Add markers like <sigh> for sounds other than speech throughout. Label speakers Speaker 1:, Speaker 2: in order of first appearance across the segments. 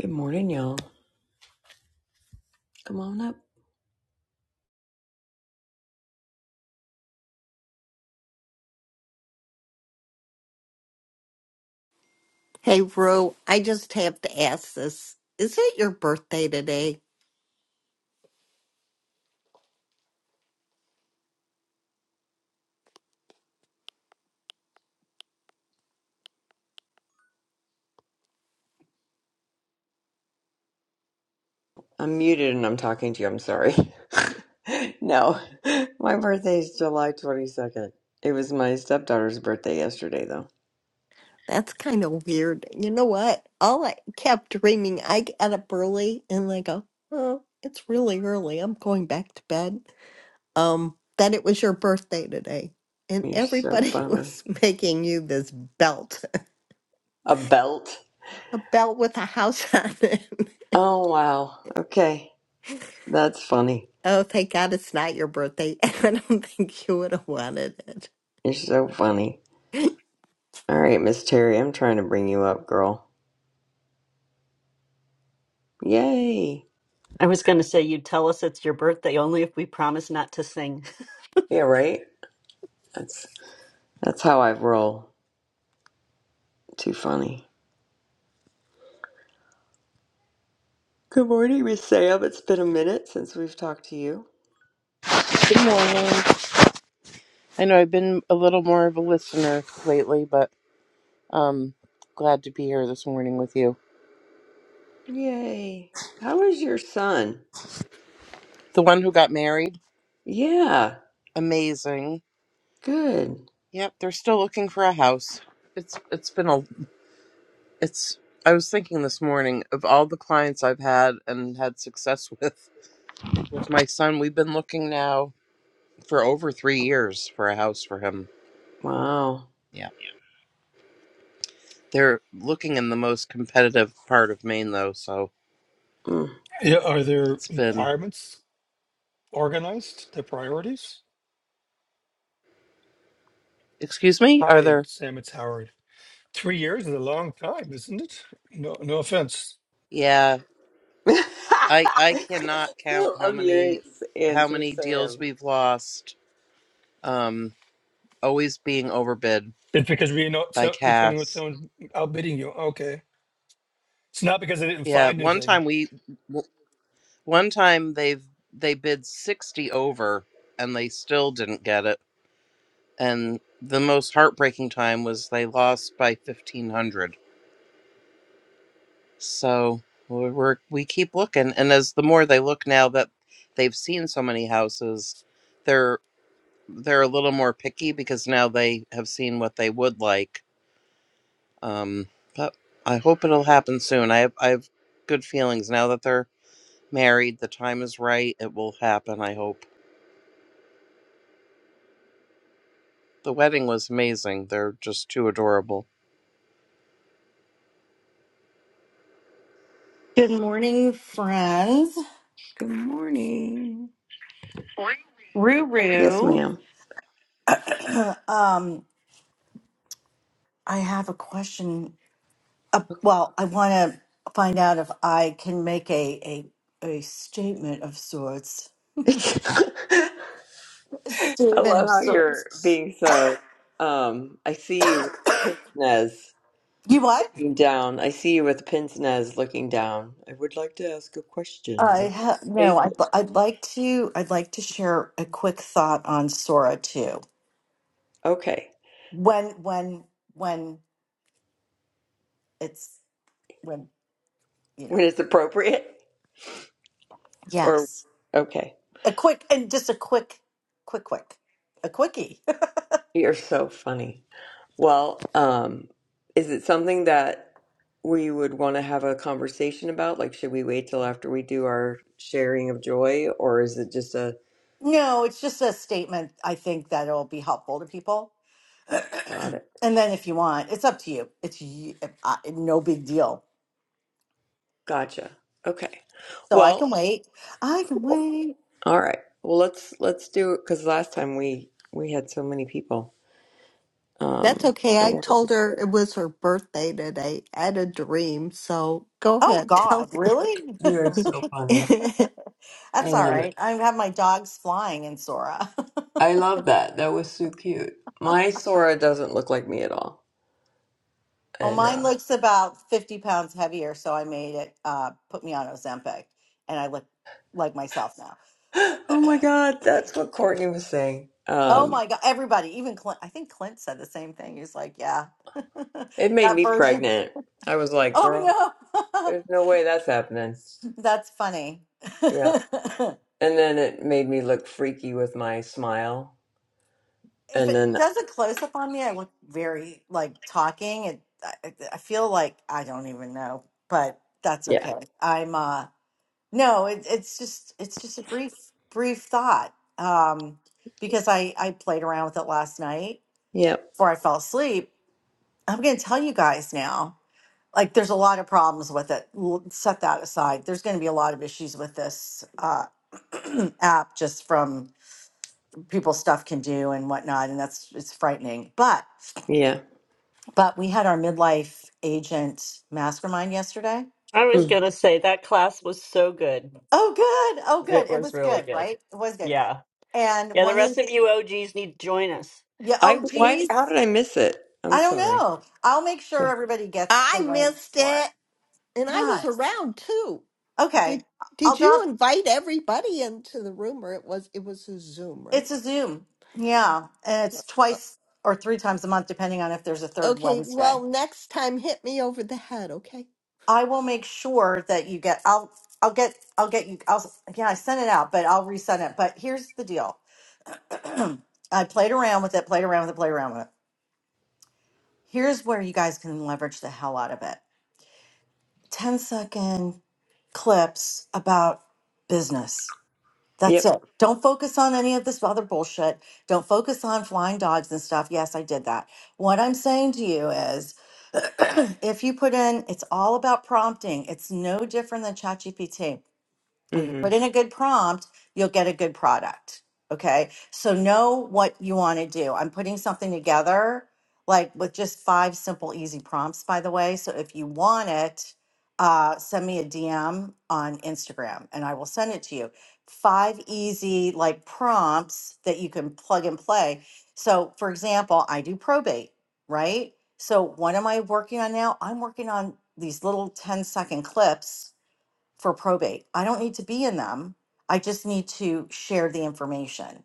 Speaker 1: Good morning, y'all. Come on up.
Speaker 2: Hey, Rue, I just have to ask this. Is it your birthday today?
Speaker 1: I'm muted and I'm talking to you. I'm sorry. <laughs> no, my birthday is July 22nd. It was my stepdaughter's birthday yesterday, though.
Speaker 2: That's kind of weird. You know what? All I kept dreaming, I get up early and I go, oh, it's really early. I'm going back to bed. Um, that it was your birthday today. And
Speaker 1: You're so
Speaker 2: everybody <laughs>
Speaker 1: funny.
Speaker 2: was making you this belt,
Speaker 1: A belt?
Speaker 2: <laughs> a belt with a house on it. <laughs>
Speaker 1: Oh, wow. Okay. That's funny.
Speaker 2: Oh, thank God it's not your birthday. <laughs> I don't think you would have wanted it.
Speaker 1: You're so funny. All right, Miss Terry, I'm trying to bring you up, girl. Yay.
Speaker 3: I was going to say, you would tell us it's your birthday only if we promise not to sing.
Speaker 1: Yeah, right? That's that's how I roll. Too funny. Good morning, Miss Sam. It's been a minute since we've talked to you.
Speaker 4: Good morning. I know I've been a little more of a listener lately, but um glad to be here this morning with you.
Speaker 1: Yay. How is your son?
Speaker 4: The one who got married,
Speaker 1: Yeah,
Speaker 4: amazing.
Speaker 1: good.
Speaker 4: Yep, they're still looking for a house. It's it's been a it's I was thinking this morning of all the clients I've had and had success <laughs> with with my son. We've been looking now for over 3 years for a house for him.
Speaker 1: Wow.
Speaker 4: Yeah. They're looking in the most competitive part of Maine though, so
Speaker 1: Mm.
Speaker 5: Yeah, are their
Speaker 4: it's been
Speaker 5: requirements organized, their priorities?
Speaker 4: Excuse me? Are
Speaker 5: Hi,
Speaker 4: there?
Speaker 5: Sam, it's Howard. Three years is a long time, isn't it? No, no offense.
Speaker 4: Yeah,
Speaker 1: <laughs>
Speaker 4: I I
Speaker 1: I
Speaker 4: cannot count how
Speaker 1: love your
Speaker 4: many how
Speaker 1: answer,
Speaker 4: many deals
Speaker 1: Sam.
Speaker 4: we've lost. Um, always being overbid
Speaker 5: It's because we know
Speaker 4: by
Speaker 5: so you're coming with
Speaker 4: cash.
Speaker 5: someone outbidding you. Okay. It's not because I didn't
Speaker 4: Yeah,
Speaker 5: find
Speaker 4: one
Speaker 5: anything.
Speaker 4: time we w- one time they've they bid sixty over and they still didn't get it. And the most heartbreaking time was they lost by fifteen hundred. So we're, we're we keep looking, and as the more they look now that they've seen so many houses, they're a little more picky because now they have seen what they would like. Um, but I hope it'll happen soon. I have, I have good feelings now that they're married. The time is right. It will happen. I hope. The wedding was amazing. They're just too adorable.
Speaker 6: Good morning, friends.
Speaker 1: Good morning. Morning. Yes,
Speaker 6: Ruru.
Speaker 1: ma'am.
Speaker 6: <clears throat> um, I have a question. Uh, well, I want to find out if I can make a, a a statement of sorts.
Speaker 1: <laughs> I
Speaker 6: A Statement of
Speaker 1: love how you're
Speaker 6: sorts.
Speaker 1: being so. Um, I see
Speaker 6: <coughs>
Speaker 1: you with a pince nez
Speaker 6: you what?
Speaker 1: looking down. I see you with a pince nez looking down. I would like to ask a question or
Speaker 6: I
Speaker 1: make a
Speaker 6: ha- no. I'd,
Speaker 1: statement.
Speaker 6: I'd like to. I'd like to share a quick thought on Sora too.
Speaker 1: Okay,
Speaker 6: When when when it's when you know.
Speaker 1: when it's appropriate, or
Speaker 6: Yes.
Speaker 1: okay.
Speaker 6: a quick and just a quick quick quick a quickie
Speaker 1: You're so funny. Well, um, is it something that we would want to have a conversation about? Like, should we wait till after we do our sharing of joy, or is it just a
Speaker 6: <laughs> no it's just a statement i think that'll it be helpful to people <clears throat>
Speaker 1: got it?
Speaker 6: and then if you want it's up to you it's you, no big deal
Speaker 1: Gotcha. Okay.
Speaker 6: so i
Speaker 1: Well,
Speaker 6: can wait i can
Speaker 1: cool.
Speaker 6: wait
Speaker 1: All right. Well, let's let's do it because last time we we had so many people
Speaker 2: That's
Speaker 1: um
Speaker 2: okay.
Speaker 1: that
Speaker 2: I
Speaker 1: wanted to
Speaker 2: told her it
Speaker 1: share.
Speaker 2: was her birthday today. I had a dream, so go
Speaker 6: oh
Speaker 2: ahead, tell
Speaker 6: god
Speaker 2: her.
Speaker 6: really
Speaker 1: You are so funny.
Speaker 2: <laughs>
Speaker 6: <laughs>
Speaker 1: I
Speaker 6: that's all
Speaker 1: love
Speaker 6: right
Speaker 1: it.
Speaker 6: i have my dogs flying in sora <laughs>
Speaker 1: I love that. That was so cute. My Sora doesn't look like me at all,
Speaker 6: well
Speaker 1: and uh,
Speaker 6: mine looks about 50 pounds heavier so i made it uh put me on ozempic and i look like myself now
Speaker 1: Oh my
Speaker 6: <clears throat>
Speaker 1: God, that's what Courtney was saying.
Speaker 6: Oh
Speaker 1: Um,
Speaker 6: my God, everybody, even Clint, I think Clint said the same thing. He's like, yeah,
Speaker 1: it
Speaker 6: <laughs>
Speaker 1: made
Speaker 6: that
Speaker 1: me
Speaker 6: version.
Speaker 1: pregnant. I was like, girl,
Speaker 6: Oh no,
Speaker 1: there's no way that's happening.
Speaker 6: <laughs> that's funny. <laughs>
Speaker 1: Yeah. And then it made me look freaky with my smile.
Speaker 6: If
Speaker 1: And
Speaker 6: it
Speaker 1: then,
Speaker 6: does a close up on me, I look very like talking. It, I, I feel like I don't even know, but that's
Speaker 1: yeah.
Speaker 6: okay. I'm, uh, no, it, it's just, it's just a brief, brief thought. Um, because I, I played around with it last night
Speaker 1: Yep.
Speaker 6: before I fell asleep. I'm going to tell you guys now like there's a lot of problems with it. L- Set that aside. There's going to be a lot of issues with this uh, <clears throat> app just from people stuff can do and whatnot, and that's it's frightening. But
Speaker 1: Yeah.
Speaker 6: but we had our midlife agent mastermind yesterday.
Speaker 3: I was
Speaker 1: Mm.
Speaker 3: going to say, that class was so good.
Speaker 6: Oh good, oh good.
Speaker 3: It
Speaker 6: It
Speaker 3: was
Speaker 6: was
Speaker 3: really
Speaker 6: good,
Speaker 3: good.
Speaker 6: right? It was good.
Speaker 3: Yeah.
Speaker 6: And
Speaker 3: Yeah, the
Speaker 6: one,
Speaker 3: rest
Speaker 6: of-
Speaker 3: of you OGs need to join us.
Speaker 6: yeah.
Speaker 1: I,
Speaker 6: Oh
Speaker 1: why,
Speaker 6: geez,
Speaker 1: how did I miss it?
Speaker 6: I
Speaker 1: I'm
Speaker 6: don't
Speaker 1: sorry.
Speaker 6: know. I'll make sure
Speaker 1: Okay.
Speaker 6: everybody gets the
Speaker 2: I
Speaker 6: link
Speaker 2: missed
Speaker 6: for it.
Speaker 2: it, and I was
Speaker 6: Guys,
Speaker 2: around too.
Speaker 6: okay.
Speaker 2: Did
Speaker 6: I'll
Speaker 2: Did
Speaker 6: drop.
Speaker 2: you invite everybody into the room, or it was it was a Zoom, right?
Speaker 6: It's a Zoom. Yeah. And it's
Speaker 2: Uh,
Speaker 6: twice or three times a month, depending on if there's a third
Speaker 2: Okay.
Speaker 6: Wednesday.
Speaker 2: Well, next time, hit me over the head, okay?
Speaker 6: I will make sure that you get, I'll, I'll get, I'll get you, I'll, yeah, I sent it out, but I'll resend it. But here's the deal. <clears throat> I played around with it, played around with it, played around with it. Here's where you guys can leverage the hell out of it. 10 second clips about business That's
Speaker 1: Yep.
Speaker 6: it. Don't focus on any of this other bullshit. Don't focus on flying dogs and stuff. Yes, I did that. What I'm saying to you is <clears throat> if you put in, it's all about prompting. It's no different than ChatGPT. If you put
Speaker 1: Mm-hmm.
Speaker 6: in a good prompt, you'll get a good product. Okay. So know what you want to do. I'm putting something together like with just five simple, easy prompts, by the way. So if you want it, uh, send me a DM on Instagram and I will send it to you. Five easy, like prompts that you can plug and play. So, for example, I do probate, right? So, what am I working on now? I'm working on these little ten-second clips for probate. I don't need to be in them. I just need to share the information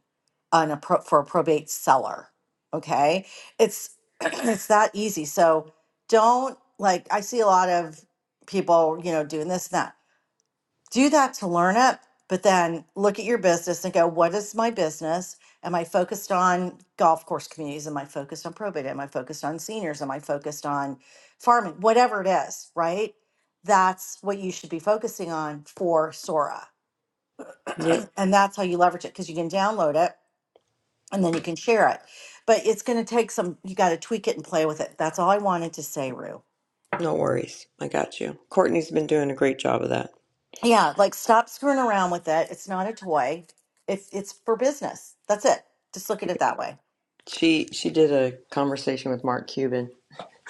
Speaker 6: on a pro- for a probate seller. Okay, it's <clears throat> it's that easy. So don't like I see a lot of people, you know, doing this and that do that to learn it, but then look at your business and go, what is my business? Am I focused on golf course communities? Am I focused on probate? Am I focused on seniors? Am I focused on farming? Whatever it is, right? That's what you should be focusing on for Sora. <clears throat>
Speaker 1: Yep.
Speaker 6: and that's how you leverage it because you can download it and then you can share it. But it's going to take some, you got to tweak it and play with it. That's all I wanted to say, Rue.
Speaker 1: No worries. I got you. Courtney's been doing a great job of that.
Speaker 6: Yeah, like stop screwing around with it. It's not a toy. It's it's for business. That's it. Just look at it that way.
Speaker 1: She, she did a conversation with Mark Cuban <laughs>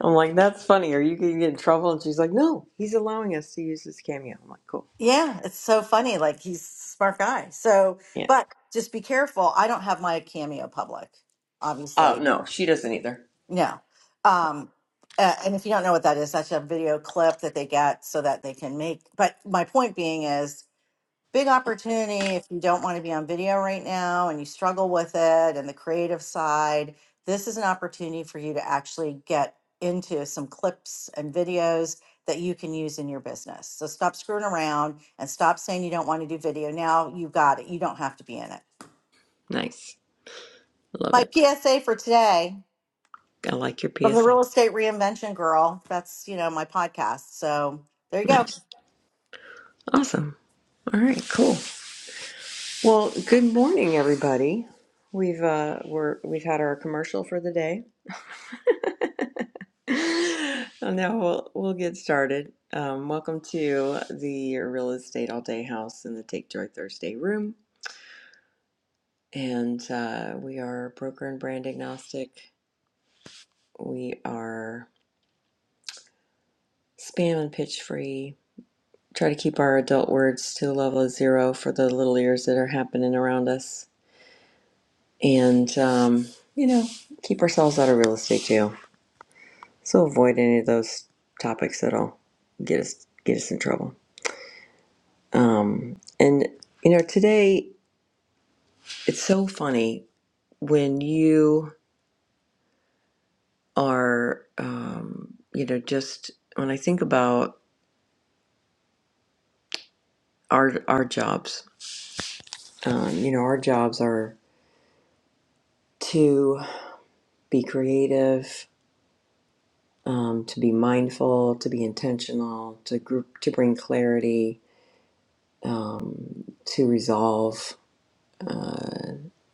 Speaker 1: I'm like, that's funny. Are you going to get in trouble? And she's like, no, he's allowing us to use this cameo. I'm like, cool.
Speaker 6: Yeah, it's so funny. Like he's a smart guy. So,
Speaker 1: Yeah.
Speaker 6: but just be careful. I don't have my cameo public,
Speaker 1: Oh,
Speaker 6: obviously.
Speaker 1: no, she doesn't either.
Speaker 6: No. Um, uh, and if you don't know what that is, that's a video clip that they get so that they can make. But my point being is big opportunity if you don't want to be on video right now and you struggle with it and the creative side. This is an opportunity for you to actually get into some clips and videos that you can use in your business. So stop screwing around and stop saying you don't want to do video. Now you've got it. You don't have to be in it.
Speaker 1: Nice. love
Speaker 6: My
Speaker 1: it.
Speaker 6: PSA for today
Speaker 1: I like your
Speaker 6: from the
Speaker 1: PSA.
Speaker 6: real estate reinvention girl. That's, you know, my podcast. So there you go.
Speaker 1: Nice. Awesome. All right, cool. Well, good morning, everybody. We've uh, we're we've had our commercial for the day. <laughs> and now we'll we'll get started. Um, welcome to the Real Estate All Day House in the Take Joy Thursday room, and uh, we are broker and brand agnostic We are spam and pitch free. Try to keep our adult words to the level of zero for the little ears that are happening around us. And, um, you know, keep ourselves out of real estate jail. So avoid any of those topics that'll get us get us in trouble. Um, and you know, today it's so funny when you are, um, you know, just when I think about our our jobs. Um, you know, our jobs are to be creative, um, to be mindful, to be intentional, to group, to bring clarity, um, to resolve,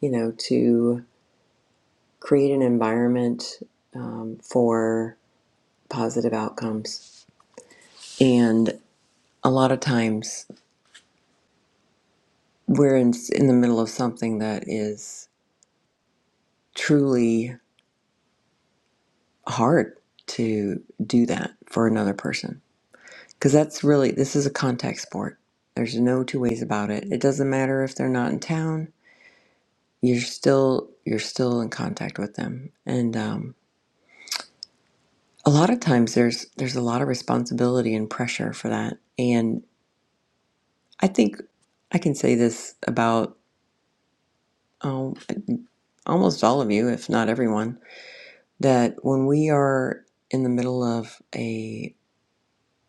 Speaker 1: you know, to create an environment um, for positive outcomes. And a lot of times we're in, in the middle of something that is truly hard to do that for another person. Because that's really, this is a contact sport. There's no two ways about it. It doesn't matter if they're not in town you're still you're still in contact with them and um, a lot of times there's there's a lot of responsibility and pressure for that and i think i can say this about um, almost all of you if not everyone that when we are in the middle of a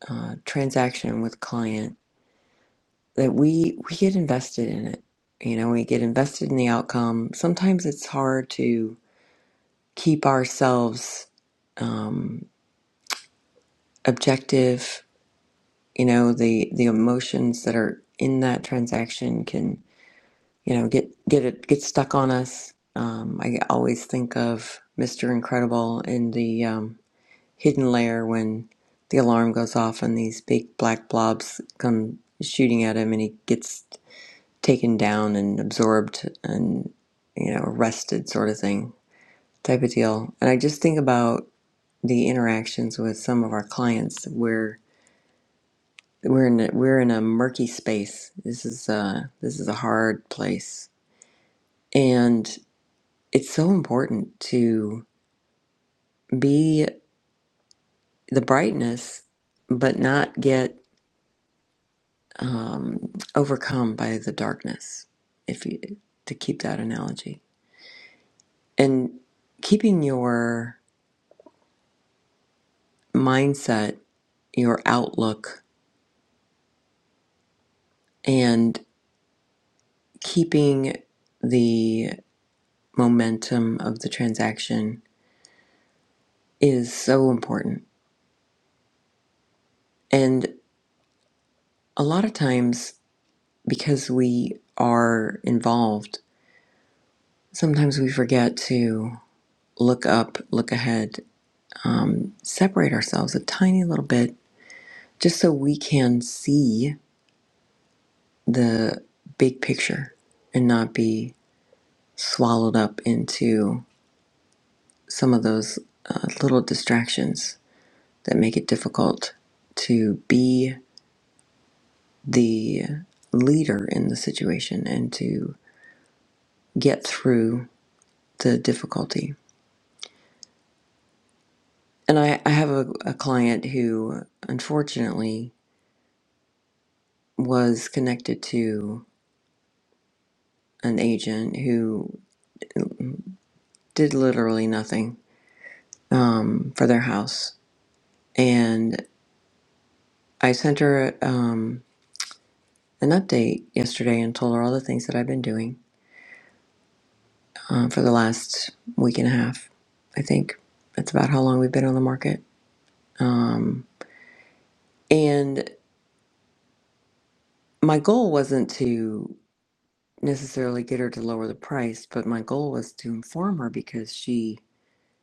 Speaker 1: uh, transaction with client that we we get invested in it you know we get invested in the outcome sometimes it's hard to keep ourselves um, objective you know the the emotions that are in that transaction can you know get get it get stuck on us um, i always think of mr incredible in the um, hidden layer when the alarm goes off and these big black blobs come shooting at him and he gets taken down and absorbed and you know arrested sort of thing type of deal and i just think about the interactions with some of our clients where We're in a, we're in a murky space. This is uh this is a hard place, and it's so important to be the brightness, but not get um, overcome by the darkness. If you to keep that analogy and keeping your mindset, your outlook, and keeping the momentum of the transaction is so important. and. a lot of times because we are involved sometimes we forget to look up look ahead um, separate ourselves a tiny little bit just so we can see the big picture and not be swallowed up into some of those uh, little distractions that make it difficult to be the leader in the situation and to get through the difficulty And I, I have a, a client who unfortunately was connected to an agent who did literally nothing um, for their house. And I sent her um, an update yesterday and told her all the things that I've been doing uh, for the last week and a half, I think. That's about how long we've been on the market. Um, and my goal wasn't to necessarily get her to lower the price, but my goal was to inform her because she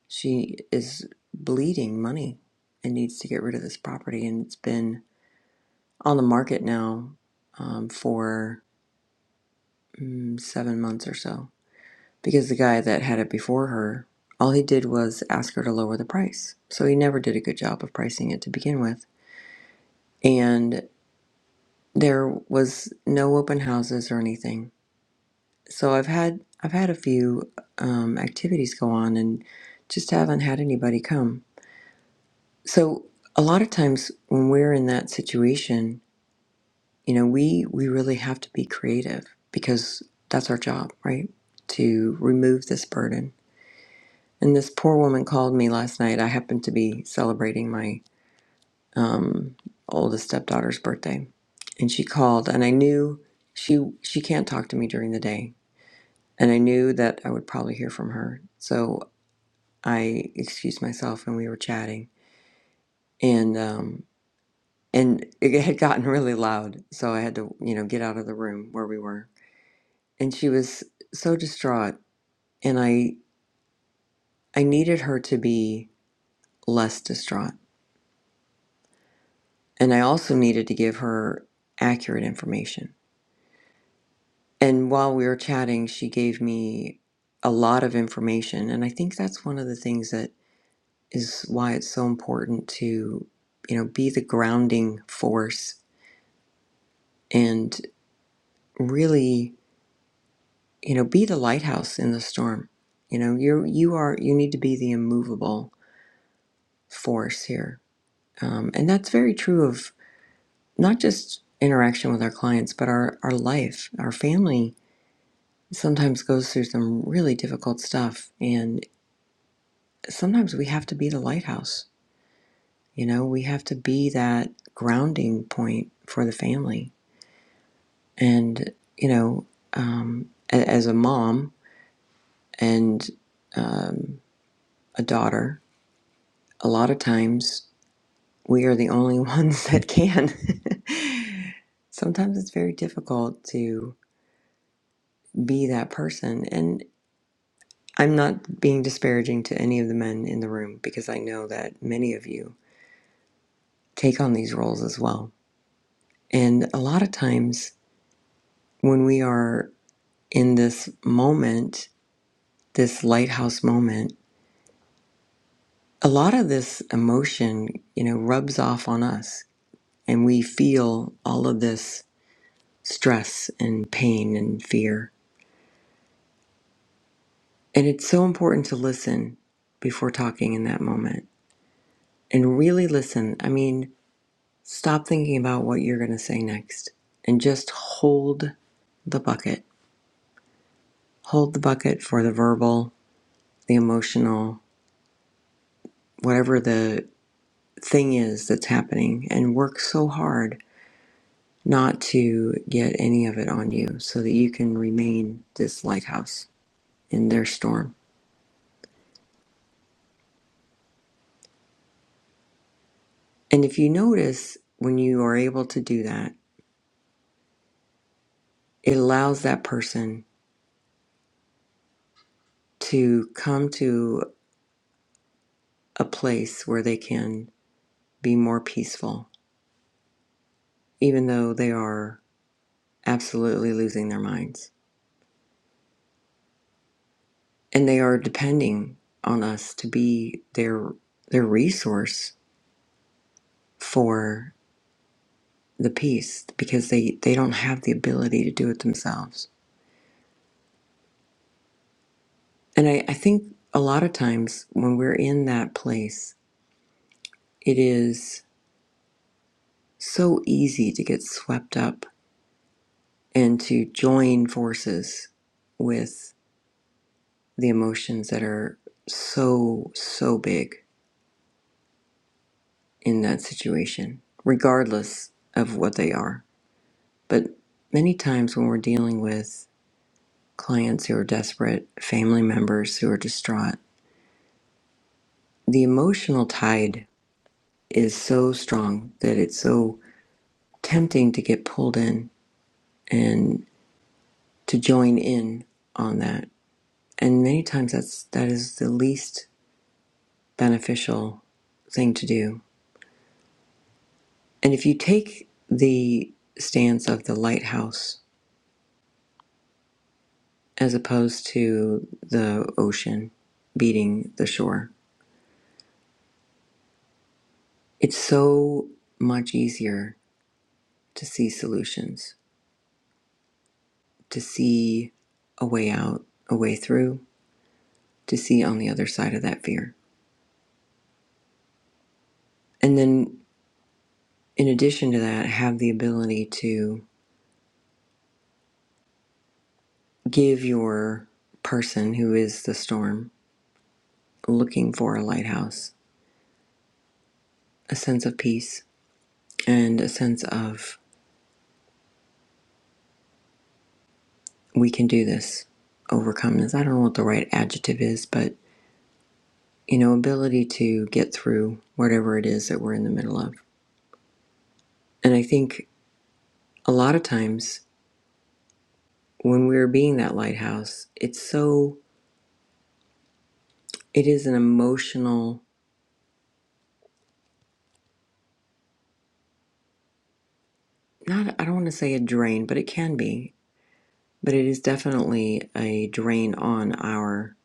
Speaker 1: She is bleeding money and needs to get rid of this property. And it's been on the market now um, for mm, seven months or so because the guy that had it before her, all he did was ask her to lower the price. So he never did a good job of pricing it to begin with. And there was no open houses or anything. So I've had I've had a few um, activities go on and just haven't had anybody come So a lot of times when we're in that situation, you know, we we really have to be creative because that's our job, right? To remove this burden. And this poor woman called me last night. I happened to be celebrating my um, oldest stepdaughter's birthday, and she called, and I knew she she can't talk to me during the day, and I knew that I would probably hear from her. So I excused myself, and we were chatting, and. um, and <laughs> it had gotten really loud so i had to you know get out of the room where we were and she was so distraught and i i needed her to be less distraught and i also needed to give her accurate information and while we were chatting she gave me a lot of information and i think that's one of the things that is why it's so important to you know be the grounding force and really you know be the lighthouse in the storm you know you're you are you need to be the immovable force here um, and that's very true of not just interaction with our clients but our our life our family sometimes goes through some really difficult stuff and sometimes we have to be the lighthouse you know we have to be that grounding point for the family and you know um, a- as a mom and um, a daughter a lot of times we are the only <laughs> ones that can. <laughs> Sometimes it's very difficult to be that person. And I'm not being disparaging to any of the men in the room because I know that many of you take on these roles as well. And a lot of times when we are in this moment, this lighthouse moment, a lot of this emotion, you know, rubs off on us and we feel all of this stress and pain and fear And it's so important to listen before talking in that moment and really listen. I mean, stop thinking about what you're going to say next and just hold the bucket. Hold the bucket for the verbal, the emotional, whatever the thing is that's happening, and work so hard not to get any of it on you so that you can remain this lighthouse in their storm. And if you notice when you are able to do that, it allows that person to come to a place where they can be more peaceful, even though they are absolutely losing their minds. And they are depending on us to be their their resource for the peace because they, they don't have the ability to do it themselves. And I, I think a lot of times when we're in that place, it is so easy to get swept up and to join forces with the emotions that are so, so big in that situation, regardless of what they are. But many times when we're dealing with clients who are desperate, family members who are distraught, the emotional tide is so strong that it's so tempting to get pulled in and to join in on that. And many times that's that is the least beneficial thing to do And if you take the stance of the lighthouse as opposed to the ocean beating the shore, it's so much easier to see solutions, to see a way out, a way through, to see on the other side of that fear. And then, in addition to that, have the ability to give your person who is the storm looking for a lighthouse a sense of peace and a sense of we can do this overcome this i don't know what the right adjective is but you know ability to get through whatever it is that we're in the middle of and i think a lot of times when we're being that lighthouse it's so it is an emotional not i don't want to say a drain but it can be but it is definitely a drain on our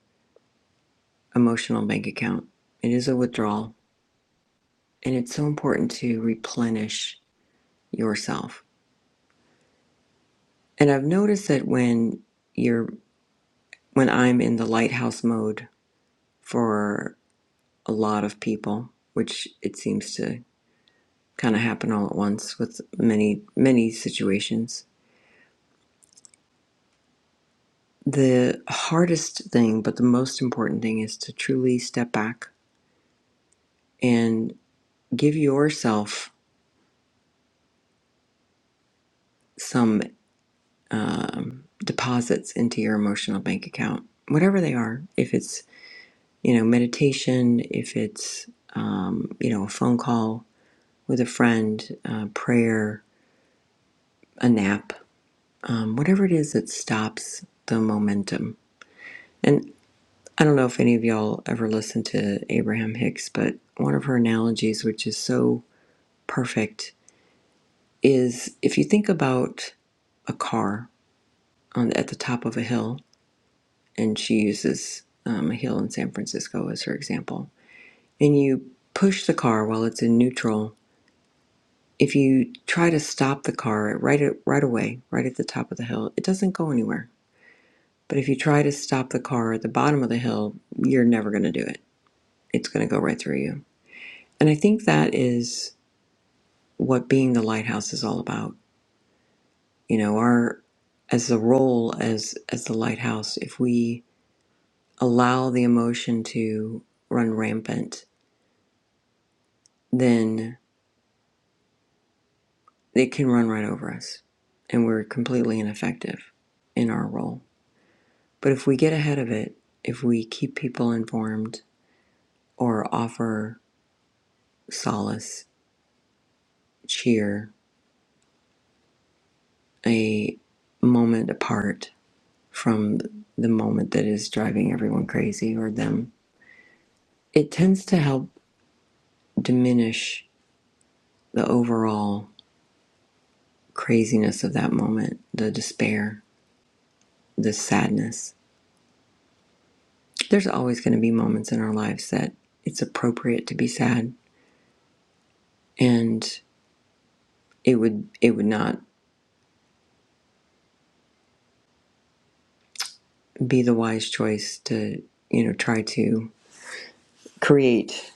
Speaker 1: emotional bank account it is a withdrawal and it's so important to replenish yourself and i've noticed that when you're when I'm in the lighthouse mode for a lot of people, which it seems to kind of happen all at once with many, many situations. The hardest thing, but the most important thing, is to truly step back and give yourself some um, deposits into your emotional bank account, whatever they are. If it's, you know, meditation, if it's, um, you know, a phone call with a friend, uh, prayer, a nap, um, whatever it is that stops the momentum. And I don't know if any of y'all ever listened to Abraham Hicks, but one of her analogies, which is so perfect, is if you think about a car on, at the top of a hill, and she uses um, a hill in San Francisco as her example, and you push the car while it's in neutral. If you try to stop the car right at, right away, right at the top of the hill, it doesn't go anywhere But if you try to stop the car at the bottom of the hill, you're never going to do it. It's going to go right through you. And I think that is what being the lighthouse is all about. You know, our as the role as as the lighthouse, if we allow the emotion to run rampant, then it can run right over us and we're completely ineffective in our role. But if we get ahead of it, if we keep people informed or offer solace, cheer, a moment apart from the moment that is driving everyone crazy or them, it tends to help diminish the overall craziness of that moment, the despair, the sadness. There's always going to be moments in our lives that it's appropriate to be sad and it would it would not be the wise choice to, you know, try to create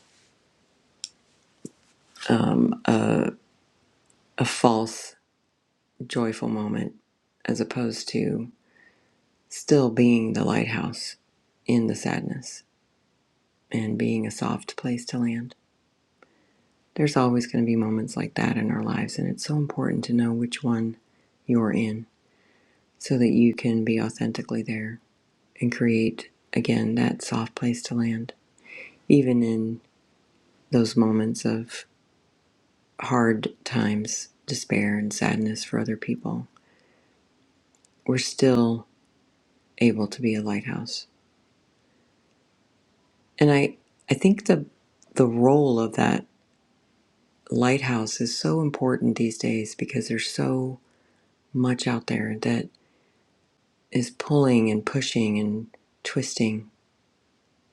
Speaker 1: a false joyful moment as opposed to still being the lighthouse in the sadness and being a soft place to land. There's always going to be moments like that in our lives, and it's so important to know which one you're in so that you can be authentically there and create, again, that soft place to land. Even in those moments of hard times, despair, and sadness for other people, we're still able to be a lighthouse. And I, I think the, the role of that the lighthouse is so important these days because there's so much out there that is pulling and pushing and twisting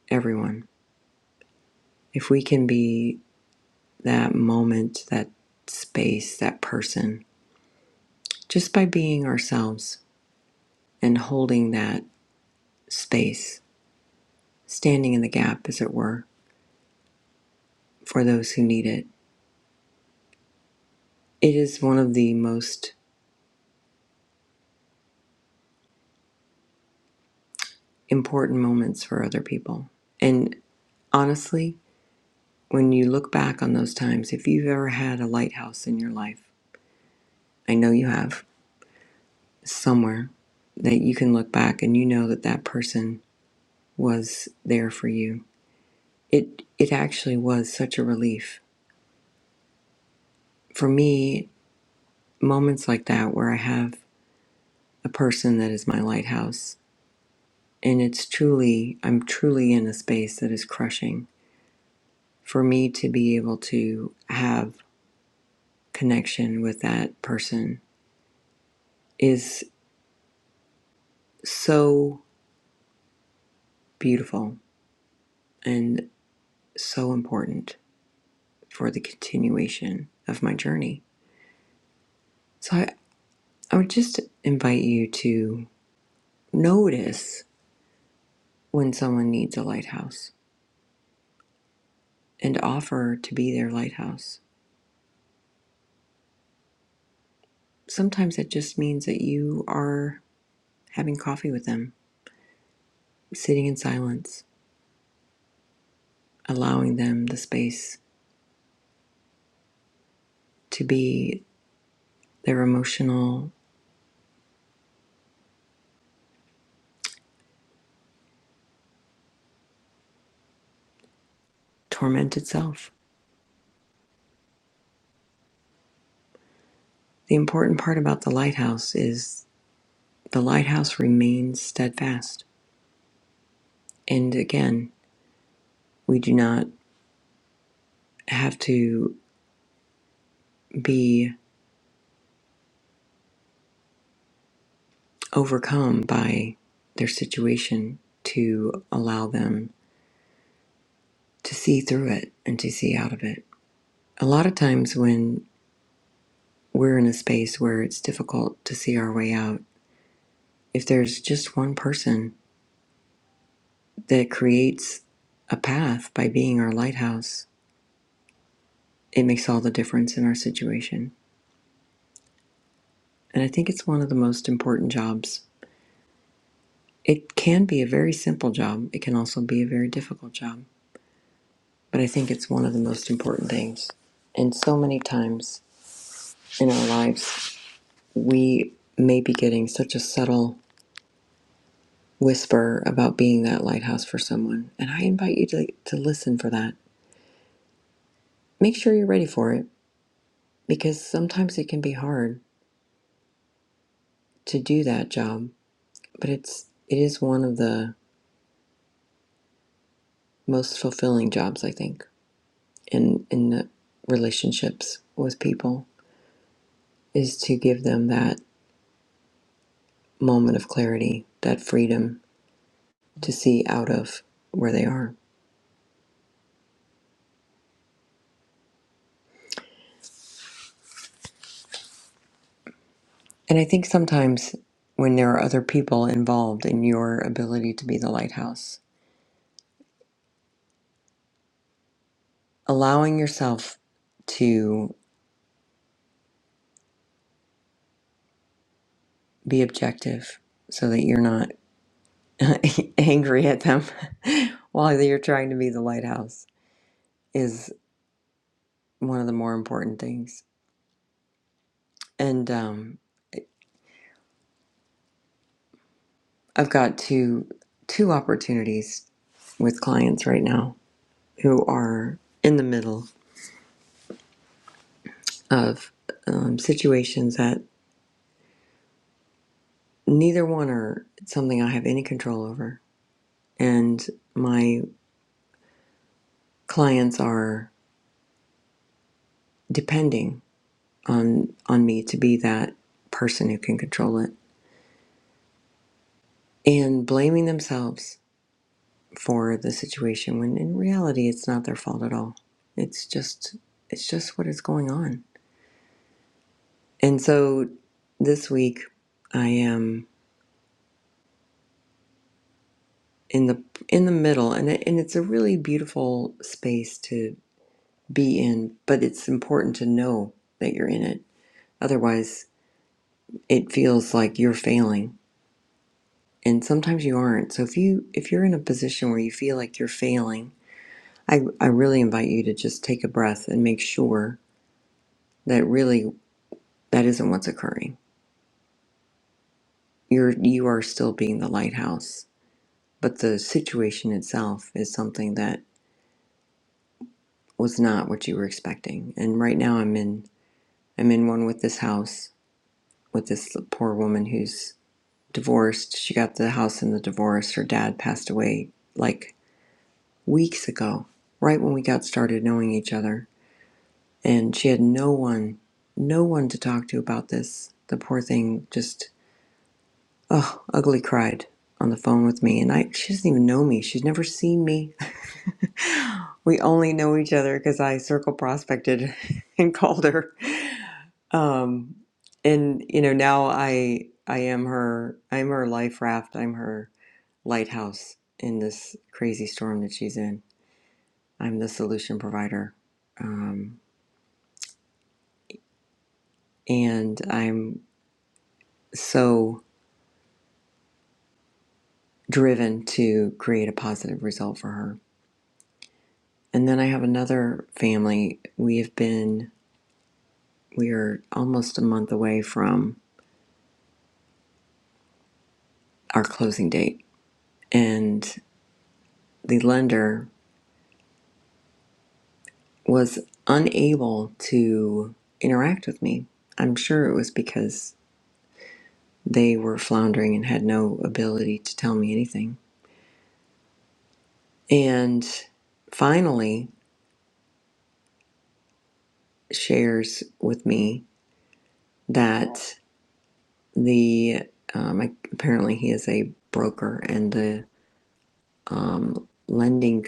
Speaker 1: everyone. If we can be that moment, that space, that person, just by being ourselves and holding that space, standing in the gap, as it were, for those who need it, it is one of the most important moments for other people. And honestly, when you look back on those times, if you've ever had a lighthouse in your life, I know you have somewhere that you can look back and you know that that person was there for you. It it actually was such a relief for me. Moments like that where I have a person that is my lighthouse, and it's truly I'm truly in a space that is crushing for me to be able to have connection with that person is so beautiful and. so important for the continuation of my journey. So I, I would just invite you to notice when someone needs a lighthouse and offer to be their lighthouse. Sometimes that just means that you are having coffee with them, sitting in silence, allowing them the space to be their emotional, tormented self. The important part about the lighthouse is the lighthouse remains steadfast. And again, we do not have to be overcome by their situation to allow them to see through it and to see out of it. A lot of times, when we're in a space where it's difficult to see our way out, if there's just one person that creates a path by being our lighthouse, it makes all the difference in our situation. And I think it's one of the most important jobs. It can be a very simple job, it can also be a very difficult job but I think it's one of the most important things. And so many times in our lives, we may be getting such a subtle whisper about being that lighthouse for someone. And I invite you to, like, to listen for that. Make sure you're ready for it because sometimes it can be hard to do that job, but it's it is one of the most fulfilling jobs I think in in the relationships with people is to give them that moment of clarity, that freedom to see out of where they are. And I think sometimes when there are other people involved in your ability to be the lighthouse, allowing yourself to be objective so that you're not <laughs> angry at them <laughs> while you're trying to be the lighthouse is one of the more important things. And um, I've got two two opportunities with clients right now who are in the middle of um, situations that neither one are something I have any control over. And my clients are depending on on me to be that person who can control it and blaming themselves for the situation when in reality it's not their fault at all. It's just it's just what is going on. And so this week I am in the in the middle and it, and it's a really beautiful space to be in, but it's important to know that you're in it Otherwise, it feels like you're failing. And sometimes you aren't. So if you if you're in a position where you feel like you're failing, I, I really invite you to just take a breath and make sure that really that isn't what's occurring. You're you are still being the lighthouse. But the situation itself is something that was not what you were expecting. And right now I'm in I'm in one with this house with this poor woman who's divorced. She got the house in the divorce. Her dad passed away like weeks ago, right when we got started knowing each other. And she had no one, no one to talk to about this. The poor thing just, oh, ugly cried on the phone with me. And I, she doesn't even know me. She's never seen me. <laughs> We only know each other because I circle prospected <laughs> and called her. Um, and you know, now I, I am her, I'm her life raft. I'm her lighthouse in this crazy storm that she's in. I'm the solution provider. Um, and I'm so driven to create a positive result for her. And then I have another family. We have been, we are almost a month away from our closing date, and the lender was unable to interact with me. I'm sure it was because they were floundering and had no ability to tell me anything. And finally, shares with me that. the um, apparently he is a broker and the um, lending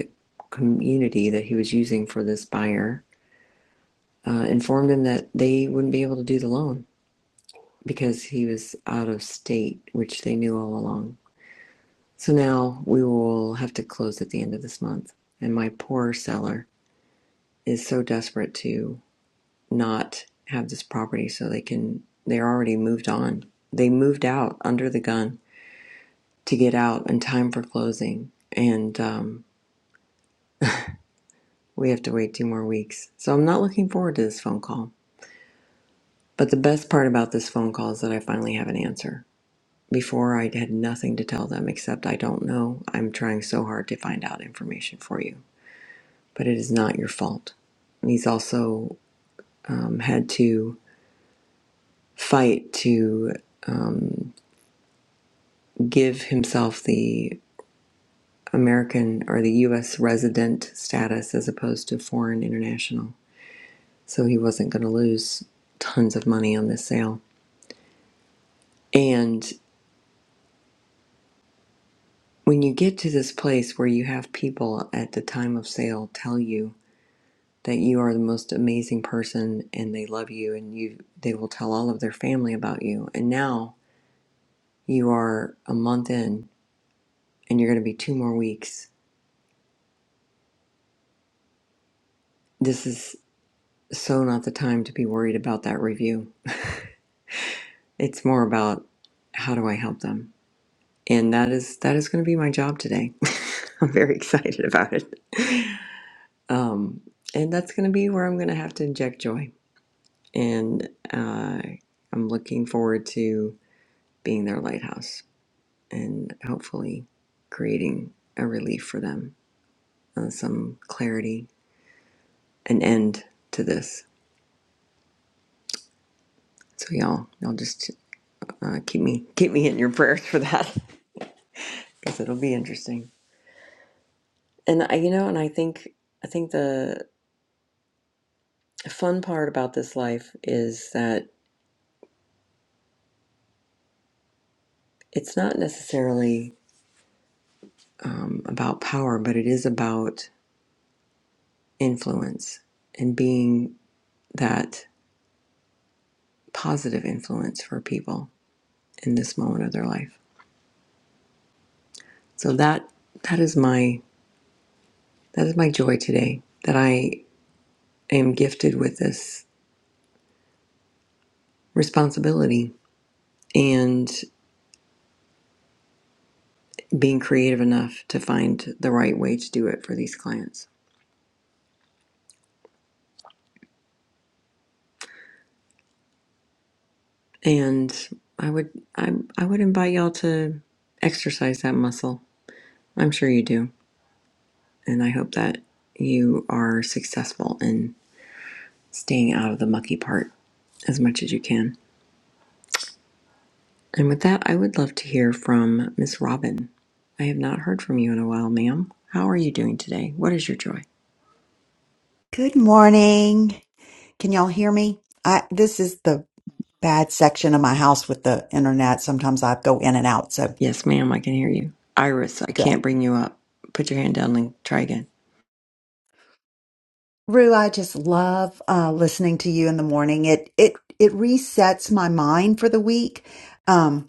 Speaker 1: community that he was using for this buyer uh, informed him that they wouldn't be able to do the loan because he was out of state which they knew all along so now we will have to close at the end of this month and my poor seller is so desperate to not have this property so they can they're already moved on they moved out under the gun to get out in time for closing, and um, we have to wait two more weeks. So I'm not looking forward to this phone call. But the best part about this phone call is that I finally have an answer. Before, I had nothing to tell them except I don't know. I'm trying so hard to find out information for you, but it is not your fault. And He's also um, had to fight to give himself the American or the U.S. resident status as opposed to foreign international so he wasn't going to lose tons of money on this sale. And when you get to this place where you have people at the time of sale tell you that you are the most amazing person and they love you and you they will tell all of their family about you and now you are a month in and you're going to be two more weeks. This is so not the time to be worried about that review. It's more about how do I help them? And that is that is going to be my job today. <laughs> I'm very excited about it. Um, and that's going to be where I'm going to have to inject joy. And uh, I'm looking forward to being their lighthouse and hopefully creating a relief for them, uh, some clarity, an end to this. So y'all, y'all just uh, keep me keep me in your prayers for that <laughs> because it'll be interesting. And I, you know, and I think I think the fun part about this life is that it's not necessarily um, about power, but it is about influence and being that positive influence for people in this moment of their life. So that that is my that is my joy today that I am gifted with this responsibility and being creative enough to find the right way to do it for these clients. And I would I I would invite y'all to exercise that muscle. I'm sure you do. And I hope that you are successful in staying out of the mucky part as much as you can. And with that, I would love to hear from Miss Robin. I have not heard from you in a while, ma'am. How are you doing today? What is your joy?
Speaker 7: Good morning. Can y'all hear me? I this is the bad section of my house with the internet. Sometimes I go in and out, so
Speaker 1: Yes, ma'am, I can hear you. Iris, I
Speaker 7: good.
Speaker 1: can't bring you up. Put your hand down and try again.
Speaker 7: Rue, I just love uh, listening to you in the morning. It it it resets my mind for the week, um,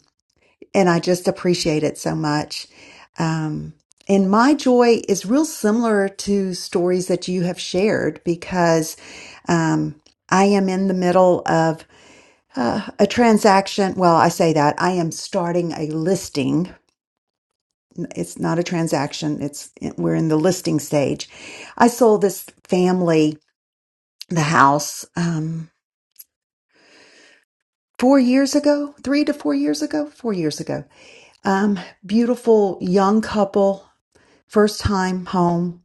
Speaker 7: and I just appreciate it so much. Um, and my joy is real similar to stories that you have shared because um, I am in the middle of Uh, a transaction, well, I say that I am starting a listing. It's not a transaction, it's we're in the listing stage. I sold this family the house um, four years ago, three to four years ago, four years ago. Um, beautiful young couple, first time home.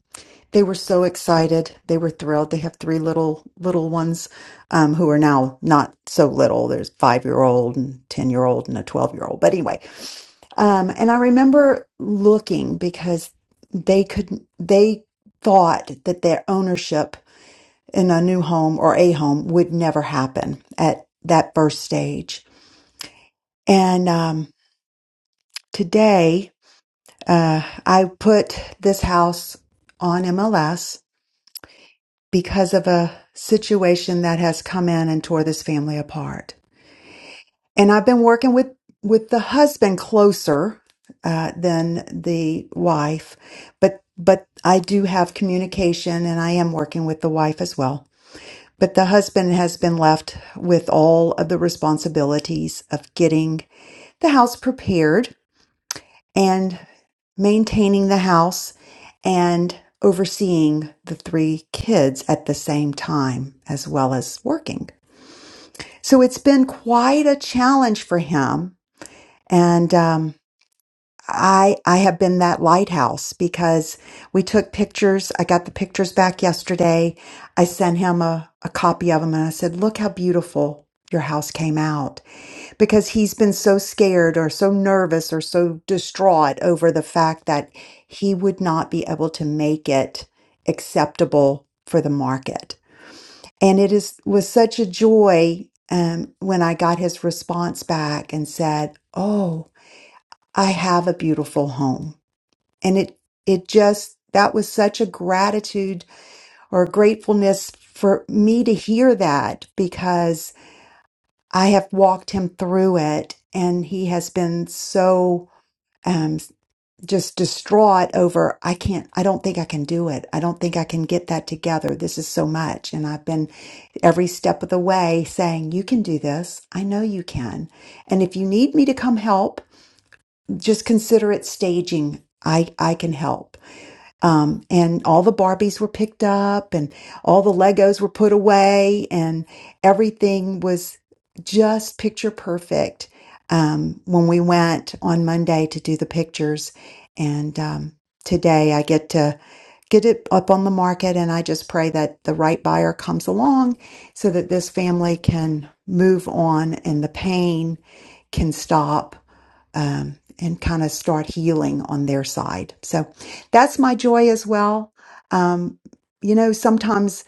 Speaker 7: They were so excited. They were thrilled. They have three little little ones um, who are now not so little. There's five year old and ten year old and a twelve year old. But anyway, Um, and I remember looking because they could they thought that their ownership in a new home or a home would never happen at that first stage. And um, today, uh, I put this house on MLS because of a situation that has come in and tore this family apart. and I've been working with with the husband closer uh, than the wife, but but I do have communication, and I am working with the wife as well. But the husband has been left with all of the responsibilities of getting the house prepared and maintaining the house and overseeing the three kids at the same time, as well as working. So it's been quite a challenge for him and um, I I have been that lighthouse because we took pictures. I got the pictures back yesterday. I sent him a, a copy of them, and I said, "Look how beautiful your house came out." Because he's been so scared or so nervous or so distraught over the fact that he would not be able to make it acceptable for the market, and it is was such a joy. Um, when I got his response back and said, "Oh." I have a beautiful home. And it, it just, that was such a gratitude or gratefulness for me to hear that because I have walked him through it and he has been so, um, just distraught over, I can't, I don't think I can do it. I don't think I can get that together. This is so much. And I've been every step of the way saying, you can do this. I know you can. And if you need me to come help, just consider it staging. I, I can help. Um, and all the Barbies were picked up and all the Legos were put away and everything was just picture perfect. Um, when we went on Monday to do the pictures and, um, today I get to get it up on the market and I just pray that the right buyer comes along so that this family can move on and the pain can stop um, and kind of start healing on their side. So that's my joy as well. Um, you know, sometimes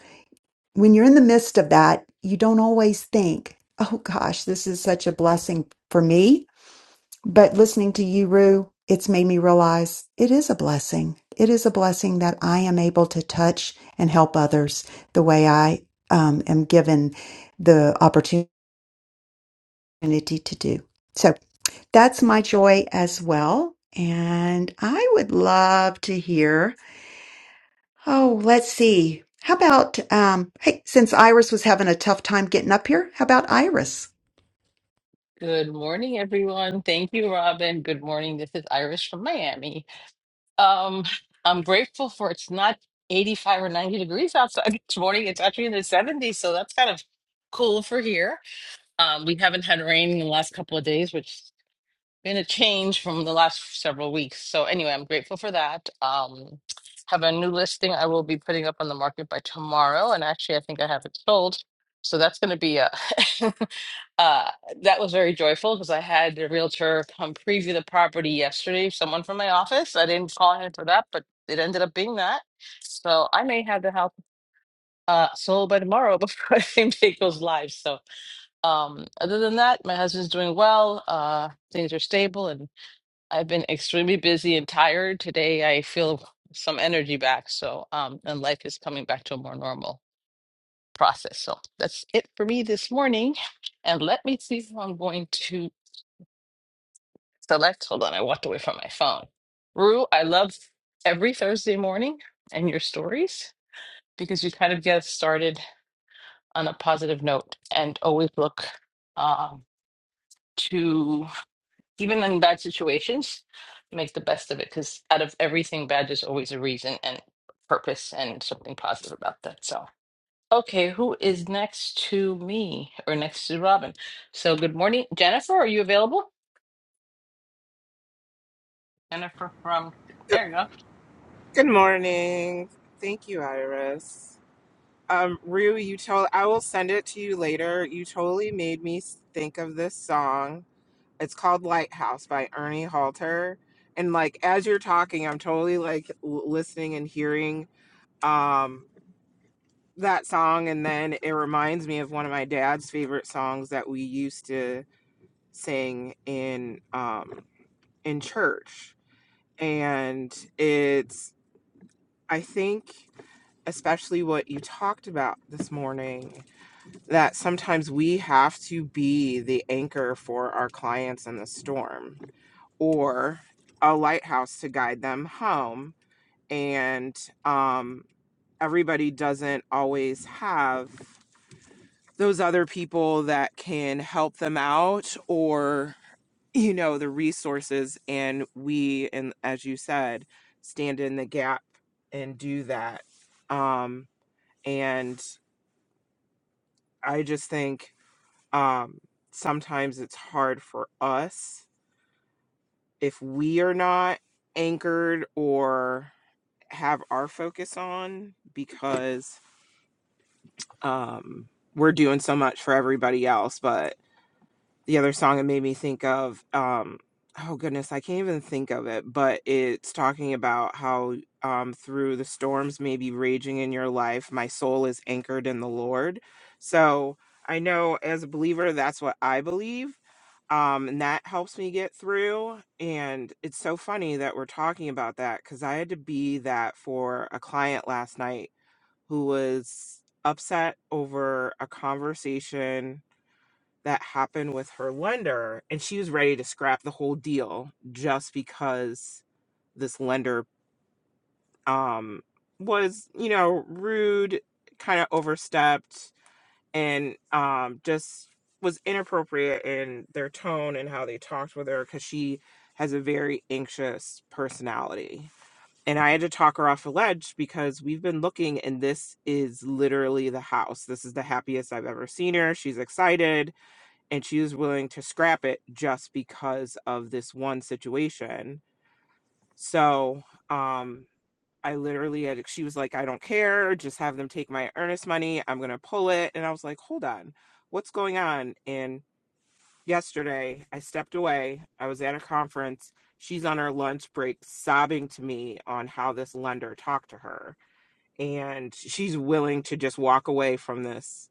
Speaker 7: when you're in the midst of that, you don't always think, oh gosh, this is such a blessing for me. But listening to you, Rue, it's made me realize it is a blessing. It is a blessing that I am able to touch and help others the way I um, am given the opportunity to do. So that's my joy as well. And I would love to hear. Oh, let's see. How about, um, hey, since Iris was having a tough time getting up here, how about Iris?
Speaker 8: Good morning, everyone. Thank you, Robin. Good morning. This is Iris from Miami. Um, I'm grateful for it's not 85 or 90 degrees outside <laughs> this morning. It's actually in the 70s, so that's kind of cool for here. Um, we haven't had rain in the last couple of days, which has been a change from the last several weeks. So anyway, I'm grateful for that. Um, have a new listing I will be putting up on the market by tomorrow, and actually, I think I have it sold. So that's going to be a <laughs> Uh, that was very joyful because I had the realtor come preview the property yesterday, someone from my office. I didn't call him for that, but it ended up being that. So I may have the house uh, sold by tomorrow <laughs> before I think it goes live. So um, other than that, my husband's doing well. Uh, things are stable, and I've been extremely busy and tired. Today, I feel some energy back. So um, and life is coming back to a more normal process. So that's it for me this morning. And let me see if I'm going to. select. Hold on, I walked away from my phone. Rue, I love every Thursday morning and your stories because you kind of get us started on a positive note and always look um, to, even in bad situations, make the best of it because out of everything bad, there's always a reason and purpose and something positive about that. So, okay, who is next to me or next to Robin? So, good morning, Jennifer. Are you available? Jennifer from
Speaker 9: Good
Speaker 8: there. You go.
Speaker 9: good morning. Thank you, Iris. Um, Rue, you told I will send it to you later. You totally made me s- think of this song. It's called Lighthouse by Ernie Halter. And like as you're talking, I'm totally like l- listening and hearing um that song and then it reminds me of one of my dad's favorite songs that we used to sing in um in church. And it's I think especially what you talked about this morning that sometimes we have to be the anchor for our clients in the storm or a lighthouse to guide them home and um, everybody doesn't always have those other people that can help them out or you know the resources and we and as you said stand in the gap and do that um and I just think um, sometimes it's hard for us if we are not anchored or have our focus on because um, we're doing so much for everybody else. But the other song it made me think of um oh goodness i can't even think of it but it's talking about how um through the storms maybe raging in your life my soul is anchored in the lord so i know as a believer that's what i believe um and that helps me get through and it's so funny that we're talking about that because i had to be that for a client last night who was upset over a conversation that happened with her lender and she was ready to scrap the whole deal just because this lender um was you know rude kind of overstepped and um just was inappropriate in their tone and how they talked with her because she has a very anxious personality and i had to talk her off a ledge because we've been looking and this is literally the house this is the happiest i've ever seen her she's excited and she was willing to scrap it just because of this one situation. So, um, I literally had, she was like, I don't care, just have them take my earnest money. I'm going to pull it. And I was like, hold on, what's going on? And yesterday I stepped away. I was at a conference. She's on her lunch break sobbing to me on how this lender talked to her. And she's willing to just walk away from this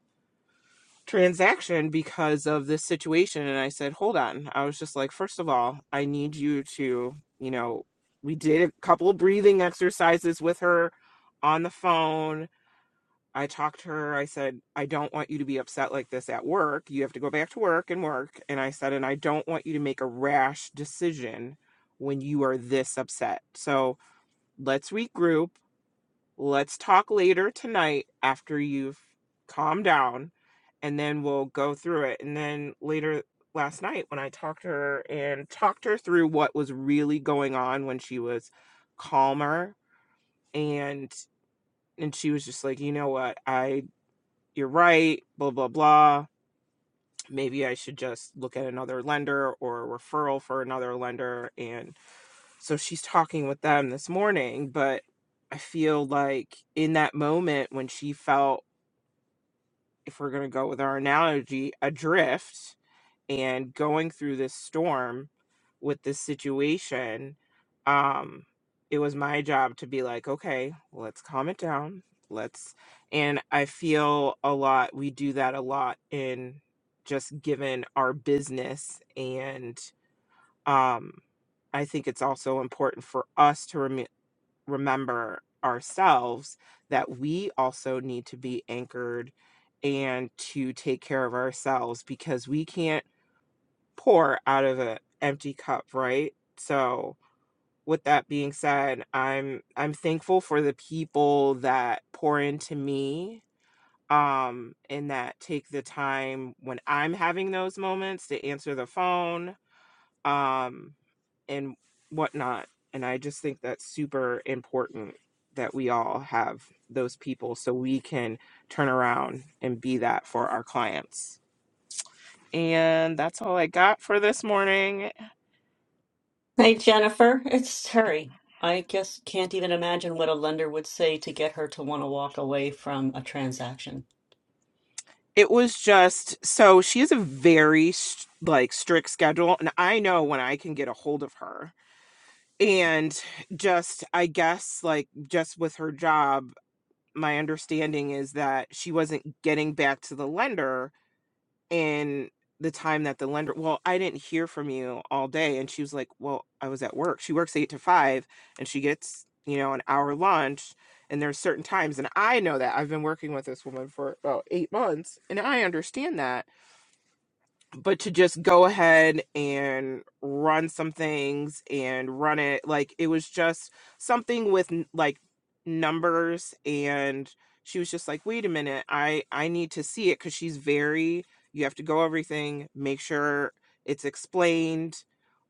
Speaker 9: transaction because of this situation and i said hold on i was just like first of all i need you to you know we did a couple of breathing exercises with her on the phone i talked to her i said i don't want you to be upset like this at work you have to go back to work and work and i said and i don't want you to make a rash decision when you are this upset so let's regroup let's talk later tonight after you've calmed down and then we'll go through it. And then later last night, when I talked to her and talked her through what was really going on when she was calmer, and and she was just like, you know what, I you're right, blah blah blah. Maybe I should just look at another lender or a referral for another lender. And so she's talking with them this morning, but I feel like in that moment when she felt, if we're going to go with our analogy, adrift, and going through this storm with this situation um it was my job to be like okay let's calm it down let's and i feel a lot we do that a lot in just given our business and um i think it's also important for us to rem- remember ourselves that we also need to be anchored and to take care of ourselves because we can't pour out of an empty cup, right? So with that being said, I'm I'm thankful for the people that pour into me um and that take the time when I'm having those moments to answer the phone um and whatnot. And I just think that's super important that we all have those people so we can turn around and be that for our clients. And that's all I got for this morning.
Speaker 3: Hey, Jennifer, it's Terry. I just can't even imagine what a lender would say to get her to want to walk away from a transaction.
Speaker 9: it was just so she has a very s- like strict schedule and i know when i can get a hold of her and just i guess like just with her job my understanding is that she wasn't getting back to the lender in the time that the lender well i didn't hear from you all day and she was like well i was at work she works 8 to 5 and she gets you know an hour lunch and there's certain times and i know that i've been working with this woman for about 8 months and i understand that but to just go ahead and run some things and run it like it was just something with n- like numbers and she was just like wait a minute i i need to see it because she's very you have to go everything make sure it's explained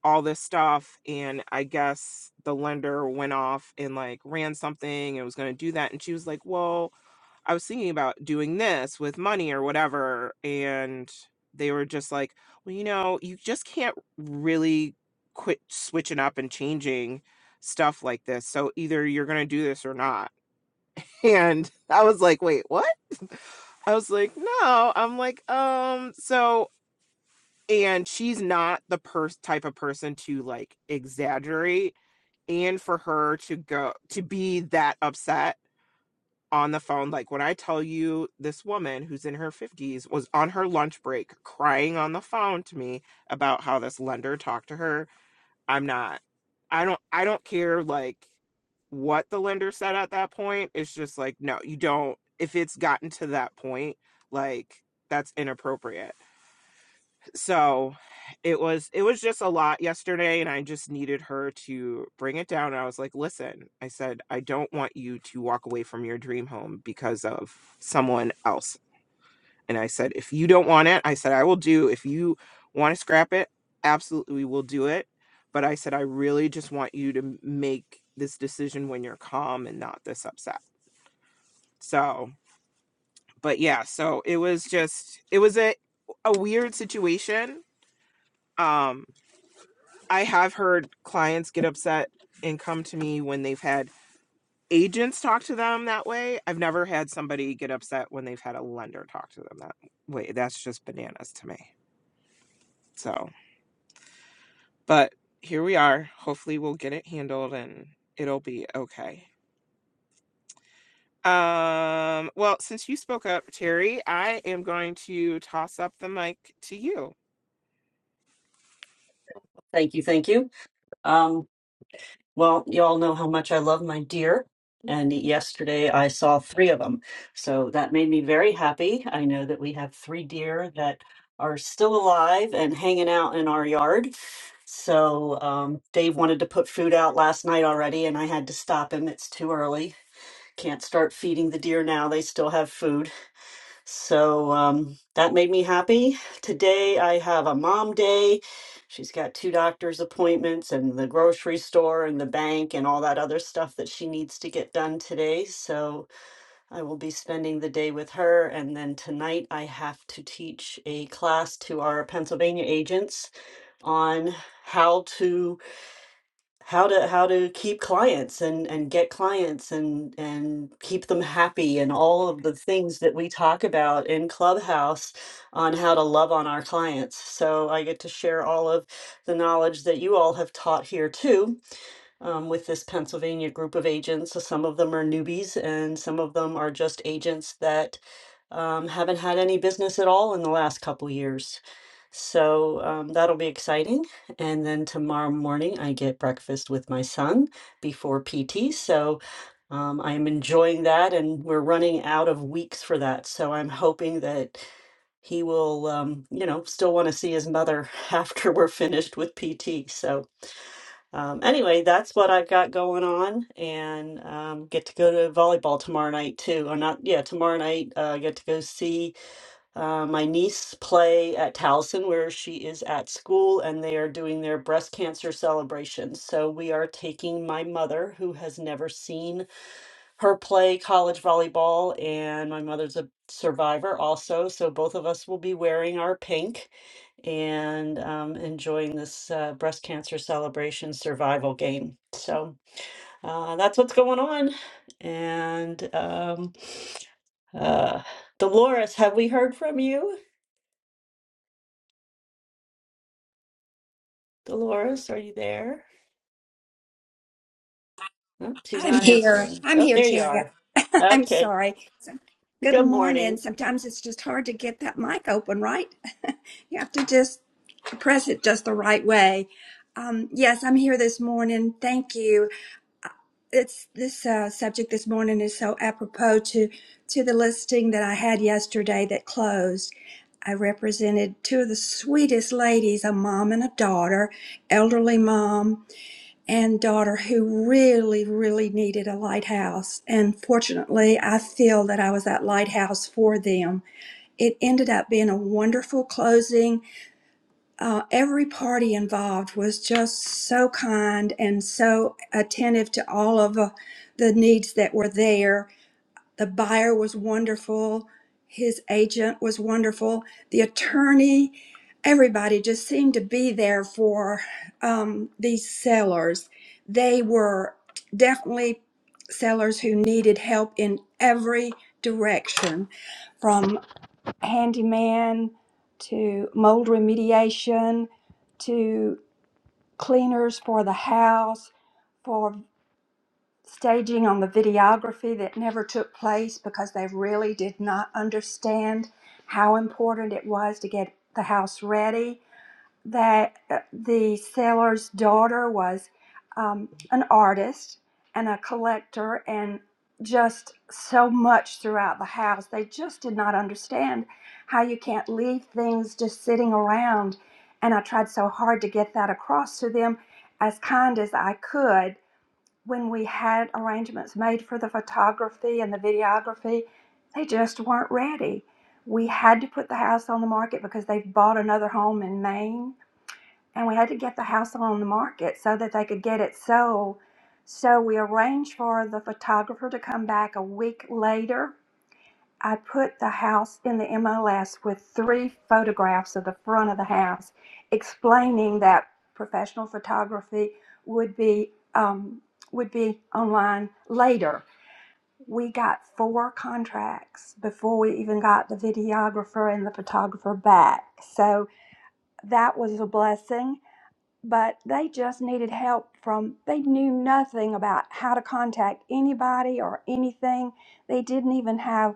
Speaker 9: all this stuff and i guess the lender went off and like ran something and was going to do that and she was like well I was thinking about doing this with money or whatever. And they were just like, well, you know, you just can't really quit switching up and changing stuff like this. So either you're going to do this or not. <laughs> And I was like, wait, what? <laughs> I was like, no. I'm like, um, so, and she's not the pers- type of person to like exaggerate. And for her to go to be that upset on the phone. Like when I tell you this woman who's in her 50s was on her lunch break crying on the phone to me about how this lender talked to her, I'm not I don't I don't care like what the lender said at that point. It's just like no, you don't if it's gotten to that point, like that's inappropriate so it was it was just a lot yesterday and i just needed her to bring it down i was like listen i said i don't want you to walk away from your dream home because of someone else and i said if you don't want it i said i will do if you want to scrap it absolutely we will do it but i said i really just want you to make this decision when you're calm and not this upset so but yeah so it was just it was a a weird situation Um, I have heard clients get upset and come to me when they've had agents talk to them that way. I've never had somebody get upset when they've had a lender talk to them that way. That's just bananas to me. So, but here we are. Hopefully we'll get it handled and it'll be okay. Um, well, since you spoke up, Terry, I am going to toss up the mic to you.
Speaker 3: Thank you. Thank you. Well, you all know how much I love my deer. And yesterday I saw three of them. So that made me very happy. I know that we have three deer that are still alive and hanging out in our yard. So um, Dave wanted to put food out last night already, and I had to stop him. It's too early. Can't start feeding the deer now. They still have food. So um, that made me happy. Today I have a mom day. She's got two doctor's appointments and the grocery store and the bank and all that other stuff that she needs to get done today. So I will be spending the day with her. And then tonight I have to teach a class to our Pennsylvania agents on how to how to how to keep clients and and get clients and and keep them happy and all of the things that we talk about in Clubhouse on how to love on our clients. So I get to share all of the knowledge that you all have taught here too um, with this Pennsylvania group of agents. So some of them are newbies, and some of them are just agents that um, haven't had any business at all in the last couple years. So um, that'll be exciting. And then tomorrow morning, I get breakfast with my son before PT. So um, I'm enjoying that, and we're running out of weeks for that. So I'm hoping that he will, um, you know, still want to see his mother <laughs> after we're finished with PT. So um, anyway, that's what I've got going on, and um, get to go to volleyball tomorrow night too. Or not, yeah, tomorrow night uh, I get to go see uh, my niece play at Towson, where she is at school, and they are doing their breast cancer celebration. So we are taking my mother, who has never seen her play college volleyball, and my mother's a survivor also. So both of us will be wearing our pink and um, enjoying this uh, breast cancer celebration survival game. So uh, that's what's going on. And um, uh, Dolores, have we heard from you? Dolores, are you there? Oh, she's
Speaker 10: I'm
Speaker 3: not
Speaker 10: here.
Speaker 3: answering.
Speaker 10: I'm
Speaker 3: Oh,
Speaker 10: here,
Speaker 3: there you
Speaker 10: Terry.
Speaker 3: are.
Speaker 10: <laughs> I'm
Speaker 3: Okay.
Speaker 10: sorry. So- Good
Speaker 3: Good
Speaker 10: morning.
Speaker 3: morning.
Speaker 10: Sometimes it's just hard to get that mic open, right? <laughs> You have to just press it just the right way. Um, yes, I'm here this morning. Thank you. It's this uh, subject this morning is so apropos to to the listing that I had yesterday that closed. I represented two of the sweetest ladies, a mom and a daughter, elderly mom and daughter who really, really needed a lighthouse. And fortunately, I feel that I was that lighthouse for them. It ended up being a wonderful closing. Uh, every party involved was just so kind and so attentive to all of uh, the needs that were there the buyer was wonderful. His agent was wonderful. The attorney, everybody just seemed to be there for um, these sellers. They were definitely sellers who needed help in every direction from handyman to mold remediation to cleaners for the house for staging on the videography that never took place because they really did not understand how important it was to get the house ready. That uh, the seller's daughter was um, an artist and a collector and just so much throughout the house. They just did not understand how you can't leave things just sitting around. And I tried so hard to get that across to them as kind as I could when we had arrangements made for the photography and the videography, they just weren't ready. We had to put the house on the market because they've bought another home in Maine, and we had to get the house on the market so that they could get it sold. So we arranged for the photographer to come back a week later I put the house in the MLS with three photographs of the front of the house, explaining that professional photography would be um, would be online later. We got four contracts before we even got the videographer and the photographer back, so that was a blessing. But they just needed help from, they knew nothing about how to contact anybody or anything. They didn't even have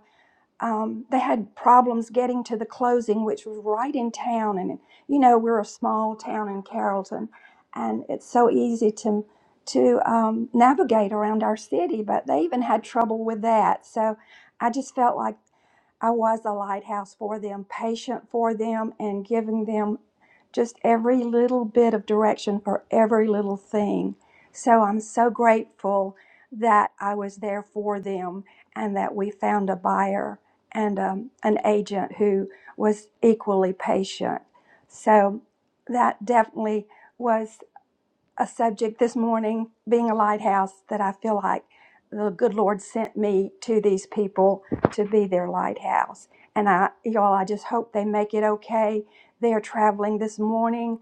Speaker 10: um, they had problems getting to the closing, which was right in town. And you know, we're a small town in Carrollton, and it's so easy to to um, navigate around our city. But they even had trouble with that. So I just felt like I was a lighthouse for them, patient for them, and giving them just every little bit of direction for every little thing. So I'm so grateful that I was there for them and that we found a buyer and um, an agent who was equally patient. So that definitely was a subject this morning, being a lighthouse, that I feel like the good Lord sent me to these people to be their lighthouse. And I, y'all, I just hope they make it okay. They are traveling this morning,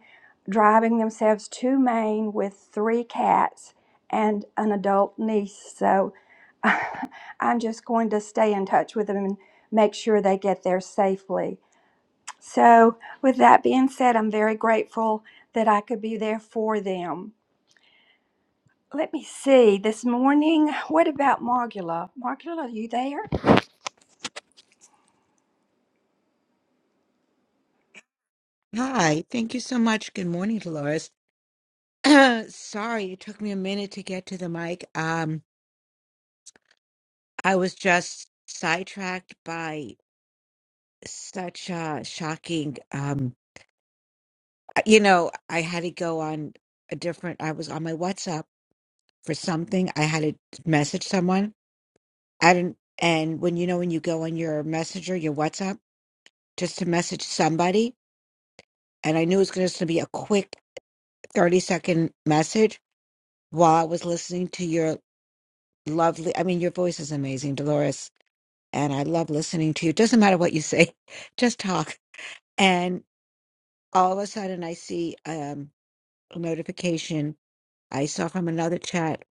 Speaker 10: driving themselves to Maine with three cats and an adult niece. So <laughs> I'm just going to stay in touch with them and make sure they get there safely. So, with that being said, I'm very grateful that I could be there for them. Let me see. This morning, what about Margula? Margula, are you there?
Speaker 11: Hi, thank you so much. Good morning, Dolores. <clears throat> Sorry, it took me a minute to get to the mic. Um, I was just sidetracked by such a shocking, um, you know, I had to go on a different, I was on my WhatsApp for something. I had to message someone. I didn't, and when you know, when you go on your messenger, your WhatsApp, just to message somebody, and I knew it was going to be a quick 30 second message while I was listening to your lovely. I mean, your voice is amazing, Dolores, and I love listening to you. Doesn't matter what you say, <laughs> just talk. And all of a sudden, I see um, a notification I saw from another chat.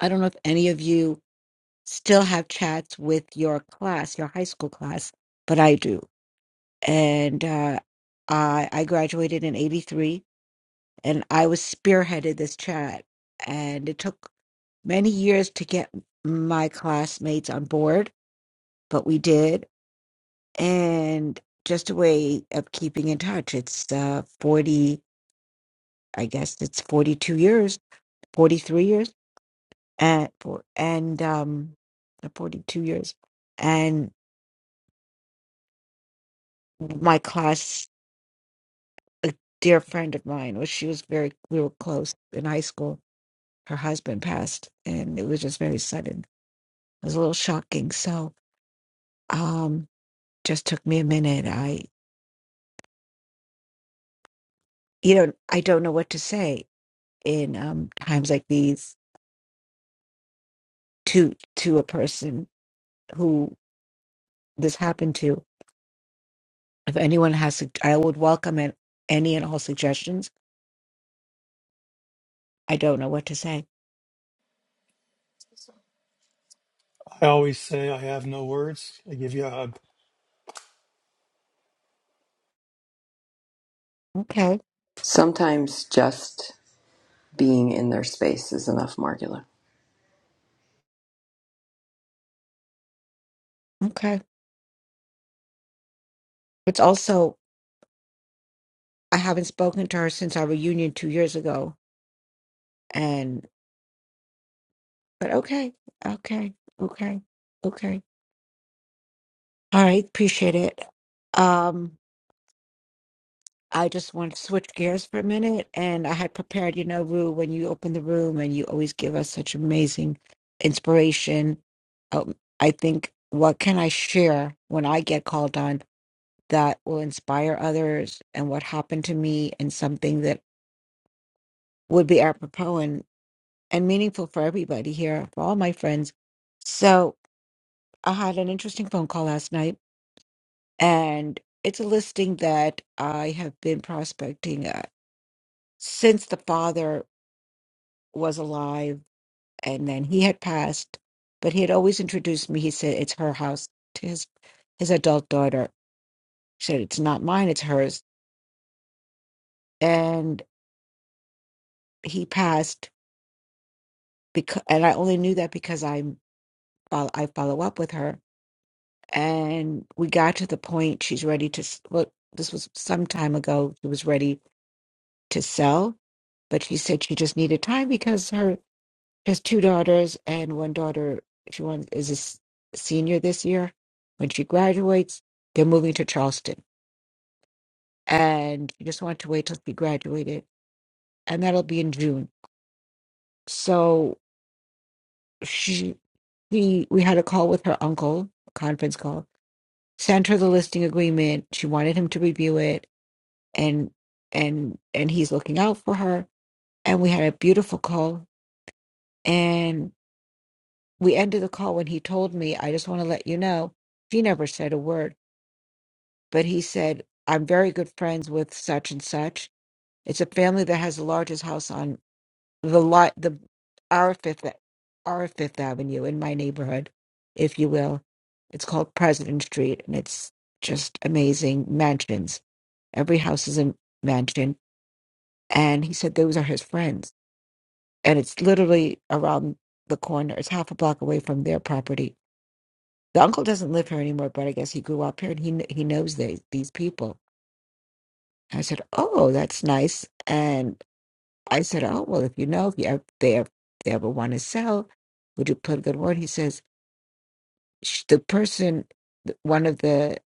Speaker 11: I don't know if any of you still have chats with your class, your high school class, but I do. And uh, I, I graduated in '83, and I was spearheaded this chat, and it took many years to get my classmates on board, but we did and just a way of keeping in touch. It's uh, 40, I guess it's 42 years, 43 years, and for and um, 42 years. And my class, a dear friend of mine, well, she was very, we were close in high school. Her husband passed, and it was just very sudden. It was a little shocking. So, um, just took me a minute. I, you know, I don't know what to say in um, times like these to to a person who this happened to, if anyone has, sug- I would welcome an, any and all suggestions. I don't know what to say.
Speaker 5: I always say I have no words. I give you a hug.
Speaker 11: Okay.
Speaker 1: Sometimes just being in their space is enough, Margula.
Speaker 11: Okay. It's also, I haven't spoken to her since our reunion two years ago. And, but okay. Okay. Okay. Okay. All right. Appreciate it. Um, I just want to switch gears for a minute. And I had prepared, you know, Rue, when you open the room and you always give us such amazing inspiration. Um, I think, what can I share when I get called on that will inspire others and what happened to me and something that would be apropos and, and meaningful for everybody here, for all my friends? So I had an interesting phone call last night, and it's a listing that I have been prospecting uh, since the father was alive and then he had passed but he had always introduced me he said it's her house to his his adult daughter she said it's not mine it's hers and he passed because and i only knew that because i fol- i follow up with her and we got to the point she's ready to s- well this was some time ago she was ready to sell but she said she just needed time because her She has two daughters, and one daughter, she one is a s- senior this year. When she graduates, they're moving to Charleston, and you just want to wait till she graduated, and that'll be in June. So she, we, we had a call with her uncle, a conference call. Sent her the listing agreement. She wanted him to review it, and and and he's looking out for her. And we had a beautiful call, and we ended the call when he told me, "I just want to let you know." She never said a word but he said, I'm very good friends with such and such. It's a family that has the largest house on the lot, the our fifth, our Fifth Avenue in my neighborhood, if you will. It's called President Street, and it's just amazing mansions. Every house is a mansion, and he said those are his friends, and it's literally around the corner. It's half a block away from their property. The uncle doesn't live here anymore, but I guess he grew up here and he kn- he knows these these people I said, "Oh, that's nice." And I said, "Oh, well, if you know if you ever, they ever, they ever want to sell, would you put a good word?" He says, "Sh- "The person, th- one of the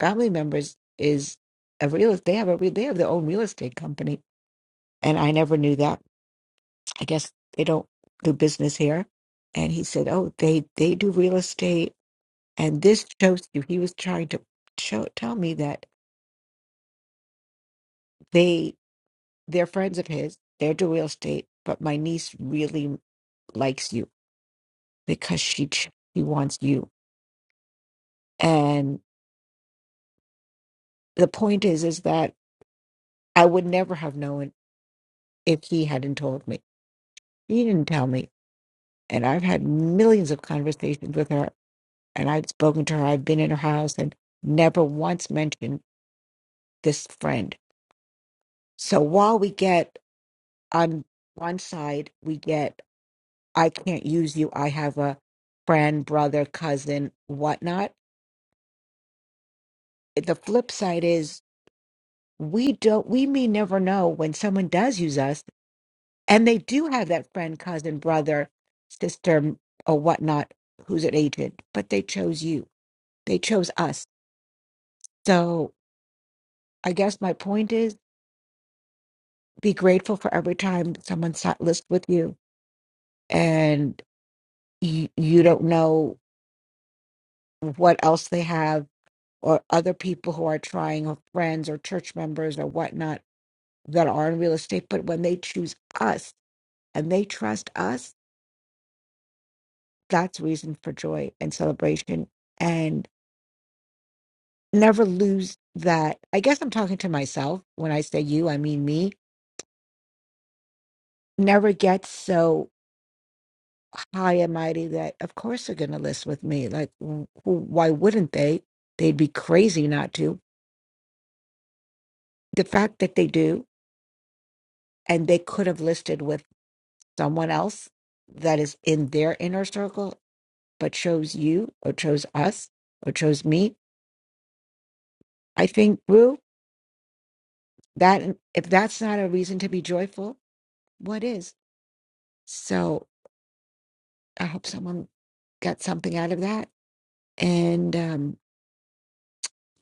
Speaker 11: family members is a real. They have a real. They have their own real estate company, and I never knew that. I guess they don't do business here." And he said, "Oh, they they do real estate, and this shows you." He was trying to show tell me that they they're friends of his. They're do real estate, but my niece really likes you because she ch- she wants you. And the point is, is that I would never have known if he hadn't told me. He didn't tell me, and I've had millions of conversations with her, and I've spoken to her. I've been in her house and never once mentioned this friend. So while we get on one side, we get I can't use you. I have a friend, brother, cousin, whatnot. The flip side is we don't we may never know when someone does use us and they do have that friend cousin brother sister or whatnot who's an agent but they chose you they chose us so i guess my point is be grateful for every time someone sat list with you and you, you don't know what else they have or other people who are trying or friends or church members or whatnot that are in real estate but when they choose us and they trust us that's reason for joy and celebration and never lose that i guess i'm talking to myself when i say you i mean me never get so high and mighty that of course they're going to list with me like w- w- why wouldn't they they'd be crazy not to the fact that they do and they could have listed with someone else that is in their inner circle but chose you or chose us or chose me i think Rue, that if that's not a reason to be joyful what is. So I hope someone got something out of that. And um,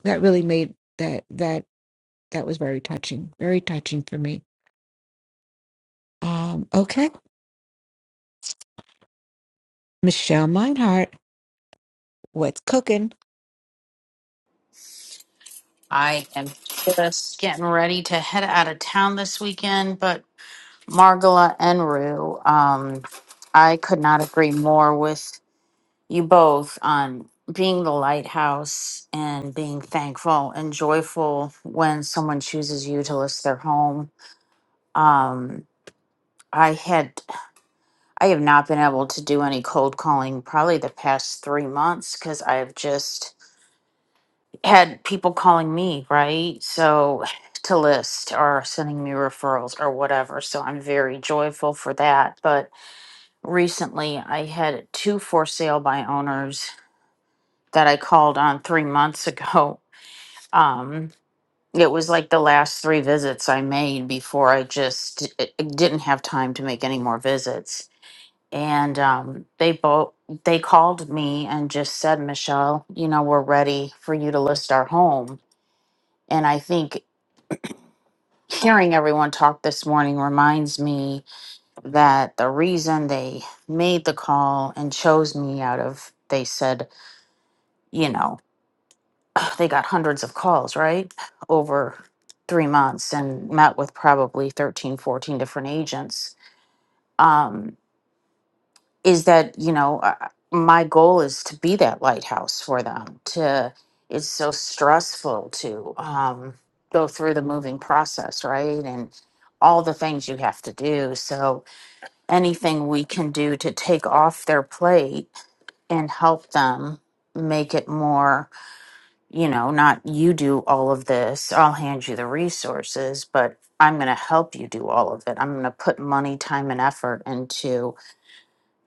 Speaker 11: that really made that that that was very touching, very touching for me. Um, okay. Michelle Meinhardt, what's cooking?
Speaker 12: I am just getting ready to head out of town this weekend, but Margola and Rue, um, I could not agree more with you both on being the lighthouse and being thankful and joyful when someone chooses you to list their home. Um, I had I have not been able to do any cold calling probably the past three months because I have just had people calling me, right? So to list or sending me referrals or whatever. So I'm very joyful for that. But recently I had two for sale by owners that I called on three months ago. <laughs> Um, it was like the last three visits I made before I just d- i- didn't have time to make any more visits. And um, they both they called me and just said, Michelle, you know, we're ready for you to list our home. And I think hearing everyone talk this morning reminds me that the reason they made the call and chose me out of they said you know <sighs> they got hundreds of calls right over three months and met with probably 13 14 different agents um, is that you know uh, my goal is to be that lighthouse for them to it's so stressful to um, go through the moving process right and all the things you have to do so anything we can do to take off their plate and help them make it more, you know, not you do all of this, I'll hand you the resources, but I'm going to help you do all of it. I'm going to put money, time, and effort into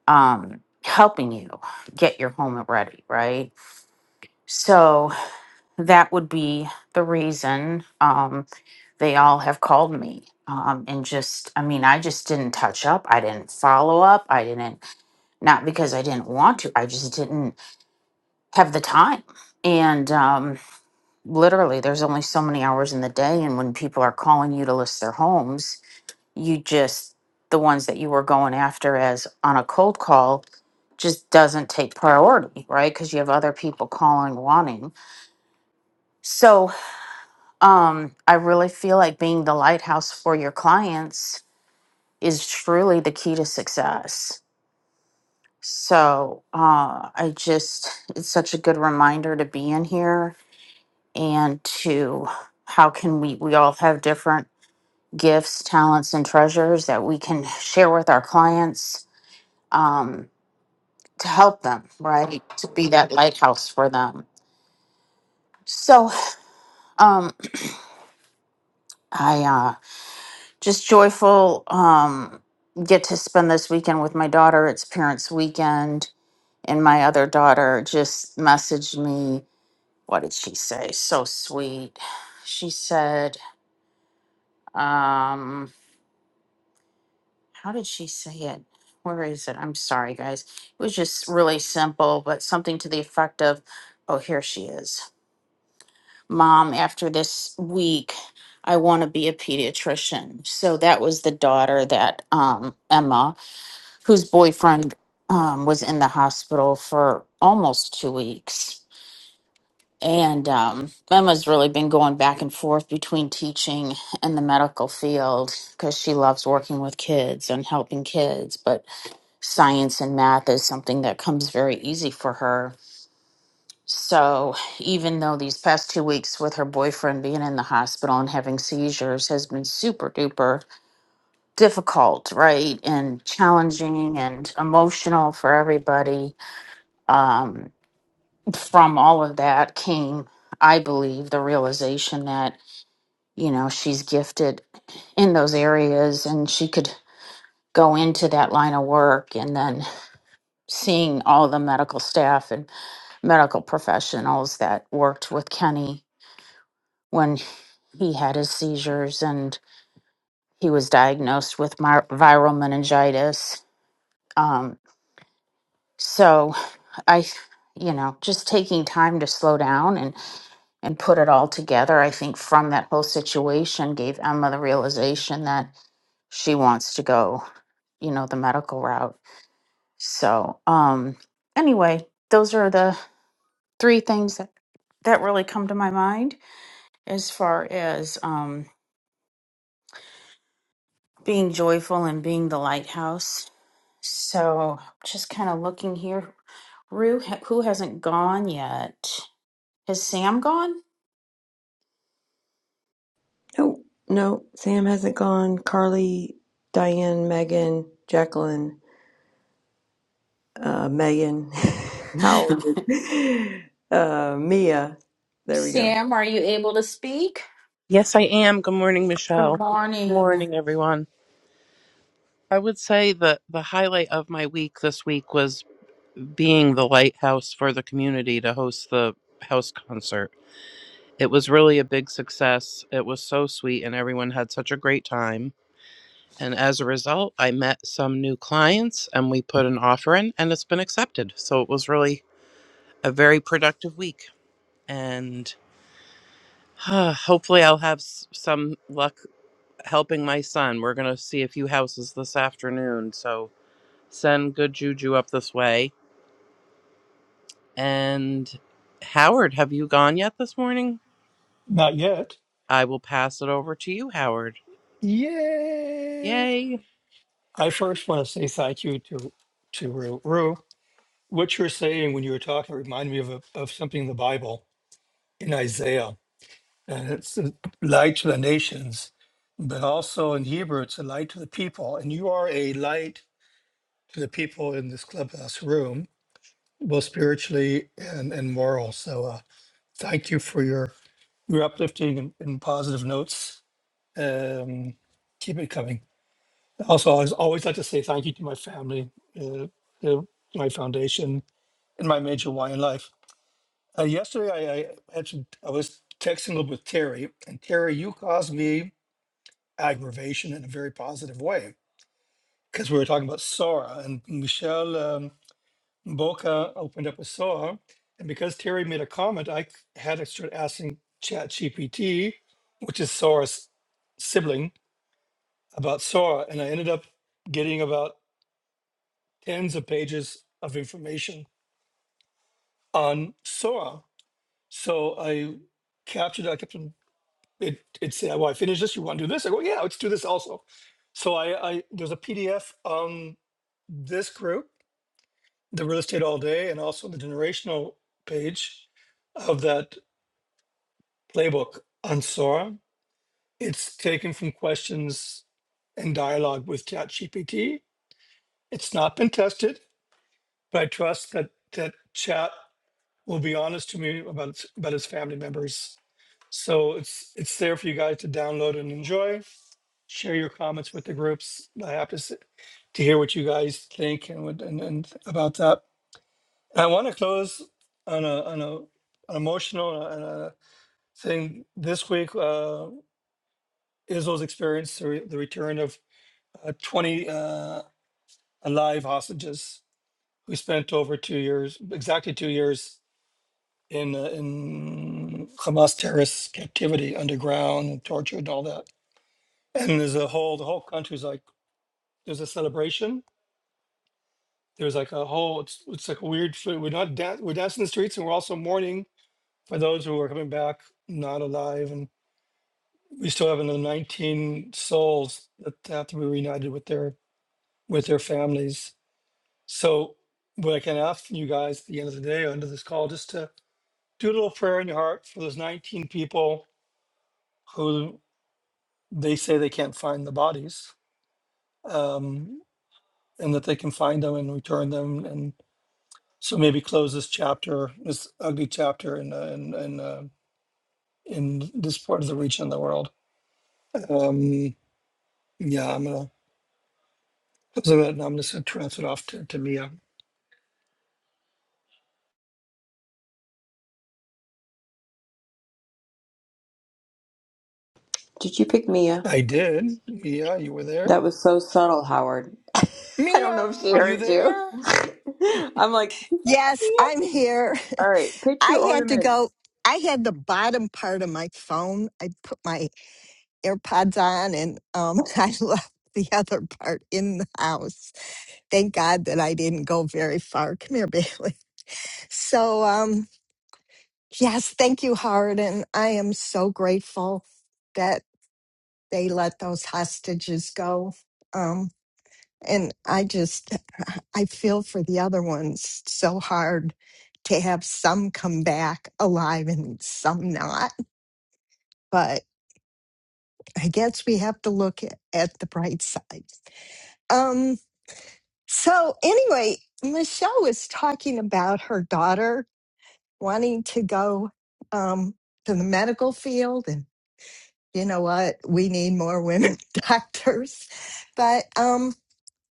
Speaker 12: um, helping you get your home ready, right? So that would be the reason um, they all have called me. Um, and just, I mean, I just didn't touch up. I didn't follow up. I didn't not because I didn't want to. I just didn't have the time. And um, literally, there's only so many hours in the day. And when people are calling you to list their homes, you just, the ones that you were going after as on a cold call, just doesn't take priority, right? Because you have other people calling, wanting. So um, I really feel like being the lighthouse for your clients is truly the key to success So uh, I just, it's such a good reminder to be in here and to how can we, we all have different gifts, talents, and treasures that we can share with our clients um, to help them, right? To be that lighthouse for them. So um, I uh, just joyful um, get to spend this weekend with my daughter. It's parents' weekend. And my other daughter just messaged me what did she say? So sweet. She said, um, how did she say it? Where is it? I'm sorry, guys. It was just really simple, but something to the effect of, oh, here she is. Mom, after this week, I want to be a pediatrician. So that was the daughter that um, Emma, whose boyfriend um, was in the hospital for almost two weeks And um, Emma's really been going back and forth between teaching and the medical field because she loves working with kids and helping kids. But science and math is something that comes very easy for her. So even though these past two weeks with her boyfriend being in the hospital and having seizures has been super duper difficult, right? And challenging and emotional for everybody, um, from all of that came, I believe, the realization that. you know she's gifted in those areas and she could go into that line of work and then seeing all the medical staff and medical professionals that worked with Kenny when he had his seizures and he was diagnosed with my- viral meningitis um so i you know just taking time to slow down and and put it all together i think from that whole situation gave Emma the realization that she wants to go you know, the medical route. So, um, anyway, those are the three things that, that really come to my mind as far as um, being joyful and being the lighthouse. So, just kind of looking here. Rue, ha- who hasn't gone yet? Has Sam gone?
Speaker 1: No, no, Sam hasn't gone. Carly, Diane, Megan, Jacqueline, uh, Megan, <laughs>
Speaker 12: <laughs>
Speaker 1: Howard, uh, Mia. There we go.
Speaker 12: Sam, are you able to speak?
Speaker 4: Yes, I am. Good morning,
Speaker 12: Good
Speaker 4: Michelle. Good
Speaker 12: morning.
Speaker 4: morning, everyone. I would say that the highlight of my week this week was being the lighthouse for the community to host the house concert. It was really a big success. It was so sweet, and everyone had such a great time. And as a result, I met some new clients and we put an offer in, and it's been accepted. So it was really a very productive week. And <sighs> uh, hopefully, I'll have s- some luck helping my son. We're going to see a few houses this afternoon. So send good juju up this way. And Howard, have you gone yet this morning?
Speaker 5: Not yet.
Speaker 4: I will pass it over to you, Howard.
Speaker 5: Yay.
Speaker 4: Yay.
Speaker 5: I first want to say thank you to to Ru. Ru, what you're saying when you were talking reminded me of, a, of something in the Bible in Isaiah and it's a light to the nations, but also in Hebrew, it's a light to the people. And you are a light to the people in this clubhouse room, both spiritually and, and moral. So uh, thank you for your, your uplifting and, and positive notes. Um, keep it coming. Also, I always always like to say thank you to my family, uh, uh, my foundation, and my major why in life. Uh, yesterday, I, I actually I was texting with Terry, and Terry, you caused me aggravation in a very positive way. Because we were talking about Sora, and Michelle um, Boca opened up with Sora. And because Terry made a comment, I c- had to start asking ChatGPT, which is Sora's sibling, about Sora. And I ended up getting about tens of pages of information on Sora. So I captured, I kept it it said, "Well, I finished this. You want to do this?" I go, "Yeah, let's do this also." So I, I there's a PDF on this group, the real estate all day, and also the generational page of that playbook on Sora. It's taken from questions and dialogue with ChatGPT. It's not been tested, but I trust that that Chat will be honest to me about its, about its family members So it's it's there for you guys to download and enjoy. Share your comments with the groups. I have to s- to hear what you guys think and what and, and about that. I want to close on a on a an emotional uh, and a thing this week. Uh, Israel's experienced the, re- the return of uh, twenty uh, alive hostages who spent over two years, exactly two years in uh, in Hamas terrorist captivity underground and tortured and all that and there's a whole the whole country's like there's a celebration there's like a whole it's, it's like a weird fe- we're not dan- we're dancing in the streets and we're also mourning for those who are coming back not alive and we still have another 19 souls that have to be reunited with their with their families so what i can ask you guys at the end of the day under this call just to do a little prayer in your heart for those 19 people who they say they can't find the bodies um, and that they can find them and return them and. So maybe close this chapter, this ugly chapter in uh, in in, uh, in this part of the region of the world. Um, yeah, I'm gonna close it. And I'm just gonna transfer it off to, to Mia.
Speaker 1: Did you pick Mia?
Speaker 5: I did, Mia. You were there,
Speaker 1: That was so subtle, Howard. <laughs> I don't
Speaker 5: Mia.
Speaker 1: know if she
Speaker 5: Are you
Speaker 1: heard you.
Speaker 5: there?
Speaker 1: <laughs> I'm like,
Speaker 2: Yes,
Speaker 1: yeah.
Speaker 2: I'm here.
Speaker 1: all right,
Speaker 2: <laughs>
Speaker 1: pitch
Speaker 2: I
Speaker 1: your
Speaker 2: had to go.
Speaker 1: ornaments.
Speaker 2: I had the bottom part of my phone. I put my AirPods on, and um, <laughs> I left the other part in the house. Thank God that I didn't go very far. Come here, Bailey. <laughs> So, um, yes, thank you, Howard, and I am so grateful that they let those hostages go. Um, and I just, <sighs> I feel for the other ones so hard to have some come back alive and some not. But I guess we have to look at, at the bright side. Um, So, anyway, Michelle was talking about her daughter wanting to go um, to the medical field. And you know what? We need more women <laughs> doctors. But um,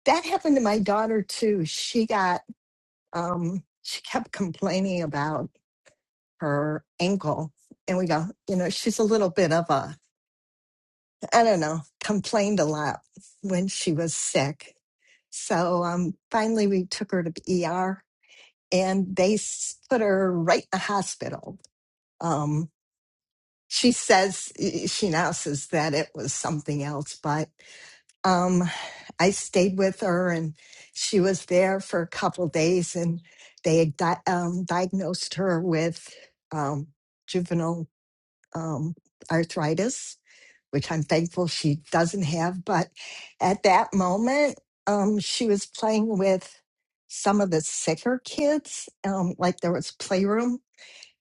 Speaker 2: that happened to my daughter too. She got, um, she kept complaining about her ankle. And we go, you know, she's a little bit of a, I don't know, complained a lot when she was sick. So um, finally, we took her to the ER and they put her right in the hospital. Um, she says she now says that it was something else, but um, I stayed with her and she was there for a couple days, and they had di- um, diagnosed her with um, juvenile um, arthritis, which I'm thankful she doesn't have. But at that moment, um, she was playing with some of the sicker kids. Um, like there was playroom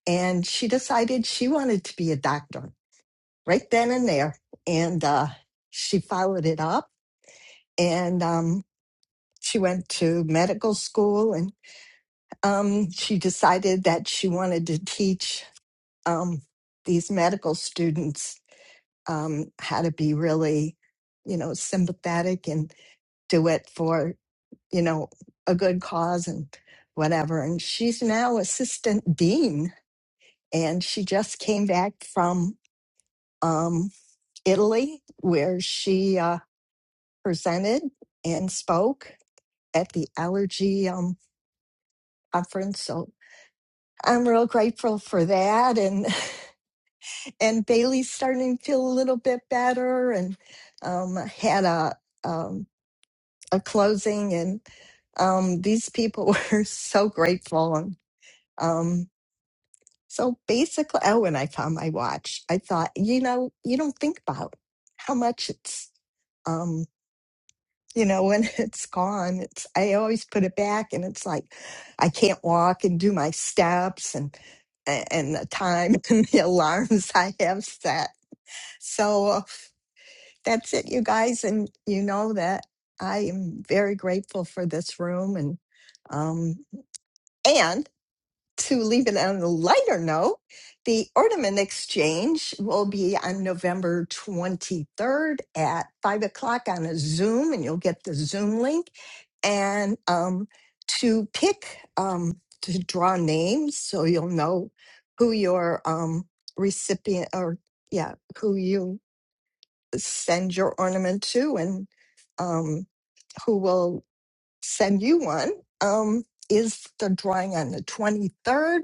Speaker 2: and she decided she wanted to be a doctor right then and there. And uh, she followed it up and um, she went to medical school and um, she decided that she wanted to teach um, these medical students um, how to be really, you know, sympathetic and do it for, you know, a good cause and whatever. And she's now assistant dean and she just came back from. um, Italy, where she uh, presented and spoke at the allergy um, conference. So I'm real grateful for that. And <laughs> and Bailey's starting to feel a little bit better, and um, had a um, a closing, and um, these people <laughs> were so grateful. And um, so basically, oh, when I found my watch. I thought, you know, you don't think about how much it's. um, you know, when <laughs> it's gone, it's I always put it back, and it's like I can't walk and do my steps and and the time <laughs> and the alarms <laughs> I have set. So uh, that's it, you guys, and you know that I am very grateful for this room and um and to leave it on a lighter note, the Ornament Exchange will be on November 23rd at 5 o'clock on a Zoom, and you'll get the Zoom link. And um, to pick, um, to draw names so you'll know who your um, recipient or, yeah, who you send your ornament to and um, who will send you one um, is the drawing on the 23rd.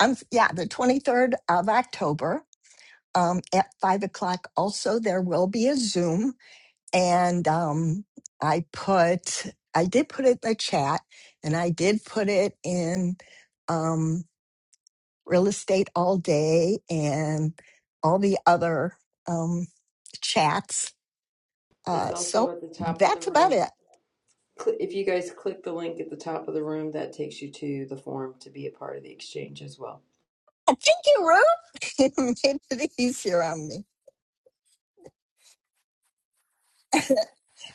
Speaker 2: Um, yeah, the 23rd of October um, at five o'clock. Also, there will be a Zoom. And um, I put, I did put it in the chat and I did put it in um, real estate all day and all the other um, chats.
Speaker 1: It's
Speaker 2: Uh,
Speaker 1: also
Speaker 2: so
Speaker 1: at the top of the
Speaker 2: that's about
Speaker 1: room.
Speaker 2: it.
Speaker 1: Cl- If you guys click the link at the top of the room, that takes you to the form to be a part of the exchange as well.
Speaker 2: Thank you, Ruth. <laughs> it made it easier on me.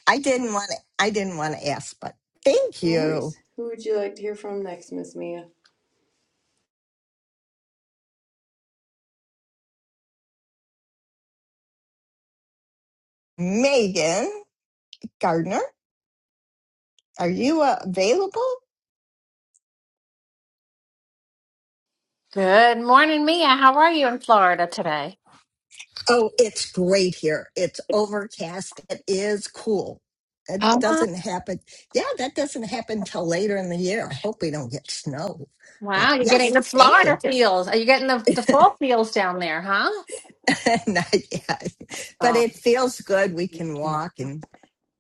Speaker 2: I didn't want to, I didn't want to ask, but thank
Speaker 1: No
Speaker 2: you.
Speaker 1: worries. Who would you like to hear from next, Miss Mia?
Speaker 2: Megan Gardner, are you uh, available?
Speaker 13: Good morning, Mia. How are you in Florida today?
Speaker 2: Oh, it's great here. It's overcast. It is cool. It
Speaker 13: Um,
Speaker 2: doesn't happen. Yeah, that doesn't happen till later in the year. I hope we don't get snow. But
Speaker 13: Wow, you're
Speaker 2: yes,
Speaker 13: getting the
Speaker 2: thank you.
Speaker 13: Florida feels. Are you getting the, the fall feels down there, huh?
Speaker 2: <laughs> Not yet. But it
Speaker 13: Oh,
Speaker 2: feels good. We can walk and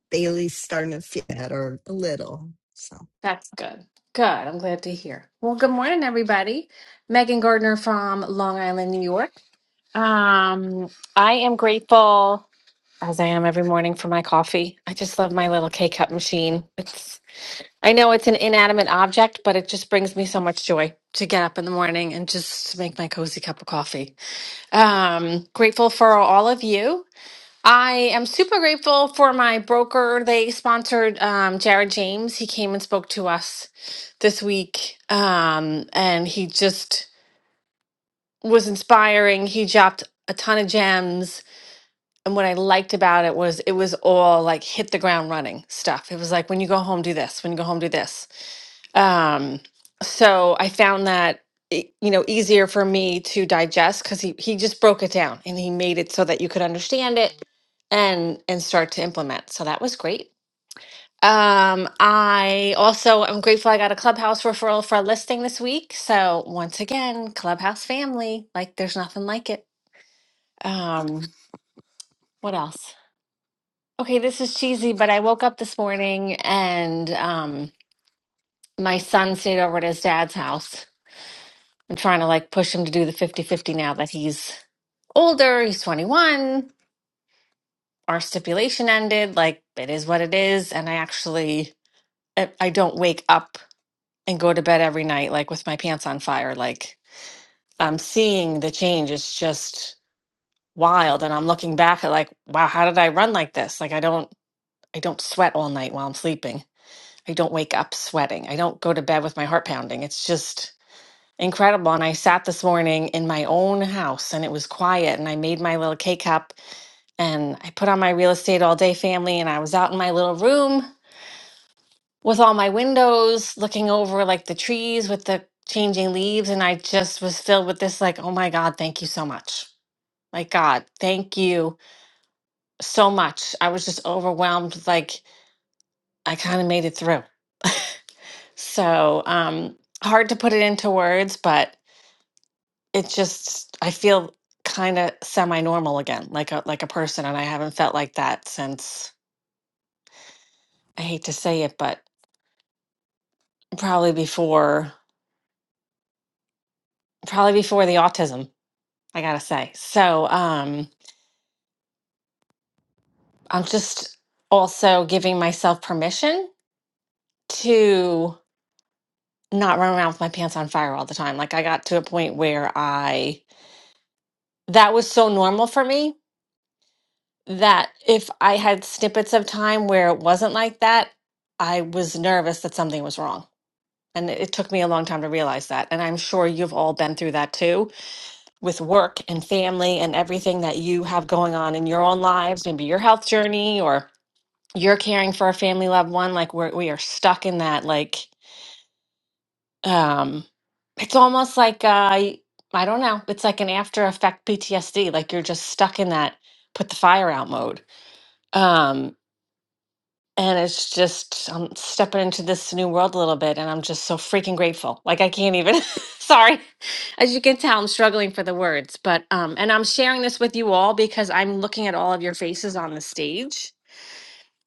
Speaker 2: Bailey's starting to feel better a little. So
Speaker 13: that's good. Good. I'm glad to hear. Well, good morning, everybody. Megan Gardner from Long Island, New York. Um, I am grateful, as I am every morning, for my coffee. I just love my little K cup machine. It's I know it's an inanimate object, but it just brings me so much joy to get up in the morning and just make my cozy cup of coffee. Um, grateful for all of you. I am super grateful for my broker. They sponsored um, Jared James. He came and spoke to us this week, um, and he just was inspiring. He dropped a ton of gems. And what I liked about it was it was all like hit the ground running stuff. It was like when you go home, do this. When you go home, do this um, so I found that e- you know easier for me to digest because he he just broke it down and he made it so that you could understand it and and start to implement. So that was great. Um, I also am grateful I got a Clubhouse referral for a listing this week. So once again, Clubhouse family, like there's nothing like it. Um, what else? Okay, this is cheesy, but I woke up this morning and um my son stayed over at his dad's house I'm trying to like push him to do the 50 50 now that he's older, he's 21. Our stipulation ended. Like, it is what it is. And I actually, I I don't wake up and go to bed every night, like with my pants on fire. Like, I'm seeing the change. It's just wild. And I'm looking back at, like, wow, how did I run like this? Like, I don't, I don't sweat all night while I'm sleeping. I don't wake up sweating. I don't go to bed with my heart pounding. It's just, Incredible. And I sat this morning in my own house and it was quiet and I made my little K cup and I put on my real estate all day family and I was out in my little room with all my windows looking over like the trees with the changing leaves. And I just was filled with this, like, oh my God, thank you so much. Like, God, thank you so much. I was just overwhelmed. Like, I kind of made it through. So, um, hard to put it into words, but it just I feel kind of semi-normal again, like a like a person, and I haven't felt like that since I hate to say it, but probably before probably before the autism, I gotta say. So um I'm just also giving myself permission to not run around with my pants on fire all the time. Like I got to a point where I that was so normal for me that if I had snippets of time where it wasn't like that, I was nervous that something was wrong And it it took me a long time to realize that. And I'm sure you've all been through that too with work and family and everything that you have going on in your own lives, maybe your health journey or you're caring for a family loved one. Like we're, we are stuck in that. Like, um, it's almost like, uh, I don't know, it's like an after effect PTSD. Like you're just stuck in that put the fire out mode. Um, And it's just, I'm stepping into this new world a little bit, and I'm just so freaking grateful. Like, I can't even, <laughs> sorry. As you can tell, I'm struggling for the words, but, um, and I'm sharing this with you all because I'm looking at all of your faces on the stage.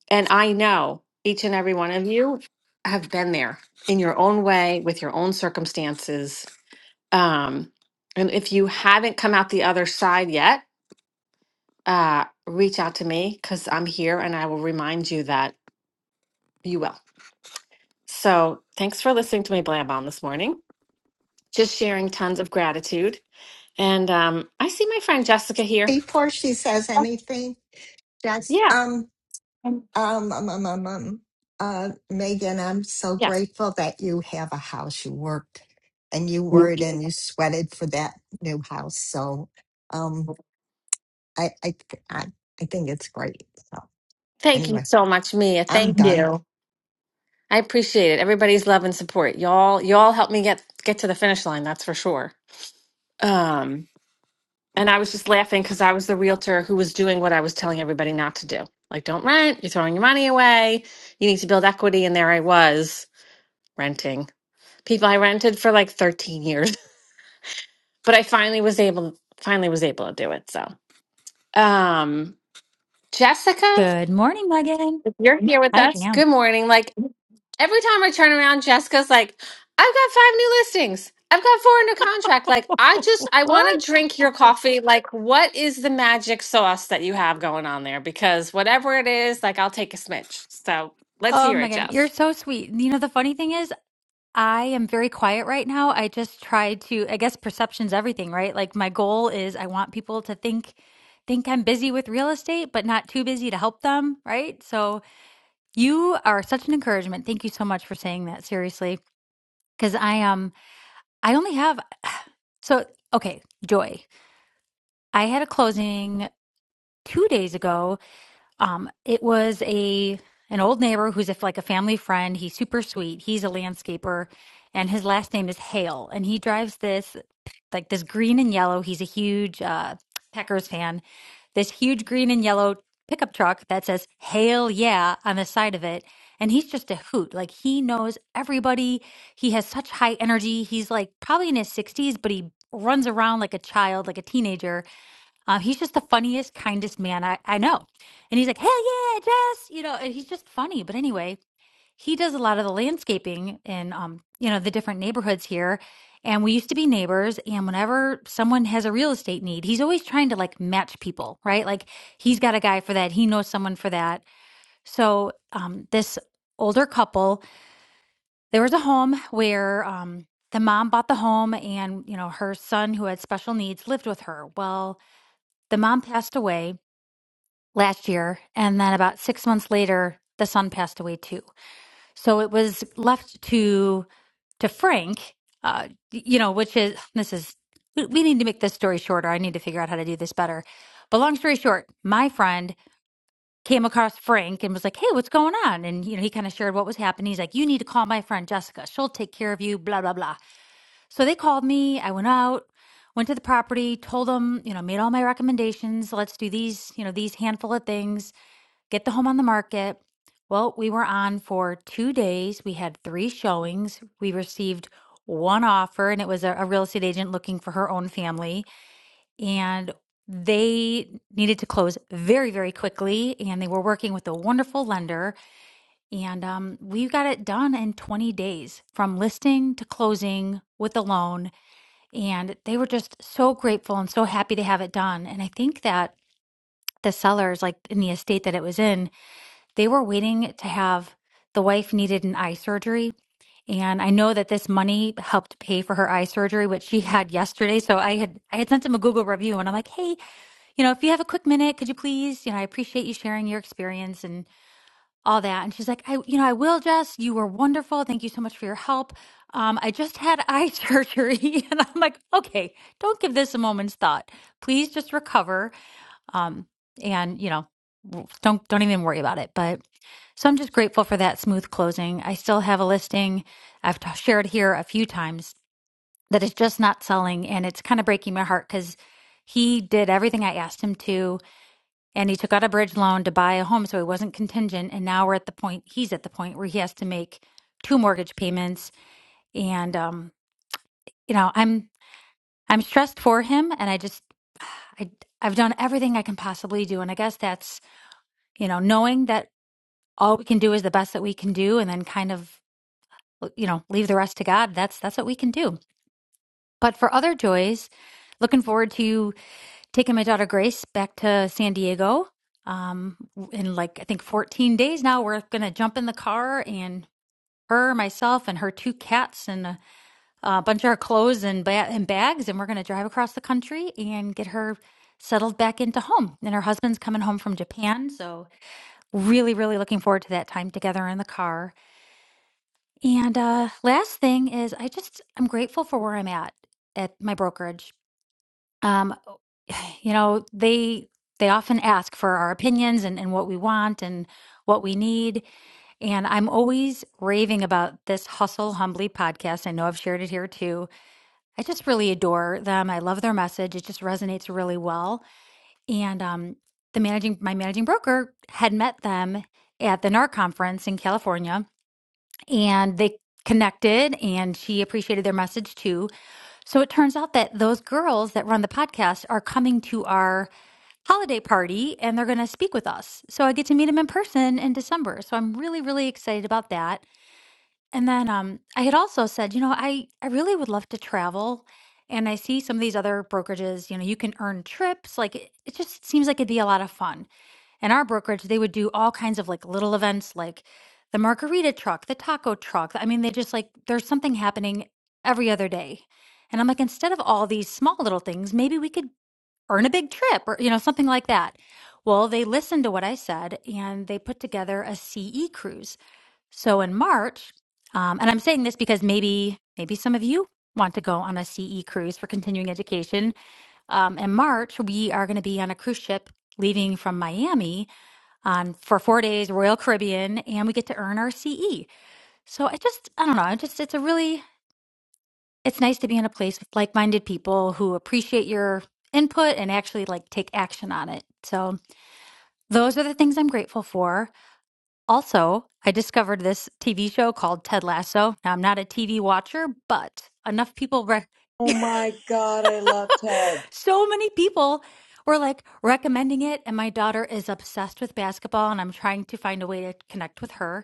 Speaker 13: And I know each and every one of you have been there in your own way with your own circumstances. Um, and if you haven't come out the other side yet, uh, reach out to me because I'm here and I will remind you that you will. So thanks for listening to me blab on this morning. Just sharing tons of gratitude. And um, I see my friend Jessica here.
Speaker 2: before she says anything, just
Speaker 13: Yeah.
Speaker 2: Um,
Speaker 13: Um,
Speaker 2: Um, um, um, um, um. Uh, Megan, I'm so
Speaker 13: Yes.
Speaker 2: grateful that you have a house. You worked and you worried and you sweated for that new house. So, um, I, I, I, I think it's great. So,
Speaker 13: Thank you
Speaker 2: anyway,
Speaker 13: so much, Mia.
Speaker 2: I'm
Speaker 13: Thank
Speaker 2: done.
Speaker 13: you. I appreciate it. Everybody's love and support. Y'all, y'all helped me get get to the finish line. That's for sure. Um, and I was just laughing because I was the realtor who was doing what I was telling everybody not to do. Like, don't rent. You're throwing your money away. You need to build equity. And there I was renting. People I rented for like 13 years. but I finally was able finally was able to do it. So um Jessica,
Speaker 14: Good morning, Megan.
Speaker 13: if you're here with
Speaker 14: I
Speaker 13: us,
Speaker 14: am.
Speaker 13: good morning. Like every time I turn around, Jessica's like, I've got five new listings. I've got four under contract. Like I just I want to
Speaker 14: What?
Speaker 13: drink your coffee. Like, what is the magic sauce that you have going on there? Because whatever it is, like I'll take a smidge. So let's
Speaker 14: Oh,
Speaker 13: hear it,
Speaker 14: Megan, you're
Speaker 13: Jess.
Speaker 14: so sweet. You know, the funny thing is, I am very quiet right now. I just try to, I guess perception's everything, right? Like my goal is I want people to think think I'm busy with real estate, but not too busy to help them, right? So you are such an encouragement. Thank you so much for saying that, seriously. Because I um I only have so okay, Joy. I had a closing two days ago Um, it was a an old neighbor who's if like a family friend. He's super sweet. He's a landscaper, and his last name is Hale. And he drives this like this green and yellow. He's a huge uh, Packers fan. This huge green and yellow pickup truck that says "Hale Yeah" on the side of it. And he's just a hoot. Like he knows everybody. He has such high energy. He's like probably in his sixties, but he runs around like a child, like a teenager uh, he's just the funniest, kindest man I, I know. And he's like, hell yeah, Jess, you know, and he's just funny. But anyway, he does a lot of the landscaping in, um, you know, the different neighborhoods here. And we used to be neighbors. And whenever someone has a real estate need, he's always trying to like match people, right? Like he's got a guy for that. He knows someone for that. So um, this older couple, there was a home where um, the mom bought the home and, you know, her son who had special needs lived with her. Well, the mom passed away last year. And then about six months later, the son passed away too. So it was left to to Frank, uh, you know, which is this is we we need to make this story shorter. I need to figure out how to do this better. But long story short, my friend came across Frank and was like, "Hey, what's going on?" And you know, he kind of shared what was happening. He's like, "You need to call my friend Jessica. She'll take care of you." Blah blah blah. So they called me. I went out, went to the property, told them, you know, made all my recommendations. Let's do these, you know, these handful of things get the home on the market. Well, we were on for two days. We had three showings. We received one offer, and it was a, a real estate agent looking for her own family. And they needed to close very, very quickly. And they were working with a wonderful lender. And um, we got it done in 20 days from listing to closing with a loan. And they were just so grateful and so happy to have it done. And I think that the sellers, like in the estate that it was in, they were waiting to have the wife needed an eye surgery. And I know that this money helped pay for her eye surgery, which she had yesterday. So I had I had sent him a Google review and I'm like, hey, you know, if you have a quick minute, could you please, you know, I appreciate you sharing your experience and all that. And she's like, I, you know, I will, Jess. You were wonderful. Thank you so much for your help. Um, I just had eye <laughs> surgery. And I'm like, okay, don't give this a moment's thought. Please just recover um, and you know, w- don't don't even worry about it. But so I'm just grateful for that smooth closing. I still have a listing I've t- shared here a few times that is just not selling, and it's kind of breaking my heart because he did everything I asked him to, and he took out a bridge loan to buy a home, so he wasn't contingent. And now we're at the point he's at the point where he has to make two mortgage payments, and um, you know, I'm I'm stressed for him, and I just <sighs> I I've done everything I can possibly do, and I guess that's you know, knowing that all we can do is the best that we can do and then kind of you know, leave the rest to God. That's that's what we can do. But for other joys, looking forward to taking my daughter Grace back to San Diego. Um in like I think 14 days now we're going to jump in the car and her, myself, and her two cats, and a, a bunch of her clothes and, ba- and bags, and we're going to drive across the country and get her settled back into home. And her husband's coming home from Japan, so really really looking forward to that time together in the car and uh last thing is i just i'm grateful for where i'm at at my brokerage um <sighs> you know they they often ask for our opinions and, and what we want and what we need and i'm always raving about this hustle humbly podcast i know i've shared it here too i just really adore them i love their message it just resonates really well and um the managing my managing broker had met them at the NAR conference in California and they connected and she appreciated their message too. So it turns out that those girls that run the podcast are coming to our holiday party and they're going to speak with us. So I get to meet them in person in December. So I'm really really excited about that. And then um I had also said, you know, I I really would love to travel and I see some of these other brokerages, you know, you can earn trips like it, it just seems like it'd be a lot of fun in our brokerage, they would do all kinds of like little events like the margarita truck, the taco truck. I mean, they just like, there's something happening every other day. And I'm like, instead of all these small little things, maybe we could earn a big trip or, you know, something like that. Well, they listened to what I said and they put together a CE cruise. So in March, um, and I'm saying this because maybe, maybe some of you want to go on a CE cruise for continuing education. Um, in March, we are going to be on a cruise ship leaving from Miami on for four days Royal Caribbean, and we get to earn our CE. So I just I don't know. I just it's a really it's nice to be in a place with like minded people who appreciate your input and actually like take action on it. So those are the things I'm grateful for. Also, I discovered this TV show called Ted Lasso. Now I'm not a TV watcher, but enough people re-
Speaker 1: Oh my God, I love Ted.
Speaker 14: <laughs> so many people were like recommending it and my daughter is obsessed with basketball and I'm trying to find a way to connect with her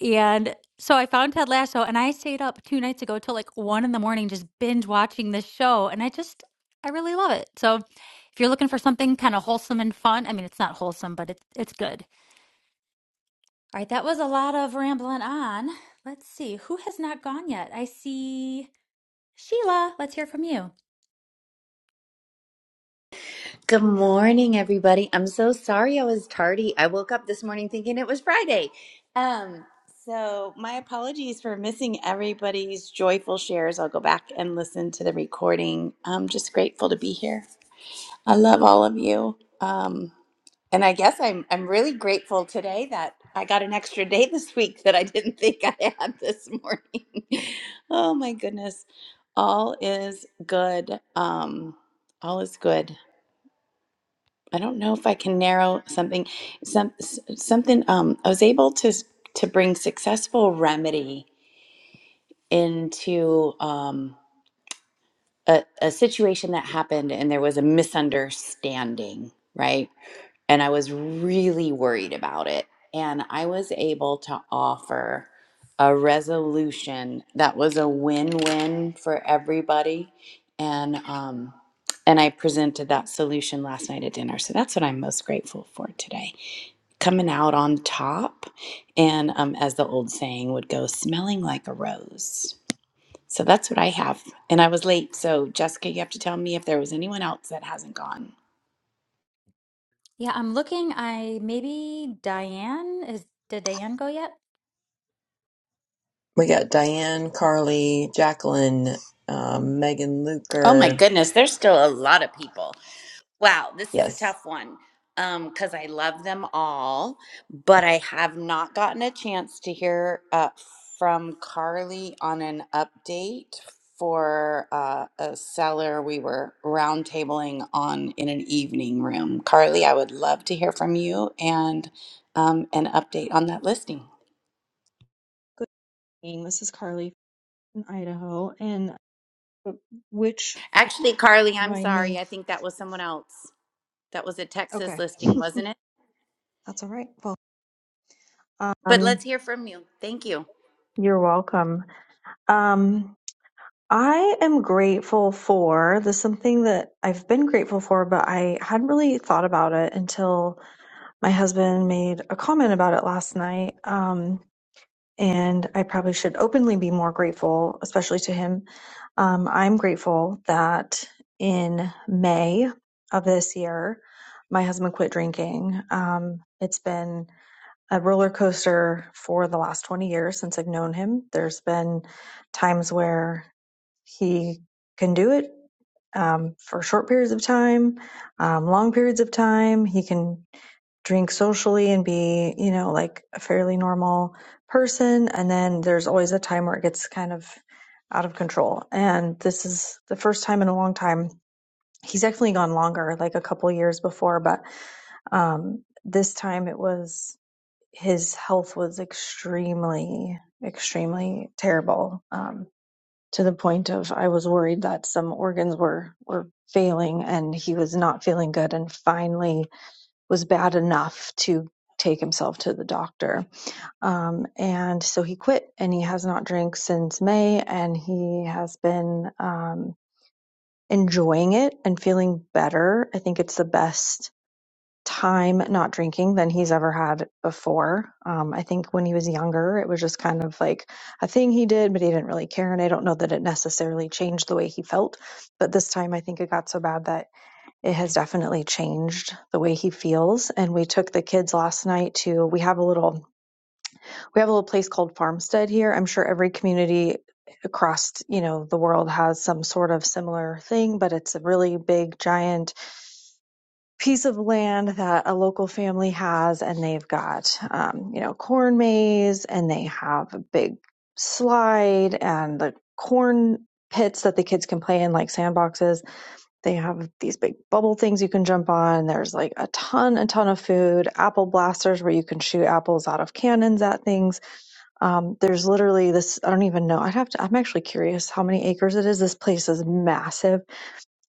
Speaker 14: And so I found Ted Lasso and I stayed up two nights ago till like one in the morning just binge watching this show. And I just, I really love it. So if you're looking for something kind of wholesome and fun, I mean, it's not wholesome, but it's, it's good. All right, that was a lot of rambling on. Let's see, who has not gone yet? I see Sheila. Let's hear from you.
Speaker 15: Good morning, everybody. I'm so sorry I was tardy. I woke up this morning thinking it was Friday. Um, so my apologies for missing everybody's joyful shares. I'll go back and listen to the recording. I'm just grateful to be here. I love all of you. Um, and I guess I'm I'm really grateful today that I got an extra day this week that I didn't think I had this morning. <laughs> oh my goodness. All is good. Um, all is good. I don't know if I can narrow something. Some s- something. Um, I was able to s- to bring successful remedy into um, a, a situation that happened, and there was a misunderstanding, right? and I was really worried about it. And I was able to offer a resolution that was a win-win for everybody. And um, and I presented that solution last night at dinner. So that's what I'm most grateful for today, coming out on top, and um, as the old saying would go, smelling like a rose. So that's what I have. And I was late. So, Jessica, you have to tell me if there was anyone else that hasn't gone.
Speaker 14: Yeah, I'm looking. I maybe Diane is, did Diane go yet?
Speaker 1: We got Diane, Carly, Jacqueline, um, Megan
Speaker 15: Oh my
Speaker 1: Luker.
Speaker 15: goodness, there's still a lot of people. Wow, this is a
Speaker 1: Yes,
Speaker 15: tough one um because I love them all, but I have not gotten a chance to hear uh, from Carly on an update for uh, a seller we were roundtabling on in an evening room. Carly, I would love to hear from you and um, an update on that listing.
Speaker 16: Good evening. This is Carly from Idaho. And uh, which
Speaker 15: Actually, Carly, I'm
Speaker 16: remind
Speaker 15: sorry.
Speaker 16: me,
Speaker 15: I think that was someone else. That was a Texas
Speaker 16: okay, <laughs>
Speaker 15: listing, wasn't it?
Speaker 16: that's all right. Well,
Speaker 15: But let's
Speaker 16: um,
Speaker 15: hear from you. Thank you.
Speaker 16: you're welcome. Um, I am grateful for this is something that I've been grateful for, but I hadn't really thought about it until my husband made a comment about it last night. Um, and I probably should openly be more grateful, especially to him. Um, I'm grateful that in May of this year, my husband quit drinking. Um, it's been a roller coaster for the last 20 years since I've known him. There's been times where he can do it um, for short periods of time, um, long periods of time. He can drink socially and be, you know, like a fairly normal person. And then there's always a time where it gets kind of out of control. And this is the first time in a long time. He's definitely gone longer, like a couple years before, but um, this time it was his health was extremely, extremely terrible. Um, to the point of I was worried that some organs were were failing and he was not feeling good and finally was bad enough to take himself to the doctor. Um, and so he quit and he has not drank since May and he has been um, enjoying it and feeling better. I think it's the best time not drinking than he's ever had before. Um, I think when he was younger, it was just kind of like a thing he did, but he didn't really care. And I don't know that it necessarily changed the way he felt. But this time, I think it got so bad that it has definitely changed the way he feels. And we took the kids last night to we have a little we have a little place called Farmstead here. I'm sure every community across you know the world has some sort of similar thing but it's a really big giant piece of land that a local family has and they've got um, you know corn maze and they have a big slide and the corn pits that the kids can play in like sandboxes they have these big bubble things you can jump on there's like a ton a ton of food apple blasters where you can shoot apples out of cannons at things um, there's literally this i don't even know i'd have to i'm actually curious how many acres it is this place is massive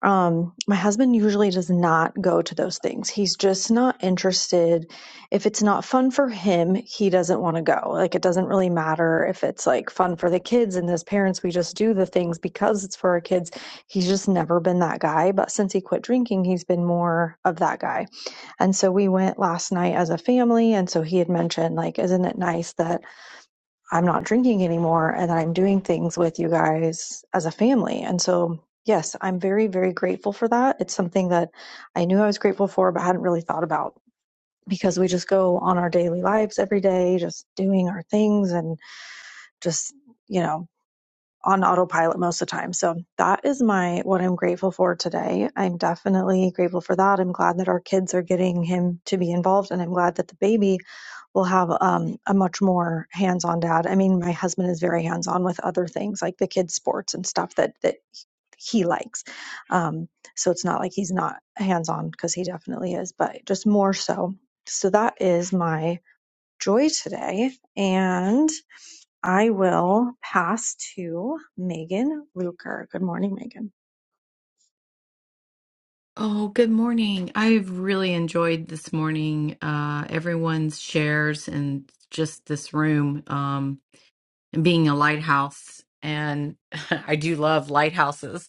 Speaker 16: um, my husband usually does not go to those things. He's just not interested. If it's not fun for him, he doesn't want to go. Like it doesn't really matter if it's like fun for the kids and as parents we just do the things because it's for our kids. He's just never been that guy, but since he quit drinking, he's been more of that guy. And so we went last night as a family and so he had mentioned like isn't it nice that I'm not drinking anymore and that I'm doing things with you guys as a family. And so, yes, I'm very, very grateful for that. It's something that I knew I was grateful for, but hadn't really thought about because we just go on our daily lives every day, just doing our things and just, you know, on autopilot most of the time. So that is my what I'm grateful for today. I'm definitely grateful for that. I'm glad that our kids are getting him to be involved and I'm glad that the baby will have um, a much more hands-on dad. I mean, my husband is very hands-on with other things like the kids' sports and stuff that that he likes. Um, so it's not like he's not hands-on because he definitely is, but just more so. So that is my joy today, and I will pass to Megan Luker. Good morning, Megan.
Speaker 17: Oh, good morning. I've really enjoyed this morning, uh, everyone's shares and just this room, um, and being a lighthouse. And <laughs> I do love lighthouses.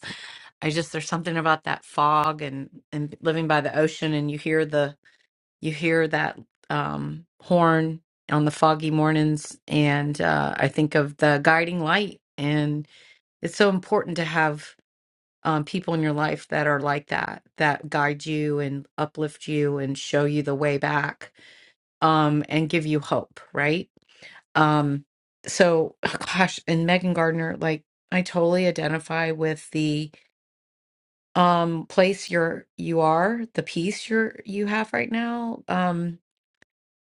Speaker 17: I just, there's something about that fog and, and living by the ocean and you hear the, you hear that, um, horn on the foggy mornings. And, uh, I think of the guiding light and it's so important to have um, people in your life that are like that, that guide you and uplift you and show you the way back um, and give you hope, right? Um, so, <laughs> <sighs> gosh, and Megan Gardner, like I totally identify with the um place you're you are, the peace you're you have right now. Um,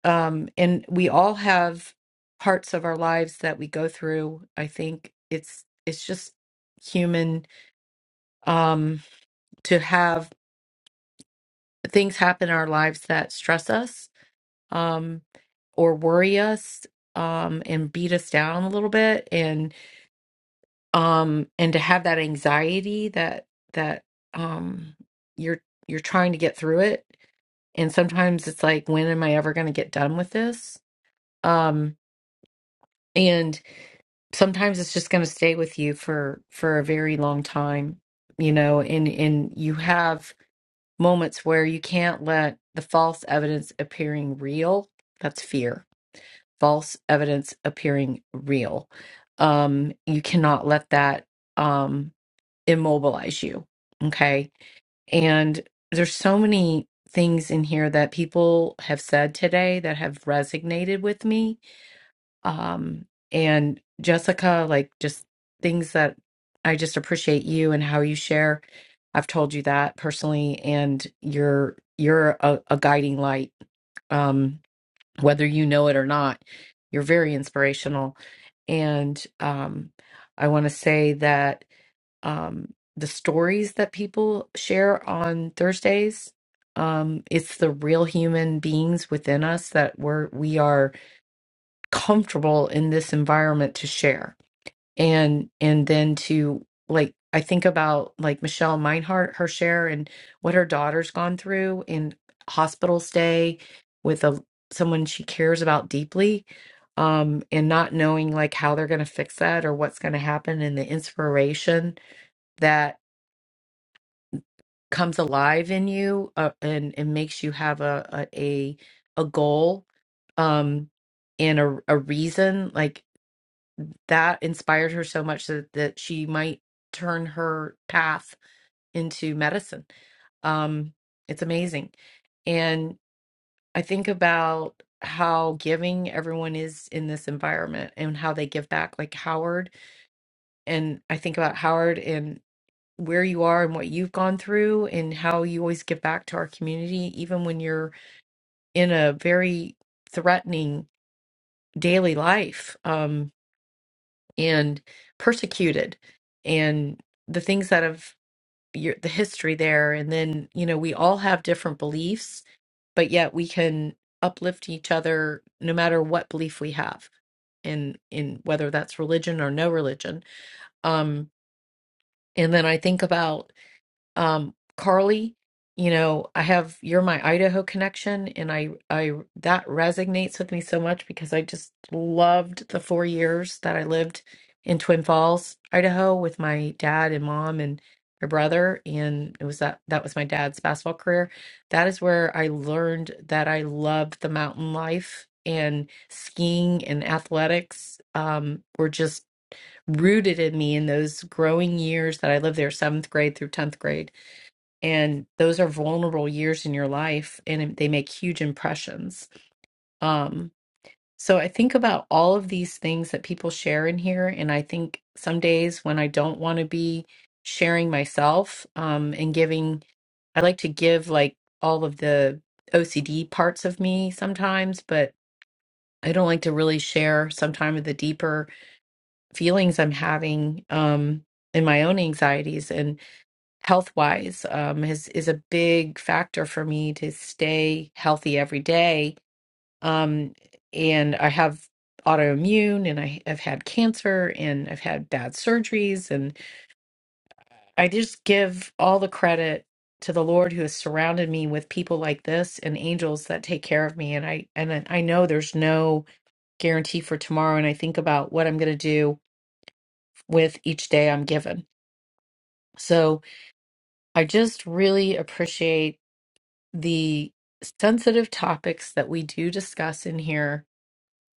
Speaker 17: um, and we all have parts of our lives that we go through. I think it's it's just human um to have things happen in our lives that stress us um, or worry us um, and beat us down a little bit and um, and to have that anxiety that that um, you're you're trying to get through it and sometimes it's like when am I ever going to get done with this um, and sometimes it's just going to stay with you for for a very long time you know and and you have moments where you can't let the false evidence appearing real that's fear false evidence appearing real um you cannot let that um immobilize you okay and there's so many things in here that people have said today that have resonated with me um and Jessica like just things that I just appreciate you and how you share I've told you that personally and you're you're a, a guiding light um whether you know it or not you're very inspirational and um I want to say that um the stories that people share on Thursdays um it's the real human beings within us that we're we are comfortable in this environment to share and and then to like i think about like michelle meinhardt her share and what her daughter's gone through in hospital stay with a someone she cares about deeply um and not knowing like how they're going to fix that or what's going to happen and the inspiration that comes alive in you uh, and and makes you have a a a, a goal um and a, a reason like that inspired her so much that, that she might turn her path into medicine. Um, it's amazing. And I think about how giving everyone is in this environment and how they give back, like Howard. And I think about Howard and where you are and what you've gone through and how you always give back to our community, even when you're in a very threatening daily life. Um, and persecuted and the things that have your, the history there and then you know we all have different beliefs but yet we can uplift each other no matter what belief we have in in whether that's religion or no religion um and then i think about um Carly, you know, I have you're my Idaho connection and I I that resonates with me so much because I just loved the 4 years that I lived in Twin Falls, Idaho with my dad and mom and my brother and it was that that was my dad's basketball career. That is where I learned that I loved the mountain life and skiing and athletics um were just rooted in me in those growing years that I lived there 7th grade through 10th grade and those are vulnerable years in your life and they make huge impressions um so i think about all of these things that people share in here and i think some days when i don't want to be sharing myself um and giving i like to give like all of the ocd parts of me sometimes but i don't like to really share sometimes the deeper feelings i'm having um in my own anxieties and health wise um, is is a big factor for me to stay healthy every day. Um, and I have autoimmune and I have had cancer and I've had bad surgeries. And I just give all the credit to the Lord who has surrounded me with people like this and angels that take care of me. And I, and I know there's no guarantee for tomorrow. And I think about what I'm going to do with each day I'm given. So I just really appreciate the sensitive topics that we do discuss in here.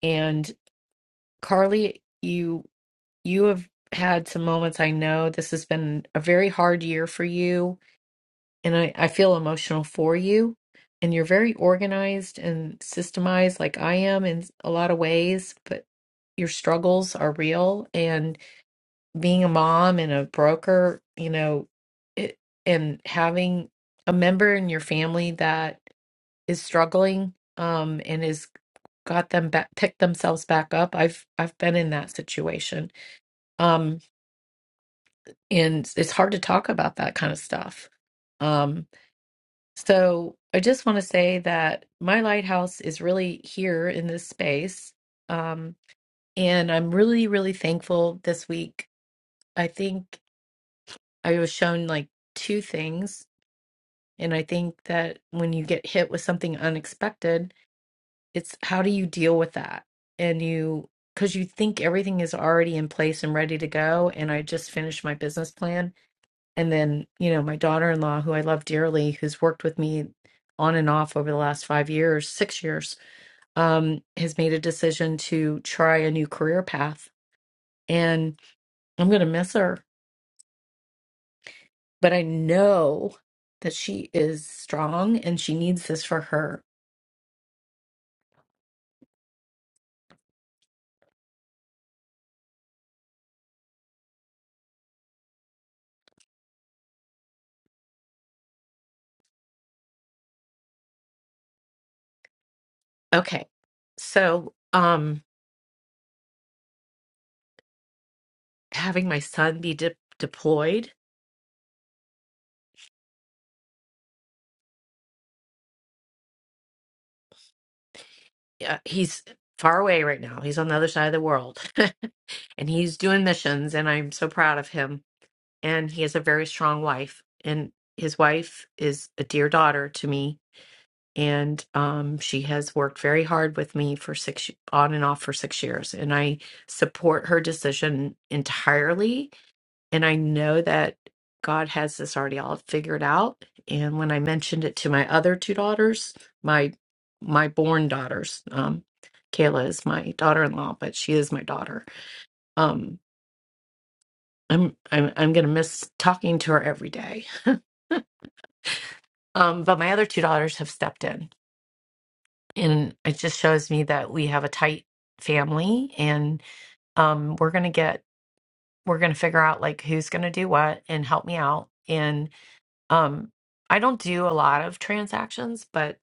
Speaker 17: And Carly, you you have had some moments. I know this has been a very hard year for you, and I, I feel emotional for you. And you're very organized and systemized, like I am in a lot of ways, but your struggles are real. And being a mom and a broker, you know, it, and having a member in your family that is struggling um and has got them back picked themselves back up i've i've been in that situation um and it's hard to talk about that kind of stuff um so i just want to say that my lighthouse is really here in this space um and i'm really really thankful this week i think i was shown like two things and i think that when you get hit with something unexpected it's how do you deal with that and you because you think everything is already in place and ready to go and i just finished my business plan and then you know my daughter-in-law who i love dearly who's worked with me on and off over the last five years six years um, has made a decision to try a new career path and i'm going to miss her but i know that she is strong and she needs this for her okay so um having my son be de- deployed uh, he's far away right now. He's on the other side of the world <laughs> and he's doing missions and I'm so proud of him. And he has a very strong wife and his wife is a dear daughter to me and um she has worked very hard with me for 6 on and off for 6 years and I support her decision entirely and I know that God has this already all figured out. And when I mentioned it to my other two daughters, my my born daughters, um, Kayla is my daughter-in-law, but she is my daughter. Um, I'm I'm I'm gonna miss talking to her every day. Um, but my other two daughters have stepped in, and it just shows me that we have a tight family, and um, we're gonna get we're gonna figure out like who's gonna do what and help me out. and. Um, I don't do a lot of transactions, but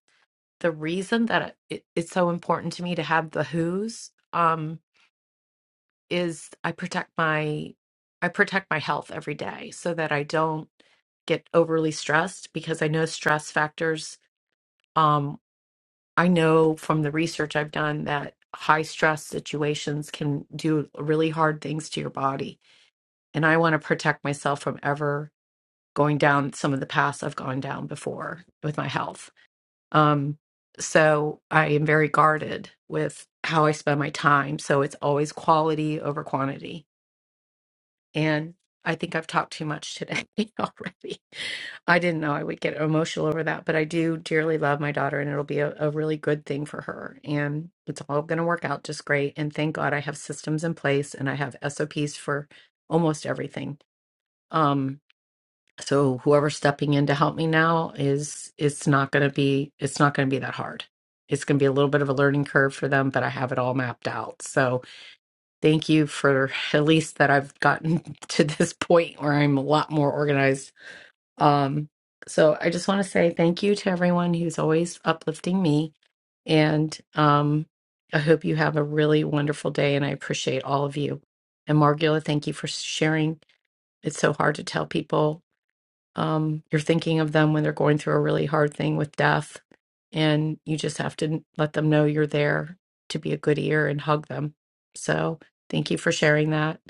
Speaker 17: the reason that it, it's so important to me to have the who's um, is I protect my I protect my health every day so that I don't get overly stressed because I know stress factors. Um, I know from the research I've done that high stress situations can do really hard things to your body, and I want to protect myself from ever going down some of the paths I've gone down before with my health. Um, so I am very guarded with how I spend my time. So it's always quality over quantity. And I think I've talked too much today <laughs> already. I didn't know I would get emotional over that, but I do dearly love my daughter and it'll be a, a really good thing for her. And it's all going to work out just great. And thank God I have systems in place and I have SOPs for almost everything. Um. So whoever's stepping in to help me now is it's not going to be it's not going to be that hard. It's going to be a little bit of a learning curve for them, but I have it all mapped out. So thank you for <laughs> at least that I've gotten <laughs> to this point where I'm a lot more organized. Um, so I just want to say thank you to everyone who's always uplifting me, and um, I hope you have a really wonderful day. And I appreciate all of you. And Margula, thank you for sharing. It's so hard to tell people um, you're thinking of them when they're going through a really hard thing with death and you just have to let them know you're there to be a good ear and hug them so thank you for sharing that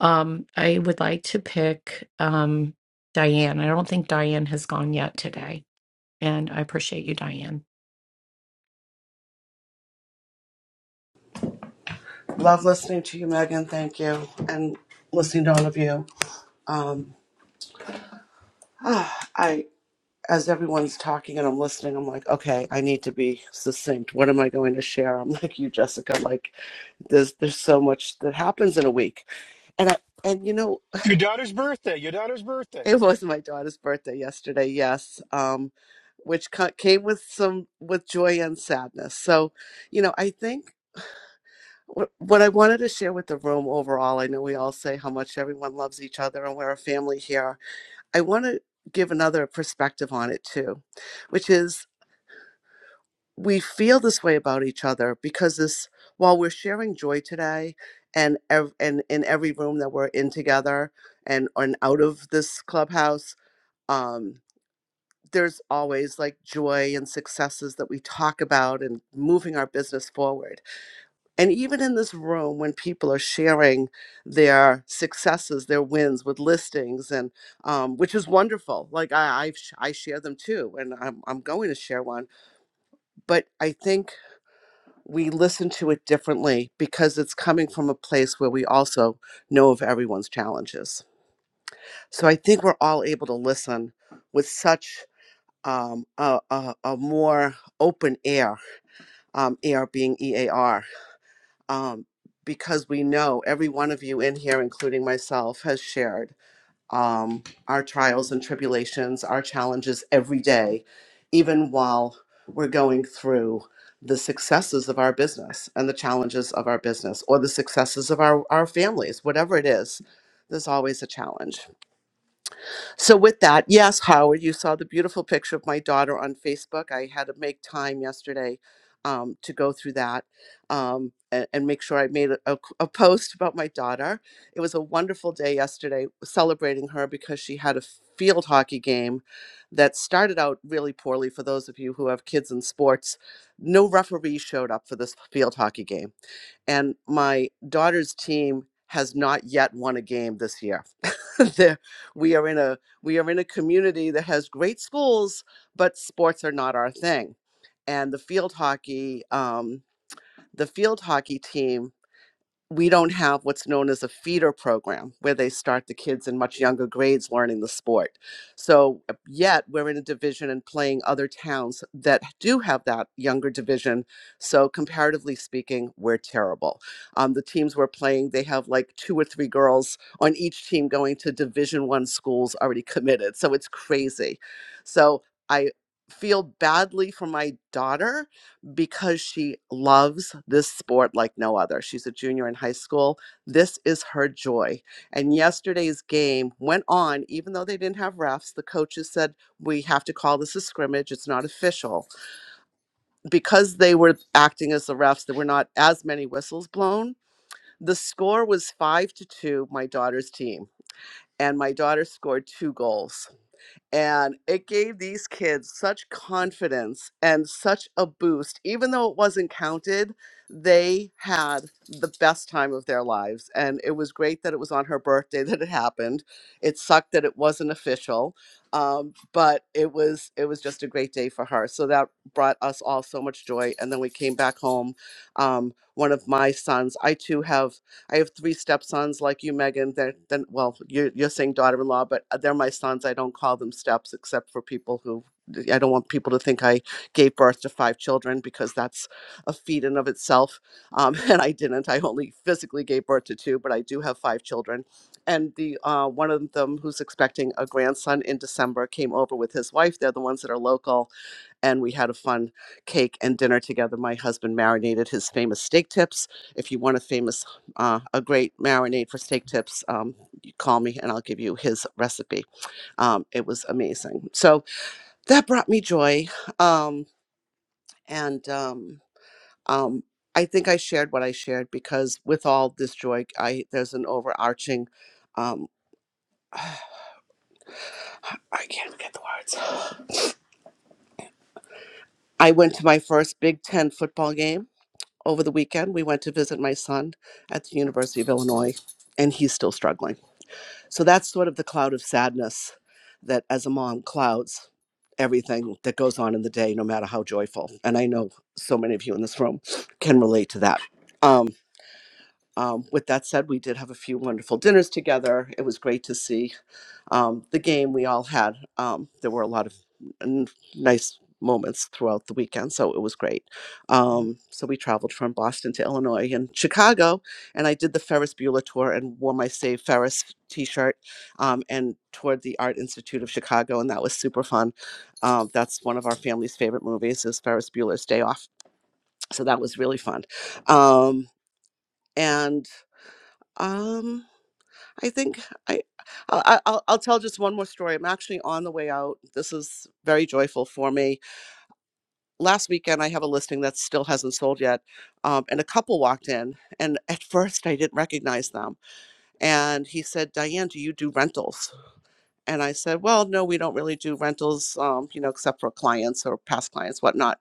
Speaker 17: um, i would like to pick um, diane i don't think diane has gone yet today and I appreciate you, Diane.
Speaker 18: Love listening to you, Megan. Thank you, and listening to all of you. Um, ah, I, as everyone's talking and I'm listening, I'm like, okay, I need to be succinct. What am I going to share? I'm <laughs> like you, Jessica. Like, there's there's so much that happens in a week, and I and you know,
Speaker 5: Your daughter's birthday. Your daughter's
Speaker 18: <laughs>
Speaker 5: birthday.
Speaker 18: it was my daughter's birthday yesterday. Yes, um, which ca- came with some with joy and sadness. So, you know, I think. what I wanted to share with the room overall, I know we all say how much everyone loves each other and we're a family here. I want to give another perspective on it too, which is we feel this way about each other because this while we're sharing joy today and ev- and in every room that we're in together and and out of this clubhouse um there's always like joy and successes that we talk about and moving our business forward And even in this room, when people are sharing their successes, their wins with listings, and um, which is wonderful. Like I, I've, sh- I share them too, and I'm, I'm going to share one. But I think we listen to it differently because it's coming from a place where we also know of everyone's challenges. So I think we're all able to listen with such um, a, a, a more open air, um, air being EAR um, because we know every one of you in here, including myself, has shared um, our trials and tribulations, our challenges every day, even while we're going through the successes of our business and the challenges of our business or the successes of our, our families, whatever it is, there's always a challenge. So, with that, yes, Howard, you saw the beautiful picture of my daughter on Facebook. I had to make time yesterday um, to go through that um, and, and make sure I made a a, a post about my daughter. It was a wonderful day yesterday celebrating her because she had a field hockey game that started out really poorly for those of you who have kids in sports. No referee showed up for this field hockey game and my daughter's team has not yet won a game this year. <laughs> There- we are in a we are in a community that has great schools, but sports are not our thing. And the field hockey um, the field hockey team we don't have what's known as a feeder program where they start the kids in much younger grades learning the sport. So, uh, yet we're in a division and playing other towns that do have that younger division. So, comparatively speaking, we're terrible. Um, the teams we're playing, they have like two or three girls on each team going to Division One schools already committed. So, it's crazy. So, I feel badly for my daughter because she loves this sport like no other. She's a junior in high school. This is her joy. And yesterday's game went on, even though they didn't have refs. The coaches said, We have to call this a scrimmage. It's not official. Because they were acting as the refs, there were not as many whistles blown. The score was five to two, my daughter's team. And my daughter scored two goals. And it gave these kids such confidence and such a boost. Even though it wasn't counted, they had the best time of their lives. And it was great that it was on her birthday that it happened. It sucked that it wasn't official, um, but it was it was just a great day for her. So that brought us all so much joy. And then we came back home. Um, one of my sons, I too have. I have three stepsons like you, Megan. They're then well, you're you're saying daughter-in-law, but uh, they're my sons. I don't call them steps except for people who I don't want people to think I gave birth to five children because that's a feat in of itself. Um, <laughs> and I didn't. I only physically gave birth to two, but I do have five children. And the uh, one of them who's expecting a grandson in December came over with his wife. They're the ones that are local and we had a fun cake and dinner together. My husband marinated his famous steak tips. If you want a famous, uh, a great marinade for steak tips, um, you call me and I'll give you his recipe. Um, it was amazing. So that brought me joy. Um, and um, um, I think I shared what I shared because with all this joy, I there's an overarching. Um, I can't get the words. I went to my first Big Ten football game over the weekend we went to visit my son at the university of illinois and he's still struggling so that's sort of the cloud of sadness that as a mom clouds everything that goes on in the day no matter how joyful and i know so many of you in this room can relate to that um, um, with that said we did have a few wonderful dinners together it was great to see um, the game we all had. Um, there were a lot of n- nice moments throughout the weekend, so it was great. Um, so we traveled from Boston to Illinois and Chicago, and I did the Ferris Bueller tour and wore my Save Ferris T-shirt um, and toured the Art Institute of Chicago, and that was super fun. Um, that's one of our family's favorite movies is Ferris Bueller's Day Off, so that was really fun. Um, and um, I think I, I I- will I'll tell just one more story. I'm actually on the way out. This is very joyful for me. Last weekend, I have a listing that still hasn't sold yet, um, and a couple walked in, and <laughs> at first I didn't recognize them. And he said, "Diane, do you do rentals?" And I said, "Well, no, we don't really do rentals, um, you know, except for clients or past clients, whatnot."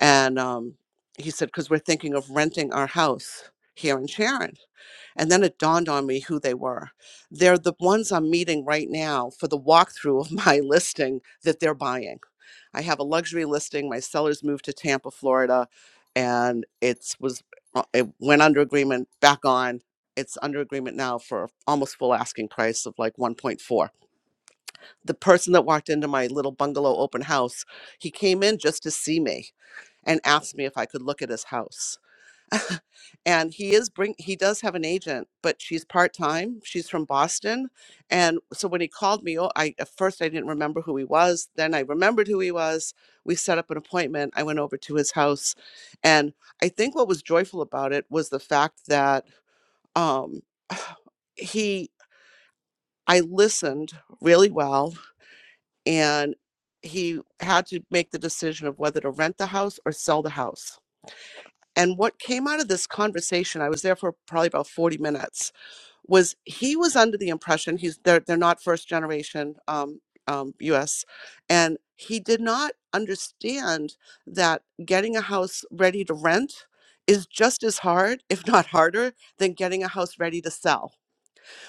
Speaker 18: And um, he said, "Because we're thinking of renting our house here in Sharon." And then it dawned on me who they were. They're the ones I'm meeting right now for the walkthrough of my <laughs> listing that they're buying. I have a luxury listing. My sellers moved to Tampa, Florida, and it's was uh, it went under agreement back on. It's under agreement now for almost full asking price of like 1.4. The person that walked into my little bungalow open house, he came in just to see me and asked me if I could look at his house and he is bring he does have an agent but she's part-time she's from boston and so when he called me oh, i at first i didn't remember who he was then i remembered who he was we set up an appointment i went over to his house and i think what was joyful about it was the fact that um <sighs> he i listened really well and he had to make the decision of whether to rent the house or sell the house and what came out of this conversation, I was there for probably about 40 minutes, was he was under the impression he's they're, they're not first generation um, um, US. And he did not understand that getting a house ready to rent is just as hard, if not harder, than getting a house ready to sell.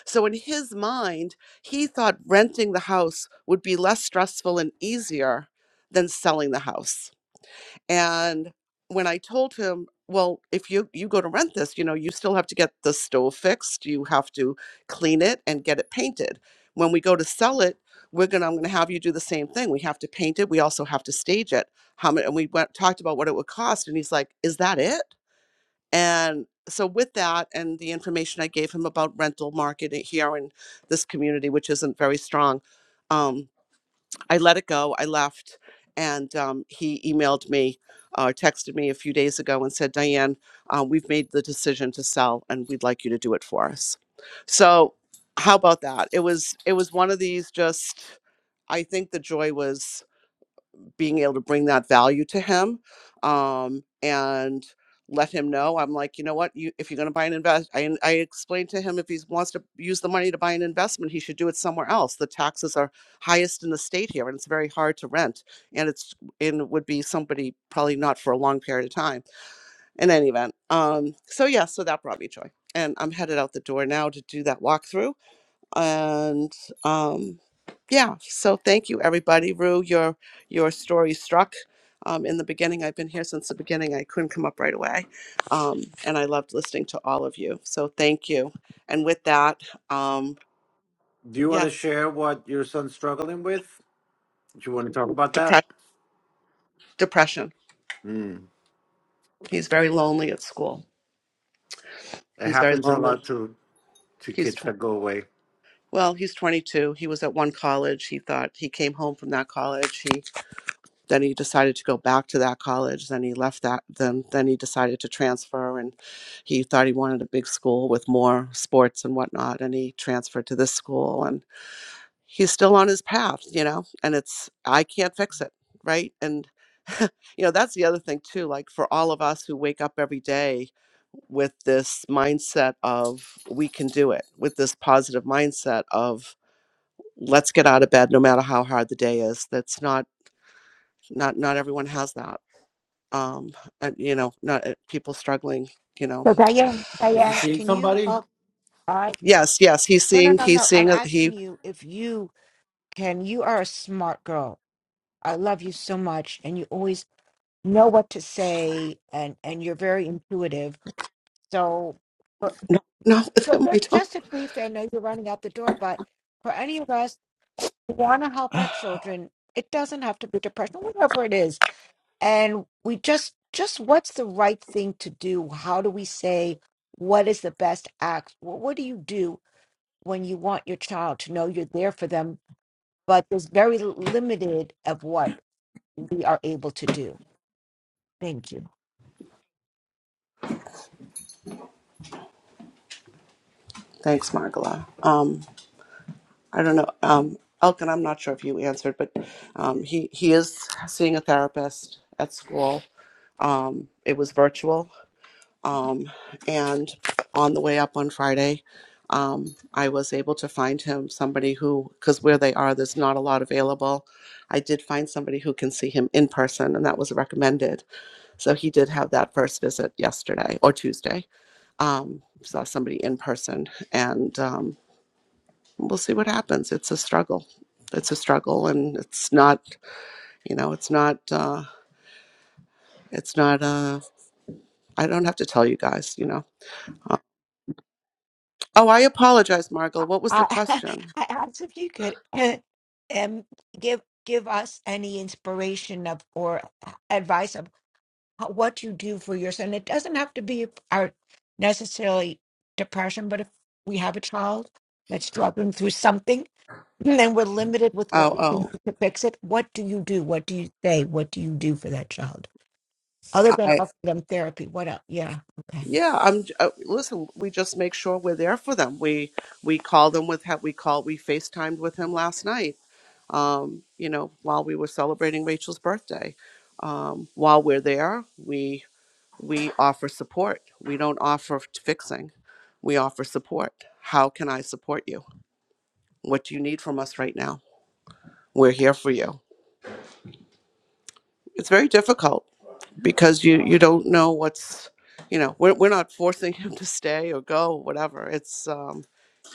Speaker 18: So in his mind, he thought renting the house would be less stressful and easier than selling the house and when I told him, well, if you you go to rent this, you know, you still have to get the stove fixed, you have to clean it and get it painted. When we go to sell it, we're gonna I'm gonna have you do the same thing. We have to paint it. We also have to stage it. How much? And we went talked about what it would cost, and he's like, "Is that it?" And so with that and the information I gave him about rental market here in this community, which isn't very strong, um. I let it go. I left. And um, he emailed me or uh, texted me a few days ago and said, Diane, uh, we've made the decision to sell and we'd like you to do it for us. So how about that? It was it was one of these just I think the joy was being able to bring that value to him um, and let him know i'm like you know what you if you're going to buy an invest I, I explained to him if he wants to use the money to buy an investment he should do it somewhere else the taxes are highest in the state here and it's very hard to rent and it's and it would be somebody probably not for a long period of time in any event um so yeah so that brought me joy and i'm headed out the door now to do that walkthrough and um, yeah so thank you everybody rue your your story struck um, in the beginning i've been here since the beginning i couldn't come up right away um, and i loved listening to all of you so thank you and with that um,
Speaker 19: Do you want to
Speaker 18: yes
Speaker 19: share what your son's struggling with? Do you want to talk about that?
Speaker 18: depression. depression
Speaker 19: Mm.
Speaker 18: he's very lonely at school
Speaker 19: It
Speaker 18: he's very
Speaker 19: happens a
Speaker 18: lonely
Speaker 19: lot to to
Speaker 18: he's
Speaker 19: kids
Speaker 18: tw-
Speaker 19: that go away.
Speaker 18: well he's 22 he was at one college he thought he came home from that college Then he decided to go back to that college. Then he left that. Then then he decided to transfer, and he thought he wanted a big school with more sports and whatnot. And he transferred to this school, and he's still on his path, you know. And it's I can't fix it, right? And <laughs> you know that's the other thing too. Like for all of us who wake up every day with this mindset of we can do it, with this positive mindset of let's get out of bed no matter how hard the day is. That's not not not everyone has that um uh, you know not uh, people struggling you know
Speaker 11: So Diane,
Speaker 19: Is he
Speaker 11: Diane,
Speaker 19: seeing
Speaker 11: can you
Speaker 19: somebody?
Speaker 11: help? I
Speaker 18: yes yes he's
Speaker 11: no, no,
Speaker 18: seeing
Speaker 11: no,
Speaker 18: he's
Speaker 11: no. I'm
Speaker 18: seeing a-
Speaker 11: asking
Speaker 18: he
Speaker 11: you if you can. You are a smart girl. I love you so much, and you always know what to say, and and you're very intuitive. So.
Speaker 18: no no
Speaker 11: So
Speaker 18: <laughs> i
Speaker 11: just
Speaker 18: don't
Speaker 11: just a brief, I know you're running out the door, but for any of us who want to help our
Speaker 18: <sighs>
Speaker 11: children, it doesn't have to be depression, whatever it is. And we just just what's the right thing to do? How do we say what is the best act? What, what do you do when you want your child to know you're there for them, but there's very limited of what we are able to do? Thank you.
Speaker 18: thanks margola um i don't know um elkin i'm not sure if you answered but um he he is seeing a therapist at school um it was virtual Um, and on the way up on Friday, um, I was able to find him somebody who, because where they are, there's not a lot available. I did find somebody who can see him in person, and that was recommended. So he did have that first visit yesterday or Tuesday. Um, saw somebody in person, and um, we'll see what happens. It's a struggle. It's a struggle, and it's not, you know, it's not, uh, it's not, uh, I don't have to tell you guys, you know. Oh, I apologize, Margot. What was the
Speaker 11: I
Speaker 18: question?
Speaker 11: <laughs> I asked if you could <clears throat> um give give us any inspiration of or advice of how, what you do for yours, and It doesn't have to be our necessarily depression, but if we have a child that's struggling through something, <clears throat> then we're limited with what
Speaker 18: Oh,
Speaker 11: we can
Speaker 18: oh,
Speaker 11: do to fix it. What do you do? What do you say? What do you do for that child other than
Speaker 18: I
Speaker 11: offer them therapy? What else? Yeah, okay.
Speaker 18: yeah. I'm j- uh, listen. We just make sure we're there for them. We we call them with ha- we call we FaceTimed with him last night. Um, you know, while we were celebrating Rachel's birthday. Um, while we're there, we we offer support. We don't offer fixing. We offer support. How can I support you? What do you need from us right now? We're here for you. It's very difficult because you you don't know what's you know we're, we're not forcing <laughs> him to stay or go whatever it's um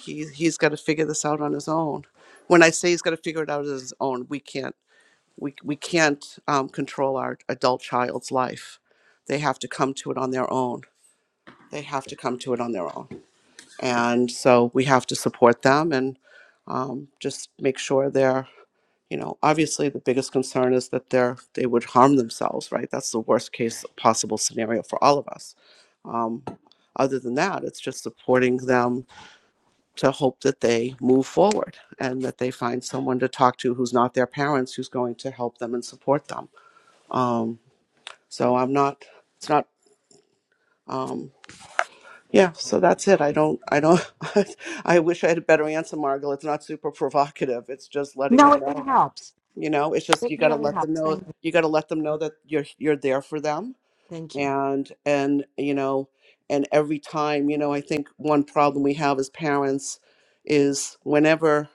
Speaker 18: he he's got to figure this out on his own when i say he's got to figure it out on his own we can't we, we can't um, control our adult child's life they have to come to it on their own they have to come to it on their own and so we have to support them and um, just make sure they're you know obviously the biggest concern is that they're they would harm themselves right that's the worst case possible scenario for all of us um, other than that it's just supporting them to hope that they move forward and that they find someone to talk to who's not their parents who's going to help them and support them um, so i'm not it's not um, Yeah, so that's it. I don't, I don't, <laughs> I wish I had a better answer, Margaret. It's not super provocative. It's just letting them
Speaker 11: No, it, it
Speaker 18: know,
Speaker 11: helps.
Speaker 18: you know, it's just,
Speaker 11: It
Speaker 18: you got to
Speaker 11: really
Speaker 18: let them
Speaker 11: helps.
Speaker 18: know,
Speaker 11: Thank you.
Speaker 18: you got to let them know that you're, you're there for them.
Speaker 11: Thank you.
Speaker 18: And, and, you know, and every time, you know, I think one problem we have as parents is whenever,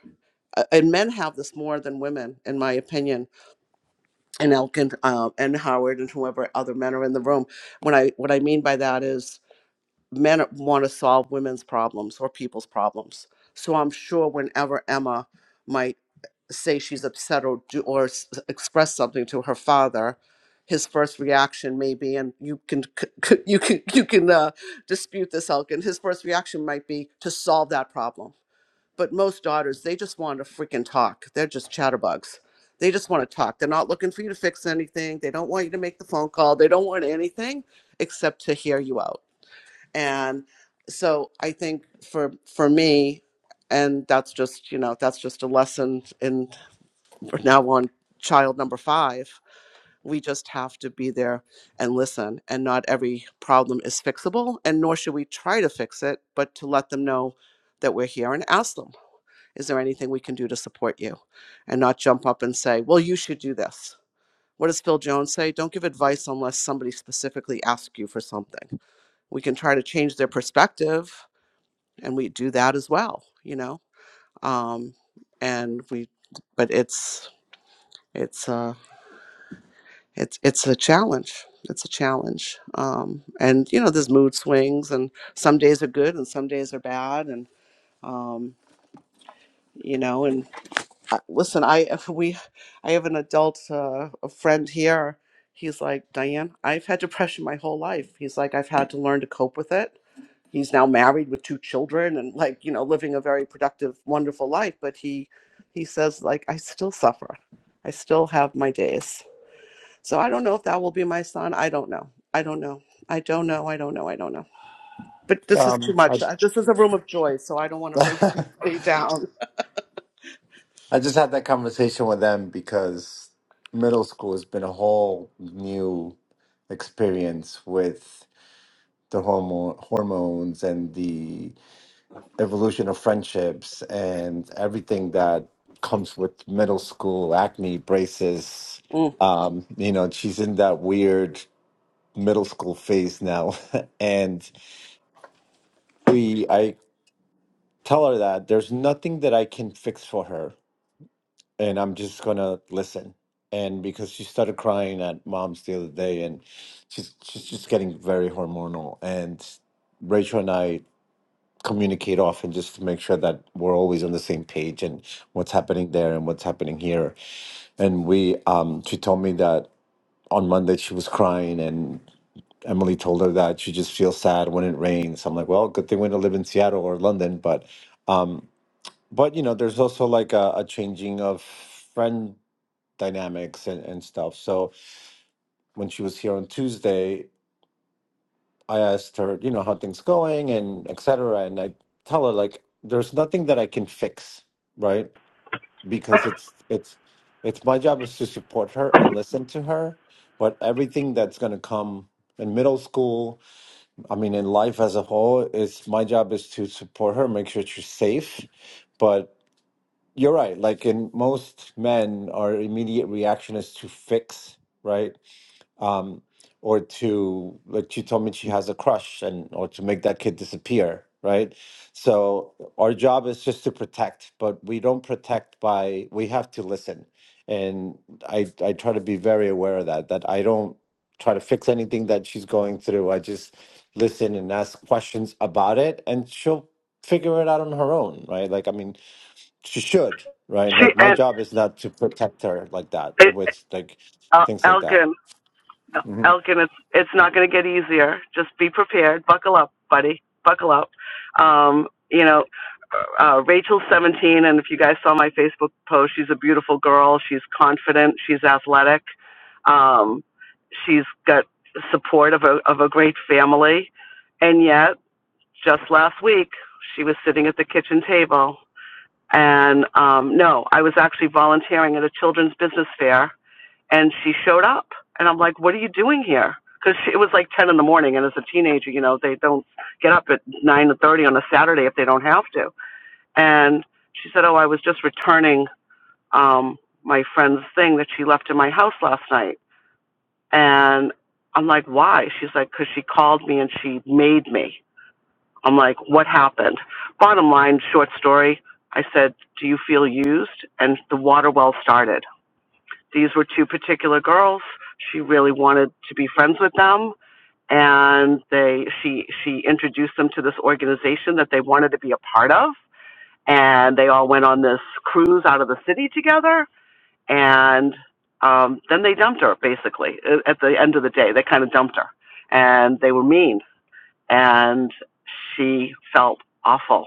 Speaker 18: uh, and men have this more than women, in my opinion, and Elkin, uh, and Howard and whoever other men are in the room. When I, what I mean by that is men want to solve women's problems or people's problems. So I'm sure whenever Emma might say she's upset or do, or s- express something to her father, his first reaction may be, and you can c- c- you can you can uh, dispute this, Elkin. His first reaction might be to solve that problem. But most daughters, they just want to freaking talk. They're just chatterbugs. They just want to talk. They're not looking for you to fix anything. They don't want you to make the phone call. They don't want anything except to hear you out and so i think for for me and that's just you know that's just a lesson in for now on child number five we just have to be there and listen and not every problem is fixable and nor should we try to fix it but to let them know that we're here and ask them is there anything we can do to support you and not jump up and say well you should do this what does phil jones say don't give advice unless somebody specifically asks you for something we can try to change their perspective and we do that as well you know um and we but it's it's uh it's it's a challenge it's a challenge um and you know there's mood swings and some days are good and some days are bad and um you know and I, listen i <laughs> if we i have an adult uh, a friend here he's like diane i've had depression my whole life he's like i've had to learn to cope with it he's now married with two children and like you know living a very productive wonderful life but he he says like i still suffer i still have my days so i don't know if that will be my son i don't know i don't know i don't know i don't know i don't know but this is too
Speaker 19: Um,
Speaker 18: much Uh, this is a room of joy so i don't want
Speaker 19: I,
Speaker 18: to bring
Speaker 19: <laughs>
Speaker 18: everybody down
Speaker 19: I just had that conversation with them because middle school has been a whole new experience with the hormone hormones and the evolution of friendships and everything that comes with middle school acne braces
Speaker 18: Mm.
Speaker 19: um you know she's in that weird middle school phase now <laughs> and we i tell her that there's nothing that i can fix for her and i'm just gonna listen and because she started crying at mom's the other day and she's she's just getting very hormonal and rachel and i communicate often just to make sure that we're always on the same page and what's happening there and what's happening here. And we, um, she told me that on Monday she was crying and Emily told her that she just feels sad when it rains. I'm like, well, good thing we don't live in Seattle or London, but, um, but you know, there's also like a, a changing of friend dynamics and, and stuff. So when she was here on Tuesday, I asked her, you know, how things going and et cetera. And I tell her like, there's nothing that I can fix, right? Because it's it's it's my job is to support her and listen to her. But everything that's gonna come in middle school, I mean, in life as a whole, is my job is to support her, make sure she's safe. But you're right. Like in most men, our immediate reaction is to fix, right? um, or to like she told me she has a crush and or to make that kid disappear right so our job is just to protect but we don't protect by we have to listen and i i try to be very aware of that that i don't try to fix anything that she's going through i just listen and ask questions about it and she'll figure it out on her own right like i mean she should right
Speaker 18: She
Speaker 19: like my
Speaker 18: and,
Speaker 19: job is not to protect her like that
Speaker 18: and
Speaker 19: with like
Speaker 18: uh,
Speaker 19: things like
Speaker 18: Elgin.
Speaker 19: that Mm-hmm.
Speaker 18: Elkin, it's it's not going to get easier. Just be prepared. Buckle up, buddy. Buckle up. Um, you know, uh, uh, Rachel's 17, and if you guys saw my Facebook post, she's a beautiful girl. She's confident. She's athletic. Um, she's got support of a of a great family. And yet, just last week, she was sitting at the kitchen table. And um, no, I was actually volunteering at a children's business fair and she showed up and i'm like what are you doing here because it was like ten in the morning and as a teenager you know they don't get up at nine thirty on a saturday if they don't have to and she said oh i was just returning um my friend's thing that she left in my house last night and i'm like why she's like because she called me and she made me i'm like what happened bottom line short story i said do you feel used and the water well started these were two particular girls. She really wanted to be friends with them, and they she she introduced them to this organization that they wanted to be a part of, and they all went on this cruise out of the city together, and um, then they dumped her basically at the end of the day. They kind of dumped her, and they were mean, and she felt awful.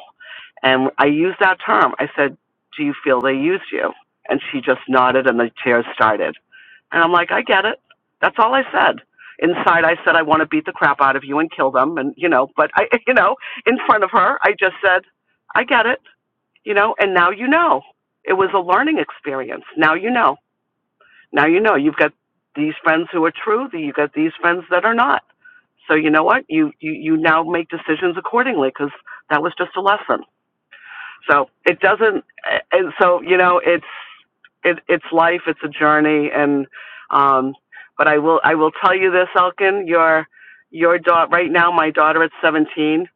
Speaker 18: And I used that term. I said, "Do you feel they used you?" And she just nodded, and the tears started and I'm like, I get it. That's all I said. Inside, I said, I want to beat the crap out of you and kill them. And, you know, but I, <laughs> you know, in front of her, I just said, I get it, you know, and now you know. It was a learning experience. Now you know. Now you know. You've got these friends who are true, you've got these friends that are not. So you know what? You, you, you now make decisions accordingly because that was just a lesson so it doesn't and so you know it's it, it's life it's a journey and um but i will i will tell you this elkin your your daughter right now my daughter at 17,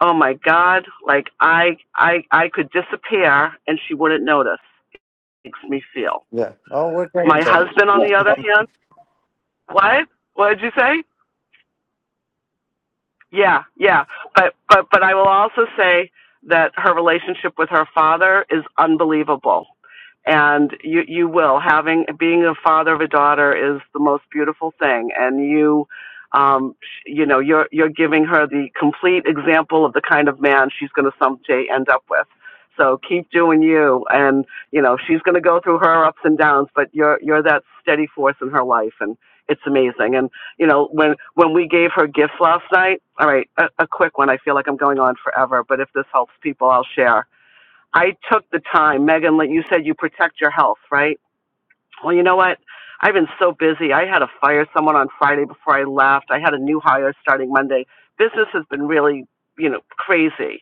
Speaker 18: oh my god like i i i could disappear and she wouldn't notice makes me feel
Speaker 19: Yeah. Oh, we're getting
Speaker 18: my
Speaker 19: there.
Speaker 18: husband on the other hand what what did you say Yeah, yeah. But but but I will also say that her relationship with her father is unbelievable. And you you will having being a father of a daughter is the most beautiful thing and you um sh- you know you're you're giving her the complete example of the kind of man she's going to someday end up with. So keep doing you and you know she's going to go through her ups and downs but you're you're that steady force in her life and it's amazing. and you know, when when we gave her gifts last night. All right, a, a quick one. I feel like I'm going on forever, but if this helps people, I'll share. I took the time, Megan. like You said you protect your health, right? Well, you know what? I've been so busy. I had to fire someone on Friday before I left. I had a new hire starting Monday. Business has been really, you know, crazy.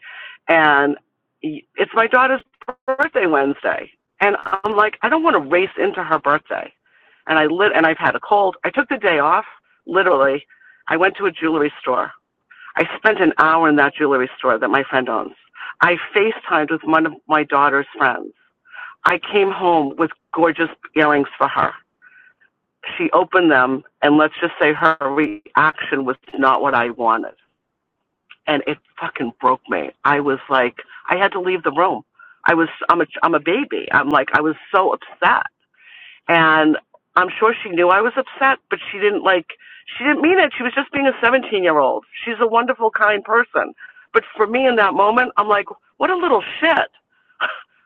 Speaker 18: And y- it's my daughter's birthday Wednesday. And I'm like, I don't want to race into her birthday. And I lit and I've had a cold. I took the day off, literally. I went to a jewelry store. I spent an hour in that jewelry store that my friend owns. I FaceTimed with one of my daughter's friends. I came home with gorgeous earrings for her she opened them, and let's just say her reaction was not what I wanted, and it fucking broke me. I was like, I had to leave the room. I was, I'm a, I'm a baby. I'm like, I was so upset, and I'm sure she knew I was upset, but she didn't like, she didn't mean it. She was just being a 17 year old. She's a wonderful, kind person, but for me in that moment, I'm like, what a little shit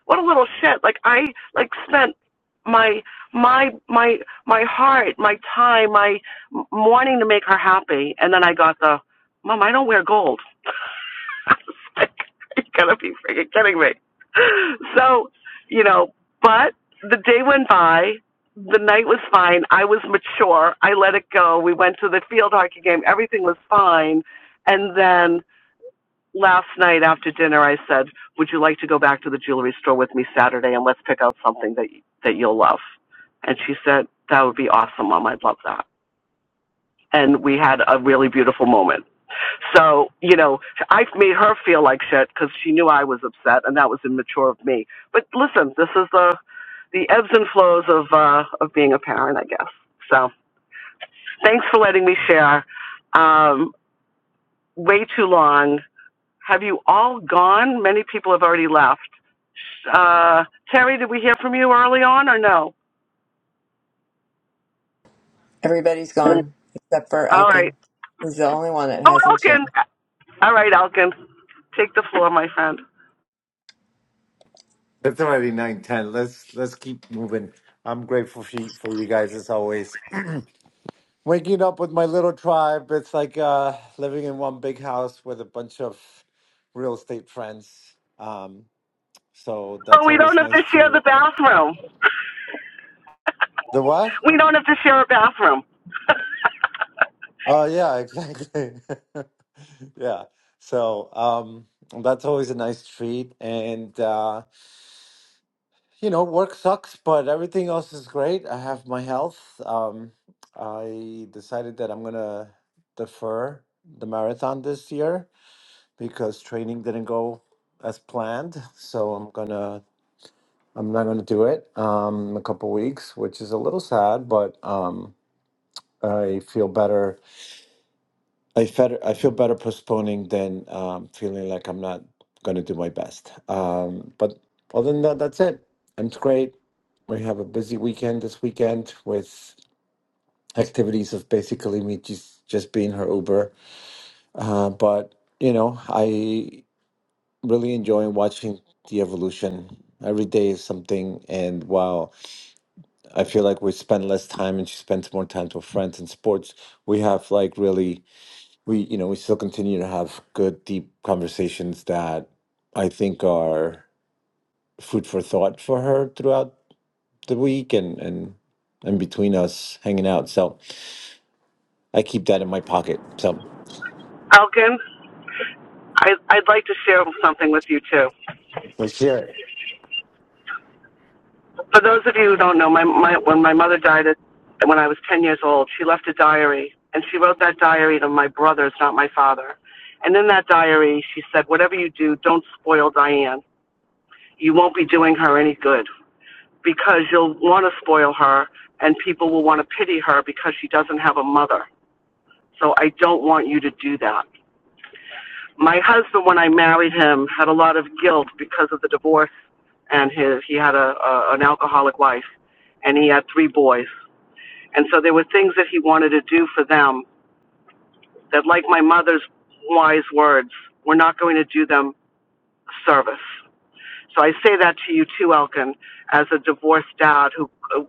Speaker 18: what a little shit like i like spent my my my my heart my time my wanting to make her happy and then i got the mom i don't wear gold <laughs> I was like you gotta be freaking kidding me so you know but the day went by the night was fine i was mature i let it go we went to the field hockey game everything was fine and then last night after dinner I said, "Would you like to go back to the jewelry store with me Saturday and let's pick out something that that you'll love?" And she said, "That would be awesome, Mom. I'd love that." And we had a really beautiful moment. So, you know, I made her feel like shit because she knew I was upset, and that was immature of me. But listen, this is the the ebbs and flows of uh, of being a parent, I guess. So, thanks for letting me share. Um, way too long Have you all gone? Many people have already left. Uh, Terry, did we hear from you early on or no?
Speaker 1: everybody's gone except for
Speaker 18: All
Speaker 1: Elkin.
Speaker 18: right.
Speaker 1: He's the only one that
Speaker 18: Oh,
Speaker 1: hasn't shared.
Speaker 18: Elkin. All right, Elkin. Take the floor, my friend.
Speaker 19: It's already nine ten. Let's let's keep moving. I'm grateful for you, for you guys as always. <clears throat> Waking up with my little tribe. It's like uh, living in one big house with a bunch of real estate friends. Um, so
Speaker 18: Oh,
Speaker 19: that's
Speaker 18: we don't
Speaker 19: always
Speaker 18: have
Speaker 19: nice
Speaker 18: to share the
Speaker 19: to
Speaker 18: bathroom.
Speaker 19: the what?
Speaker 18: We don't have to share a bathroom.
Speaker 19: Oh yeah, <laughs> exactly. <laughs> yeah. So um, that's always a nice treat, and. Uh, you know, work sucks, but everything else is great. I have my health. Um, I decided that I'm gonna defer the marathon this year because training didn't go as planned. So I'm gonna, I'm not gonna do it um, in a couple weeks, which is a little sad, but um, I feel better I feel I feel better postponing than um, feeling like I'm not going to do my best. Um, but other than that, that's it. And it's great. We have a busy weekend this weekend with activities of basically me just just being her Uber. Uh, but you know, I really enjoy watching the evolution. Every day is something, and while I feel like we spend less time and she spends more time with friends and sports, we have like really we you know we still continue to have good deep conversations that i think are food for thought for her throughout the week and and and between us hanging out so i keep that in my pocket so
Speaker 18: Elkin, I, I'd like to share something with you, too.
Speaker 19: for sure
Speaker 18: For those of you who don't know, my, my, when my mother died at, when I was 10 years old, she left a diary, and she wrote that diary to my brothers, not my father. And in that diary, she said, whatever you do, don't spoil Diane. you won't be doing her any good because you'll want to spoil her and people will want to pity her because she doesn't have a mother. So I don't want you to do that. My husband, when I married him, had a lot of guilt because of the divorce and his, he had a, a, an alcoholic wife and he had three boys. And so there were things that he wanted to do for them that, like my mother's wise words, were not going to do them service. So I say that to you too, Elkin, as a divorced dad who uh,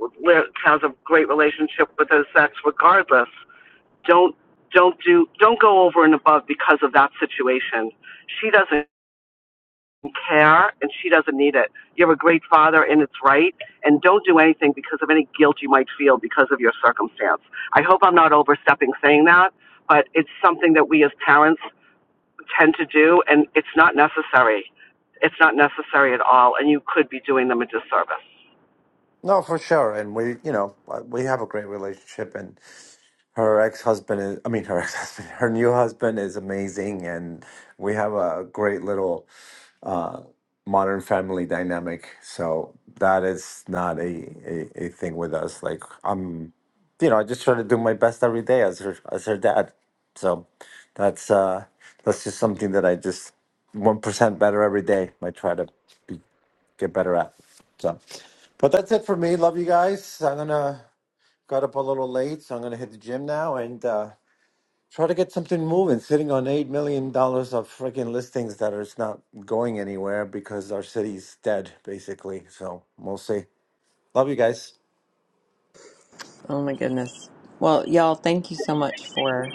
Speaker 18: has a great relationship with his sex. Regardless, don't don't do don't go over and above because of that situation. She doesn't care and she doesn't need it. You have a great father and it's right. And don't do anything because of any guilt you might feel because of your circumstance. I hope I'm not overstepping saying that, but it's something that we as parents tend to do, and it's not necessary. It's not necessary at all, and you could be doing them a disservice.
Speaker 19: no for sure and we you know uh, we have a great relationship and her ex-husband is i mean her <laughs> ex-husband her new husband is amazing and we have a great little uh, modern family dynamic. So that is not a, a, a thing with us. Like I'm, you know, I just try to do my best every day as her as her dad. So that's uh, that's just something that I just one percent better every day. I try to be, get better at. So, but that's it for me. Love you guys. I'm gonna got up a little late, so I'm gonna hit the gym now and. Uh, Try to get something moving. Sitting on eight million dollars of freaking listings that that is not going anywhere because our city's dead, basically. So we'll see. Love you guys.
Speaker 1: Oh my goodness. Well, y'all, thank you so much for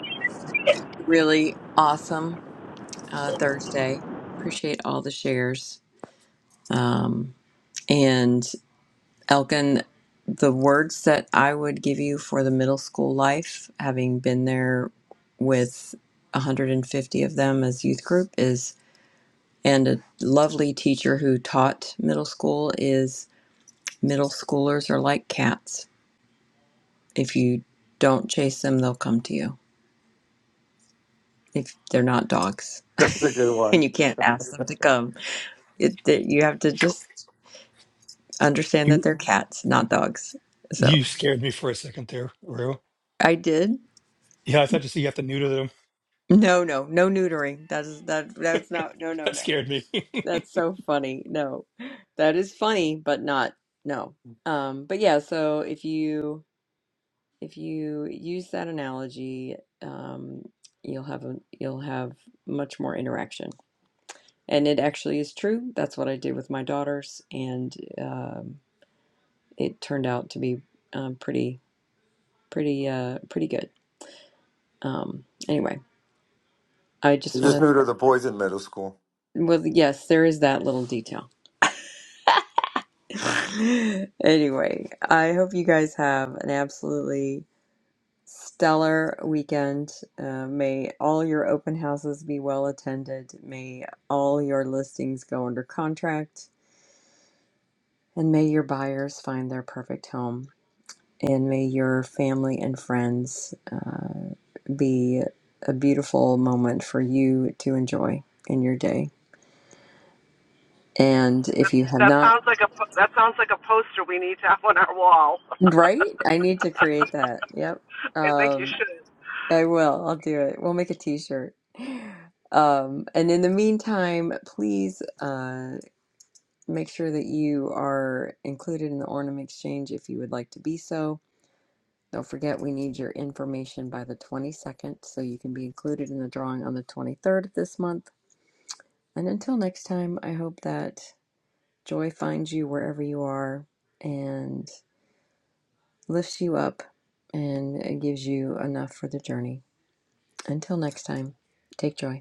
Speaker 1: a really awesome uh, Thursday. Appreciate all the shares. Um, and Elkin, the words that I would give you for the middle school life, having been there with 150 of them as youth group, is and a lovely teacher who taught middle school is middle schoolers are like cats. If you don't chase them, they'll come to you. If they're not dogs
Speaker 19: <laughs> That's a good
Speaker 1: and
Speaker 19: one.
Speaker 1: you can't ask them to come. It, that you have to just understand that
Speaker 5: You
Speaker 1: they're cats, not dogs. So
Speaker 5: you scared me for a second there, Rue.
Speaker 1: I did.
Speaker 5: Yeah, I thought you said you have to neuter them.
Speaker 1: No, no, no neutering. That is that. That's not. No,
Speaker 5: <laughs>
Speaker 1: no,
Speaker 5: That
Speaker 1: no.
Speaker 5: scared me. <laughs>
Speaker 1: That's so funny. No, that is funny, but not. No. Um. But yeah. So if you if you use that analogy, um, you'll have a you'll have much more interaction. And it actually is true. That's what I did with my daughters, and um it turned out to be um, pretty pretty uh, pretty good. Um, anyway, I
Speaker 19: I'm
Speaker 1: just
Speaker 19: just
Speaker 1: want to.
Speaker 19: new to the boys in middle school.
Speaker 1: Well, yes, there is that little detail. <laughs> anyway, I hope you guys have an absolutely stellar weekend. Uh, may all your open houses be well attended. May all your listings go under contract, and may your buyers find their perfect home. and may your family and friends uh, be a beautiful moment for you to enjoy in your day. And if
Speaker 18: That,
Speaker 1: you have not,
Speaker 18: sounds like a that sounds like a poster we need to have on our wall.
Speaker 1: right? I need to create that. Yep.
Speaker 18: <laughs> I think you
Speaker 1: Um,
Speaker 18: should.
Speaker 1: I will. I'll do it. We'll make a t-shirt. Um, and in the meantime, please uh, make sure that you are included in the Ornament Exchange if you would like to be so Don't forget, we need your information by the 22nd so you can be included in the drawing on the 23rd of this month. And until next time, I hope that joy finds you wherever you are and lifts you up and gives you enough for the journey. Until next time, take joy.